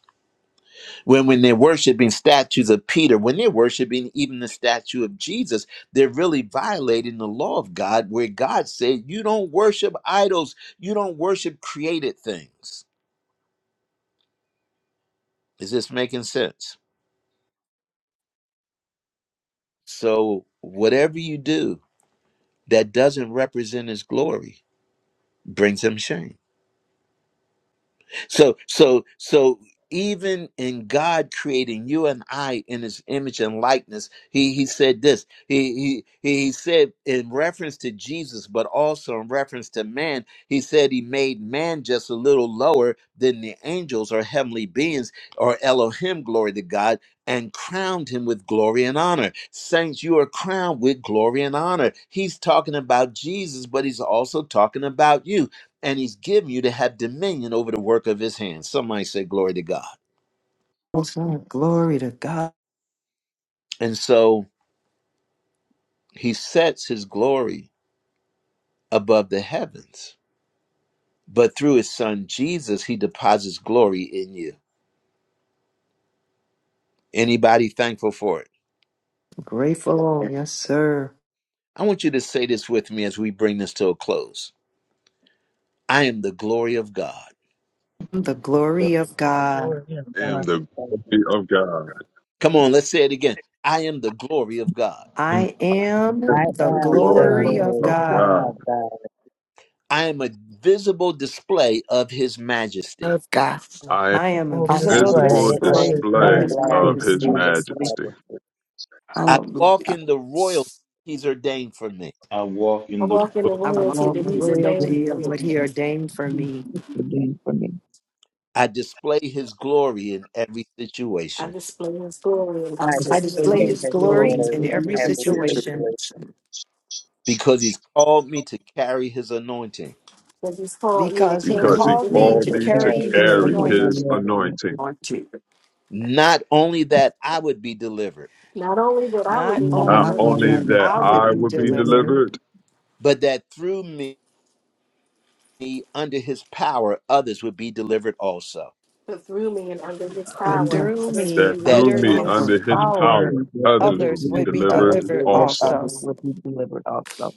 when when they're worshiping statues of Peter, when they're worshiping even the statue of Jesus, they're really violating the law of God where God said, "You don't worship idols, you don't worship created things." Is this making sense? So whatever you do that doesn't represent his glory brings him shame. so so so even in God creating you and I in his image and likeness, he he said this. He he he said in reference to Jesus, but also in reference to man, he said he made man just a little lower than the angels or heavenly beings or Elohim, glory to God, and crowned him with glory and honor. Saints, you are crowned with glory and honor. He's talking about Jesus, but he's also talking about you and he's given you to have dominion over the work of his hands. Somebody say, Glory to God.
Yes, sir. Glory to God.
And so he sets his glory above the heavens, but through his son Jesus, he deposits glory in you. Anybody thankful for it?
Grateful. Yes, sir.
I want you to say this with me as we bring this to a close I am the glory of God.
The glory of God.
glory of
I am
God,
the glory of God.
Come on, let's say it again. I am the glory of God.
And
I am
I
the
the
it is
the power to
am the
God,
glory
glory
of
see
glory
of
God.
God.
of God.
I am a visible display of his majesty.
Yes, God,
a
I am
I am a
visible
I
a
I am a
visible
am
visible
display
this.
of
favorable
His
display of
I
display
His
am
display
of
majesty.
his
of
majesty.
His
this.
majesty
majesty.
I walk
Hallelujah.
in the royalty he's ordained for me.
I walk
I
in the
walk in the
world.
I
I
walk
royalty
in
that
want
the
to
he's
you.
ordained
royalty
for
of
me.
what He ordained for me.
I display his glory in every
I
situation
display his glory in
I
I
every
I
city
just feel
display
display
His
His
his
glory
glory
glory
in
in
in
every
every
every
situation
situation
situation.
because he's called me to carry his anointing.
that he's called me to
because He
carry
because he
his
called
and
me
called
to
to
anointing.
me to
carry
carry
His
his
carry his
anointing.
anointing
anointing.
Lord, take
Not only that I would be delivered,
Not only that I would
Not
be
Not
Not
delivered,
only
only
that
only
that
I would
I
be
would be
delivered,
happy,
delivered,
but that through me, under his power, others would be delivered also.
but through me and under his
but
power,
under
through
others
His
will be
me,
that
That
through
under
delivered
me
through me,
also.
His
power.
under his
power,
power, others will
others
be
would be
delivered
delivered
delivered
also.
others
also.
us.
will be delivered also.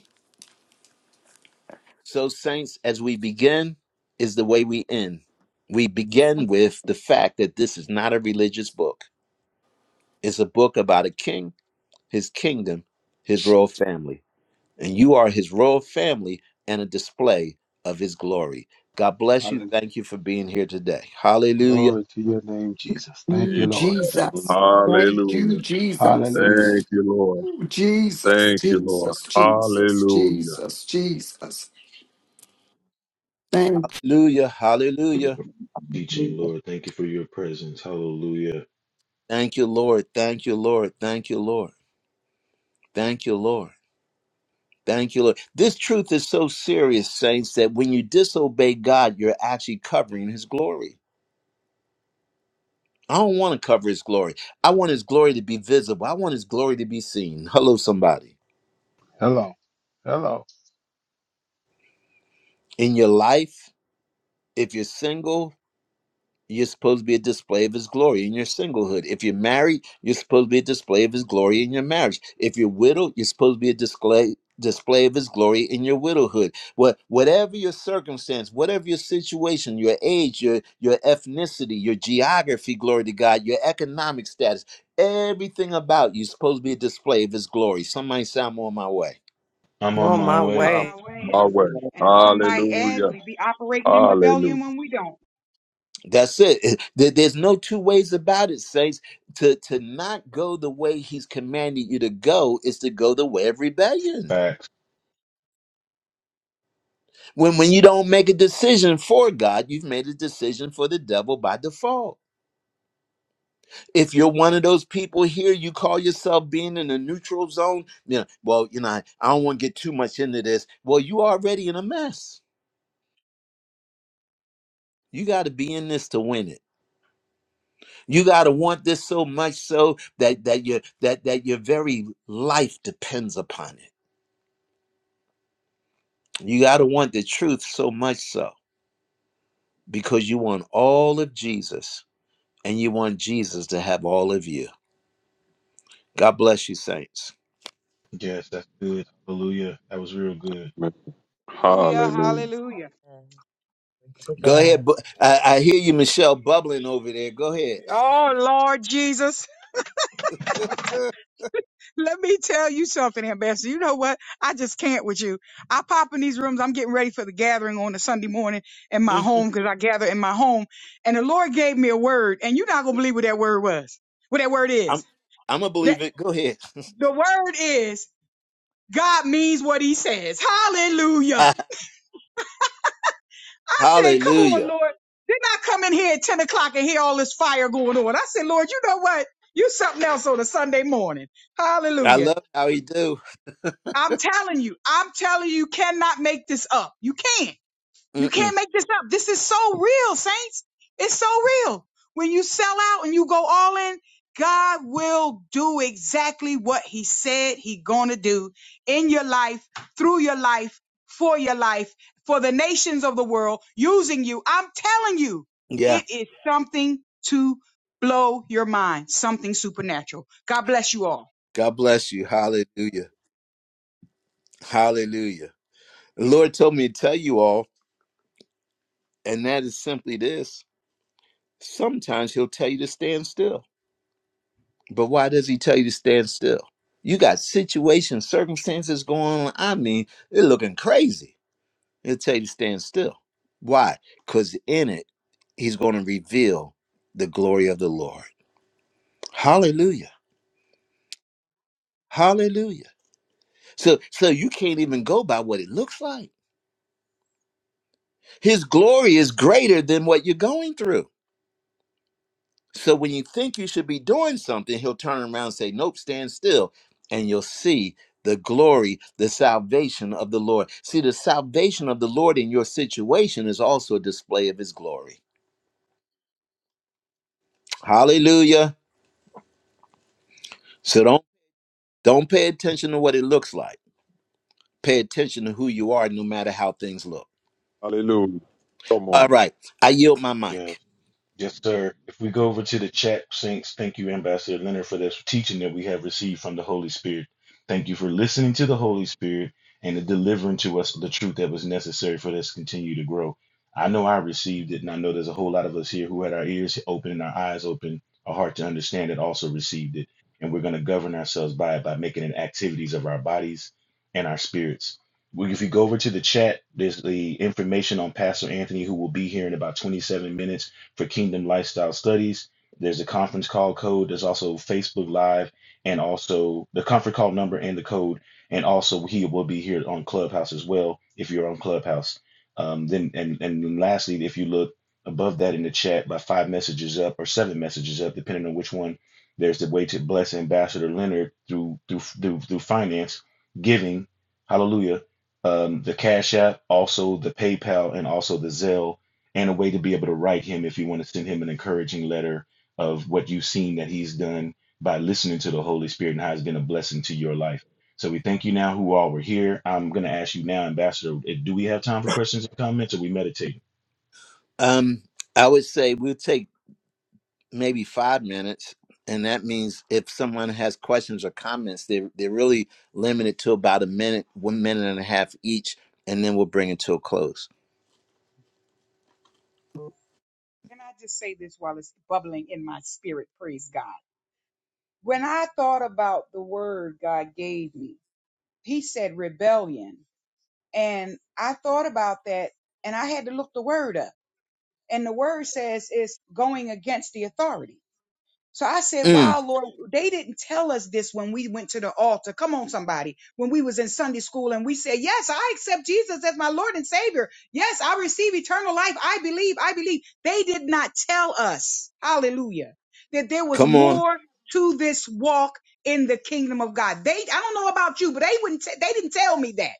so saints, as we begin, is the way we end. We begin with the fact that this is not a religious book, it's a book about a king, his kingdom, his royal family. and you are his royal family and a display of his glory. God bless you.
Hallelujah.
Thank you for being here today. Hallelujah.
Glory to your name, Jesus. Thank
Ooh,
you, Lord.
Jesus.
Hallelujah.
Thank you,
Hallelujah.
Jesus.
Hallelujah.
Thank you, Lord.
Ooh, Jesus,
Thank you, Lord.
Jesus, Jesus,
Hallelujah.
Jesus, Jesus. Thank you.
Hallelujah.
Lord
Hallelujah.
teaching,
Hallelujah.
Lord. Thank you for your presence. Hallelujah.
Thank you, Lord. Thank you, Lord. Thank you, Lord. Thank you, Lord. Thank you, Lord. This truth is so serious, saints, that when you disobey God, you're actually covering his glory. I don't want to cover his glory. I want his glory to be visible. I want his glory to be seen. Hello, somebody.
Hello. Hello.
In your life, if you're single, you're supposed to be a display of his glory in your singlehood. If you're married, you're supposed to be a display of his glory in your marriage. If you're widowed, you're supposed to be a display display of his glory in your widowhood. What whatever your circumstance, whatever your situation, your age, your your ethnicity, your geography, glory to God, your economic status, everything about you is supposed to be a display of his glory. Somebody say I'm on my way.
I'm
I'm
on
on
my
my
way.
I'm
My
way.
on
way.
I'm
And
my
if,
way.
blessed
and if I might add,
Hallelujah.
we be operating in rebellion
Hallelujah.
when we don't.
That's it. There- There's no two ways about it, saints. To to not go the way he's commanded you to go is to go the way of rebellion.
Facts.
When when you don't make a decision for God, you've made a decision for the devil by default. If you're one of those people here, you call yourself being in a neutral zone. You know, well, you know, I, I don't want to get too much into this. Well, you already in a mess. You got to be in this to win it. You gotta want this so much so that that your that that your very life depends upon it. You gotta want the truth so much so because you want all of Jesus and you want Jesus to have all of you. God bless you, saints.
Yes, that's good. Hallelujah. That was real good.
Hallelujah.
Hallelujah.
Hallelujah.
And to
Go ahead.
God,
bu- I, I hear you, Michelle, bubbling over there. Go ahead.
Oh, Lord Jesus. Let me tell you something, Ambassador. You know what? I just can't with you. I pop in these rooms. I'm getting ready for the gathering on a Sunday morning in my
Mhm.
home because I gather in my home. And the Lord gave me a word, and you're not gonna believe what that word was. What that word
I'm
is.
I'm gonna
That
believe it. Go ahead.
the word is God means what He says. Hallelujah. I said, "Come on,
Hallelujah.
Lord." Didn't I come in here at 10 o'clock and hear all this fire going on? I said, "Lord, you know what? You something else on a Sunday morning."
I
Hallelujah.
love how he do.
I'm telling you, I'm telling you, you cannot make this up. You can't. You
Mm-mm.
can't make this up. This is so real, saints. It's so real. When you sell out and you go all in, God will do exactly what he said he gonna do in your life, through your life, for your life, for the nations of the world, using you. I'm telling you,
Yeah.
it is something to blow your mind, something supernatural. God bless you all.
God bless you. Hallelujah. Hallelujah. The Lord told me to tell you all. And that is simply this. Sometimes he'll tell you to stand still. But why does he tell you to stand still? You got situations, circumstances going on. I mean, they're looking crazy. He'll tell you to stand still. Why? Because in it, he's going to reveal the glory of the Lord. Hallelujah. Hallelujah. So so you can't even go by what it looks like. His glory is greater than what you're going through. So when you think you should be doing something, he'll turn around and say, Nope, stand still. And you'll see the glory, the salvation of the Lord. See, the salvation of the Lord in your situation is also a display of his glory. Hallelujah. So don't don't pay attention to what it looks like. Pay attention to who you are, no matter how things look.
Hallelujah. Come
All
on.
right. I yield my
Yeah.
mic.
Yes, sir. If we go over to the chat, Saints, thank you, Ambassador Leonard, for this teaching that we have received from the Holy Spirit. Thank you for listening to the Holy Spirit and the delivering to us the truth that was necessary for this to continue to grow. I know I received it, and I know there's a whole lot of us here who had our ears open and our eyes open, our heart to understand it, also received it. And we're going to govern ourselves by it by making it activities of our bodies and our spirits. We- If you go over to the chat, there's the information on Pastor Anthony, who will be here in about 27 minutes for Kingdom Lifestyle Studies. There's a conference call code. There's also Facebook Live and also the conference call number and the code. And also he will be here on Clubhouse as well if you're on Clubhouse. Um, then and and lastly, if you look above that in the chat by five messages up or seven messages up, depending on which one, there's the way to bless Ambassador Leonard through through through, through finance giving. Hallelujah um, the Cash App, also the PayPal, and also the Zelle and a way to be able to write him if you want to send him an encouraging letter of what you've seen that he's done by listening to the Holy Spirit and how it's been a blessing to your life. So we thank you now who all were here. I'm going to ask you now, Ambassador, eh, do we have time for questions and comments or we meditate?
Um, I would say we'll take maybe five minutes. And that means if someone has questions or comments, they they're really limited to about a minute, one minute and a half each, and then we'll bring it to a close.
Can I just say this while it's bubbling in my spirit? Praise God. When I thought about the word God gave me, He said rebellion. And I thought about that and I had to look the word up. And the word says it's going against the authority. So I said,
Mm,
wow, Lord, they didn't tell us this when we went to the altar. Come on, somebody. When we was in Sunday school and we said, yes, I accept Jesus as my Lord and Savior. Yes, I receive eternal life. I believe, I believe. They did not tell us, hallelujah, that there was
come on,
more to this walk in the kingdom of God. They, I don't know about you, but they wouldn't, t- they didn't tell me that.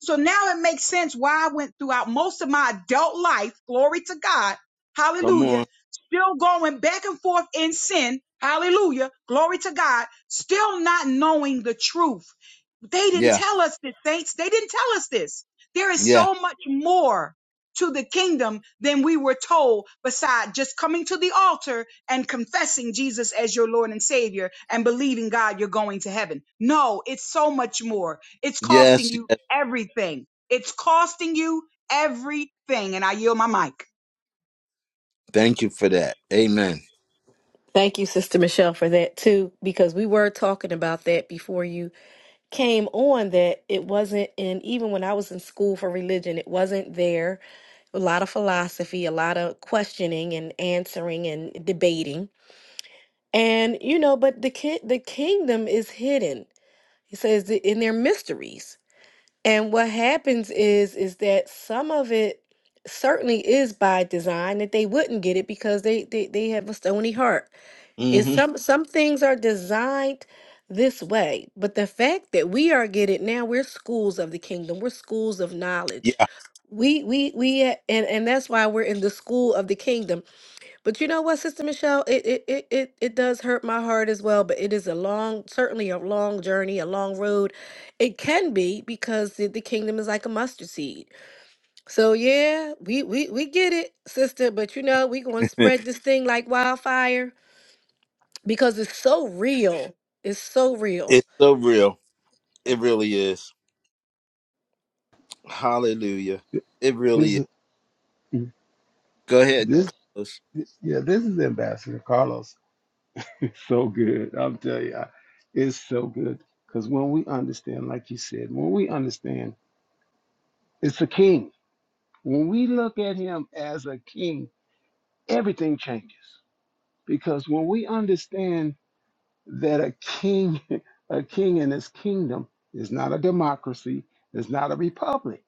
So now it makes sense why I went throughout most of my adult life, glory to God,
come
hallelujah,
on,
still going back and forth in sin. Hallelujah. Glory to God. Still not knowing the truth. They didn't
yeah,
tell us this, saints. They didn't tell us this. There is
yeah,
so much more to the kingdom than we were told beside just coming to the altar and confessing Jesus as your Lord and Savior and believing God you're going to heaven. No, it's so much more. It's costing
yes,
you
yes.
everything. It's costing you everything. And I yield my mic.
Thank you for that. Amen.
Thank you, Sister Michelle, for that too, because we were talking about that before you came on. That it wasn't in, even when I was in school for religion, it wasn't there. A lot of philosophy, a lot of questioning and answering and debating. And, you know, but the, ki- the kingdom is hidden. He says that in their mysteries. And what happens is is that some of it certainly is by design that they wouldn't get it because they they, they have a stony heart. Is
hmm
some some things are designed this way, but the fact that we are getting now we're schools of the kingdom, we're schools of knowledge.
Yeah,
We we we uh, and and that's why we're in the school of the kingdom but you know what, Sister Michelle, it it it it, it does hurt my heart as well. But it is a long, certainly a long journey, a long road. It can be because the, the kingdom is like a mustard seed. So yeah, we we we get it, sister. But you know, we gonna spread this thing like wildfire because it's so real. It's so real.
it's so real. It really is. Hallelujah. It really
This
is.
is
Go ahead,
this
Carlos.
yeah, this is Ambassador Carlos. It's so good. I'll tell you. I- It's so good. Because when we understand, like you said, when we understand it's a king. When we look at him as a king, everything changes. because when we understand that a king a king and his kingdom is not a democracy it's not a republic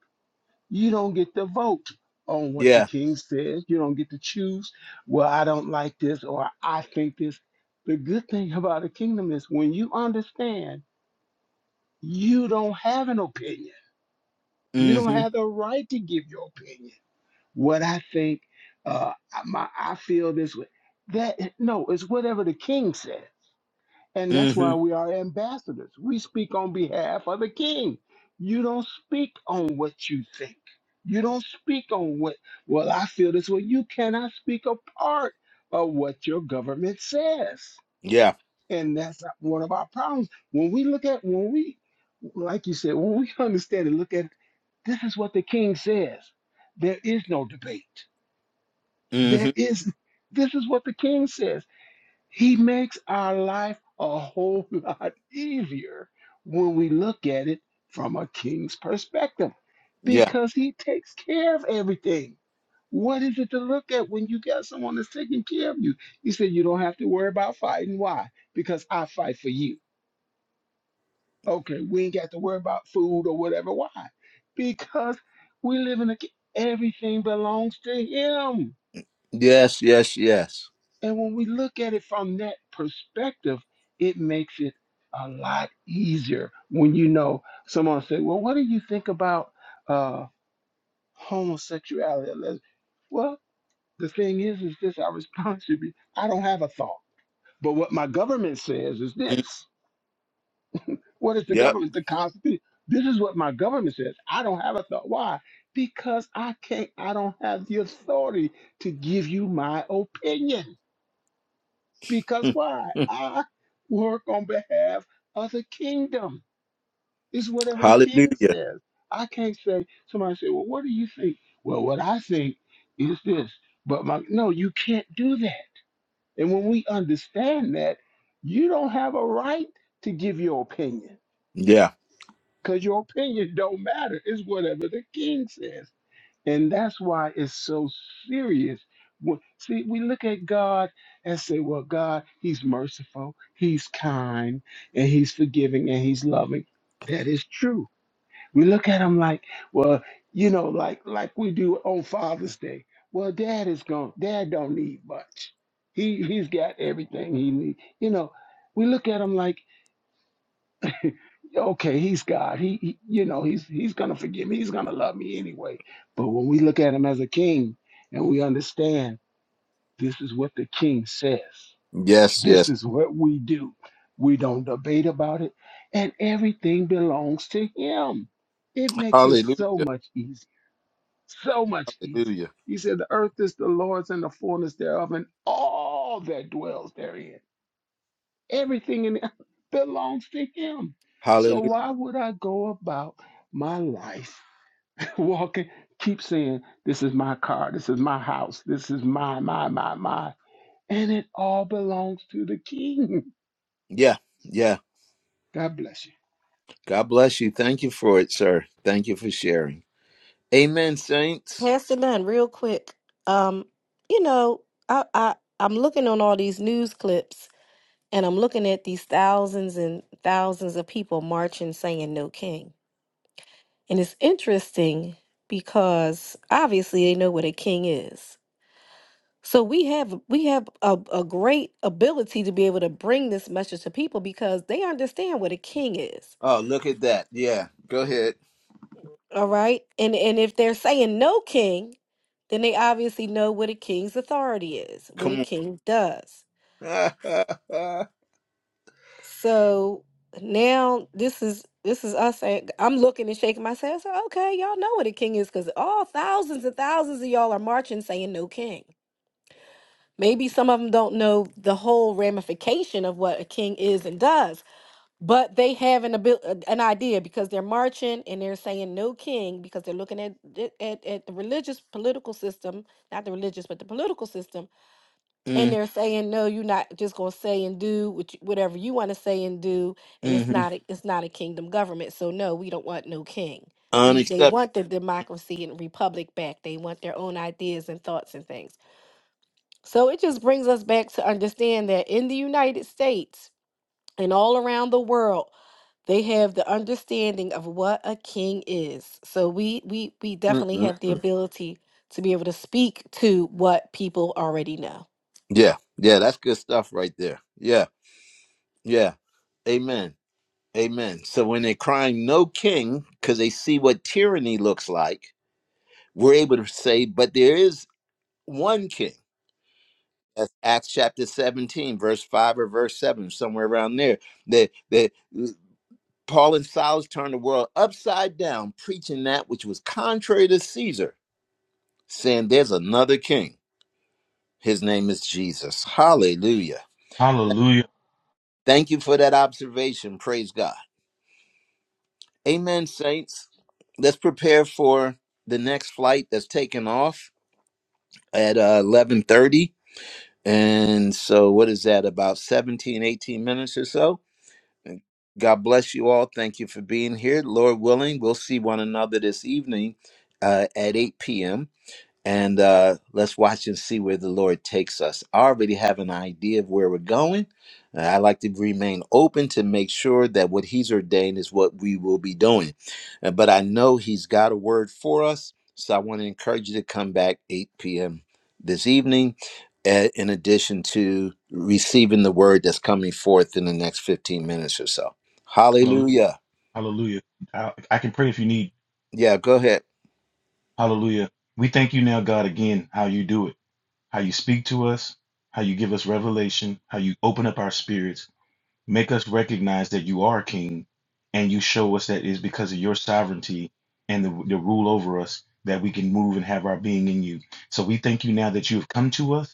you don't get to vote on what the
Yeah.
king says you don't get to choose well i don't like this or i think this the good thing about a kingdom is when you understand you don't have an opinion you don't
Mm-hmm.
have the right to give your opinion what i think uh I- my i feel this way that no it's whatever the king says And that's
Mm-hmm.
why we are ambassadors. We speak on behalf of the king. You don't speak on what you think. You don't speak on what, well, I feel this way. You cannot speak a part of what your government says.
Yeah.
And that's one of our problems. When we look at, when we, like you said, when we understand and look at, this is what the king says. There is no debate.
Mm-hmm.
There is, this is what the king says. He makes our life a whole lot easier when we look at it from a king's perspective
Yeah.
because he takes care of everything. What is it to look at when you got someone that's taking care of you? He said, You don't have to worry about fighting. Why? Because I fight for you. Okay, we ain't got to worry about food or whatever. Why? Because we live in a ki- everything belongs to him.
Yes. Yes. Yes.
And when we look at it from that perspective, it makes it a lot easier when you know someone say, "Well, what do you think about uh, homosexuality?" or les-" Well, the thing is, is this our response should be, "I don't have a thought, but what my government says is
Mm.
this." What is the
Yep.
government? The Constitution. This is what my government says. I don't have a thought. Why? Because I can't. I don't have the authority to give you my opinion. Because
Mm,
why?
mm.
I work on behalf of the kingdom. It's whatever the king
Hallelujah.
says. I can't say, somebody say, well, what do you think? Well, what I think is this. But my, no, you can't do that. And when we understand that, you don't have a right to give your opinion
Yeah.
because your opinion don't matter. It's whatever the king says. And that's why it's so serious. Wh- See, we look at God and say, well, God, He's merciful, He's kind, and He's forgiving, and He's loving. That is true. We look at Him like, well, you know, like like we do on Father's Day. Well, Dad is gone. Dad don't need much. He he's got everything he needs. You know, we look at him like okay, he's God. He, he you know, he's he's gonna forgive me. He's gonna love me anyway. But when we look at him as a king and we understand this is what the king says,
Yes,
this
yes.
is what we do. We don't debate about it, and everything belongs to him. It makes it
Hallelujah.
so much easier, so much easier.
Hallelujah.
He said, "The earth is the Lord's and the fullness thereof, and all that dwells therein." Everything in it belongs to him. So
Hallelujah.
why would I go about my life walking, keep saying, This is my car, this is my house, this is my, my, my, my. And it all belongs to the king.
Yeah. Yeah.
God bless you.
God bless you. Thank you for it, sir. Thank you for sharing. Amen, saints.
Pastor Dunn, real quick. Um, you know, I I I'm looking on all these news clips And I'm looking at these thousands and thousands of people marching saying no king. And it's interesting because obviously they know what a king is. So we have we have a, a great ability to be able to bring this message to people because they understand what a king is.
Oh, look at that. Yeah. Go ahead.
All right. And and if they're saying no king, then they obviously know what a king's authority is, what a
Come
king does.
on.
So now this is this is us saying I'm looking and shaking my head. So okay, y'all know what a king is because all thousands and thousands of y'all are marching saying no king. Maybe some of them don't know the whole ramification of what a king is and does, but they have an abil- uh, an idea because they're marching and they're saying no king because they're looking at at, at the religious political system, not the religious but the political system and
mm
they're saying no you're not just going to say and do what you- whatever you want to say and do and it's
hmm
not a, it's not a kingdom government so no we don't want no king we they
Unacceptable.
want the democracy and republic back they want their own ideas and thoughts and things so it just brings us back to understand that in the united states and all around the world they have the understanding of what a king is so we we we definitely have the
Mm-mm-mm.
ability to be able to speak to what people already know
Yeah. Yeah. That's good stuff right there. Yeah. Yeah. Amen. Amen. So when they're crying, no king, because they see what tyranny looks like. we're able to say, but there is one king. That's Acts chapter 17, verse 5 or verse 7, somewhere around there. That that uh, Paul and Silas turned the world upside down, preaching that which was contrary to Caesar, saying there's another king. His name is Jesus. Hallelujah.
Hallelujah.
Thank you for that observation. Praise God. Amen, saints. Let's prepare for the next flight that's taking off at uh, 11:30 And so, what is that, about 17, 18 minutes or so? God bless you all. Thank you for being here. Lord willing, we'll see one another this evening uh, at 8 p.m and uh, let's watch and see where the Lord takes us. I already have an idea of where we're going. Uh, I like to remain open to make sure that what He's ordained is what we will be doing. Uh, but I know He's got a word for us, so I want to encourage you to come back 8 p.m. this evening. uh, In addition to receiving the word that's coming forth in the next 15 minutes or so.
Hallelujah.
Hallelujah.
Hallelujah. I, I can pray if you need.
Yeah, go ahead.
Hallelujah. We thank you now, God, again, how you do it, how you speak to us, how you give us revelation, how you open up our spirits Make us recognize that you are king, and you show us that it is because of your sovereignty and the, the rule over us that we can move and have our being in you. So we thank you now that you have come to us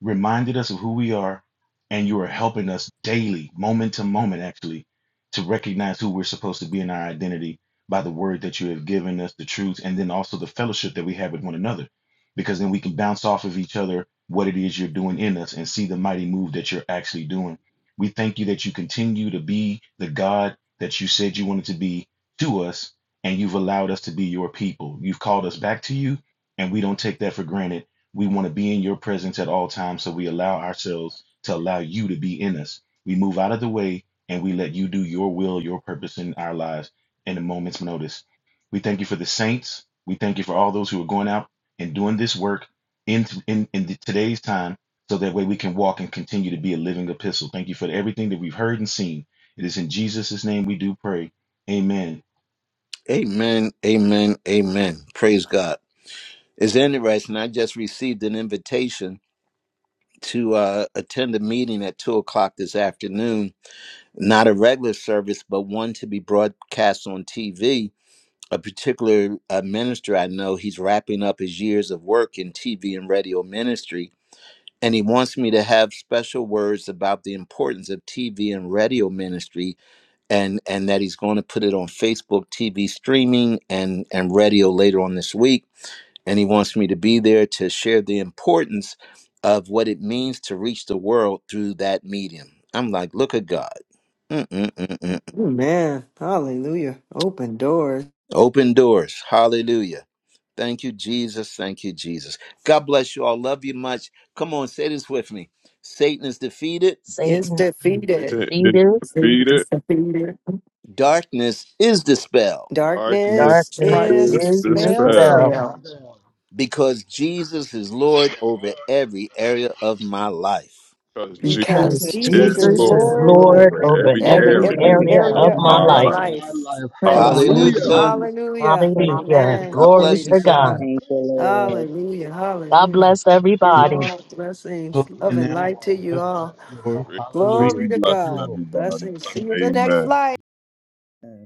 reminded us of who we are, and you are helping us daily, moment to moment, actually, to recognize who we're supposed to be in our identity by the word that you have given us, the truth, and then also the fellowship that we have with one another. Because then we can bounce off of each other what it is you're doing in us and see the mighty move that you're actually doing. We thank you that you continue to be the God that you said you wanted to be to us, and you've allowed us to be your people. You've called us back to you, and we don't take that for granted we want to be in your presence at all times, so we allow ourselves to allow you to be in us. We move out of the way and we let you do your will, your purpose in our lives in a moment's notice. We thank you for the saints. We thank you for all those who are going out and doing this work in, in, in today's time so that way we can walk and continue to be a living epistle. Thank you for everything that we've heard and seen. It is in Jesus' name we do pray. Amen.
Amen. Amen. Amen. Praise God. It's interesting. I just received an invitation to uh, attend a meeting at two o'clock this afternoon. Not a regular service, but one to be broadcast on TV. A particular uh, minister I know, he's wrapping up his years of work in TV and radio ministry, and he wants me to have special words about the importance of TV and radio ministry, and and that he's going to put it on Facebook TV streaming and and radio later on this week and he wants me to be there to share the importance of what it means to reach the world through that medium. I'm like, look at God. Mm-mm-mm-mm.
Amen. Hallelujah. Open doors
Open doors. Hallelujah. Thank you, Jesus. Thank you, Jesus. God bless you all. Love you much. Come on, say this with me Satan is defeated,
is
Satan,
it's
defeated.
is
Satan,
Jesus,
defeated.
the thing that
darkness is dispelled
Darkness
Darkness
darkness
is
is
charges
is
is
This
the
dispelled
is
dispelled.
dispelled
the sound.
because Jesus is
Yes,
Lord over
Lord.
every area of my life.
Because Jesus
because
because
Because
Because
Jesus
is
is
Jesus
Jesus
Jesus
is
is
Lord
is
Jesus
The
Lord
is
Lord
Lord
Lord
over
Lord
and
over
and
of
over
every
in
over
every
every
Savior
every
area
every
over
area
every
area
area
area
of
of
my
of
of
of
every
area
my
my
of
my
life.
area
my
my
life.
life.
life.
of
life.
my
life.
life.
Praise
Hallelujah.
Hallelujah.
God.
Hallelujah.
God
Hallelujah.
Hallelujah.
Praise
Hallelujah,
Praise
Amen.
the
glory
Lord.
Glory
bless
to
you,
to
Thank
saints.
you,
God.
God.
God.
Thank
Jesus.
you,
Thank you.
Hallelujah.
Thank you.
God
Hallelujah.
Thank
bless
Your
You
everybody.
you.
Lord,
God
blessings,
will close
love,
in
bless
and
now,
you
light to
all.
you
Pastor,
God bless
all.
you
or
all.
Grace
read?
Hallelujah.
Glory
and
to
Thank
blessing,
you,
God.
Lord.
everybody.
Blessings. See you the next
Amen.
flight.
Lord.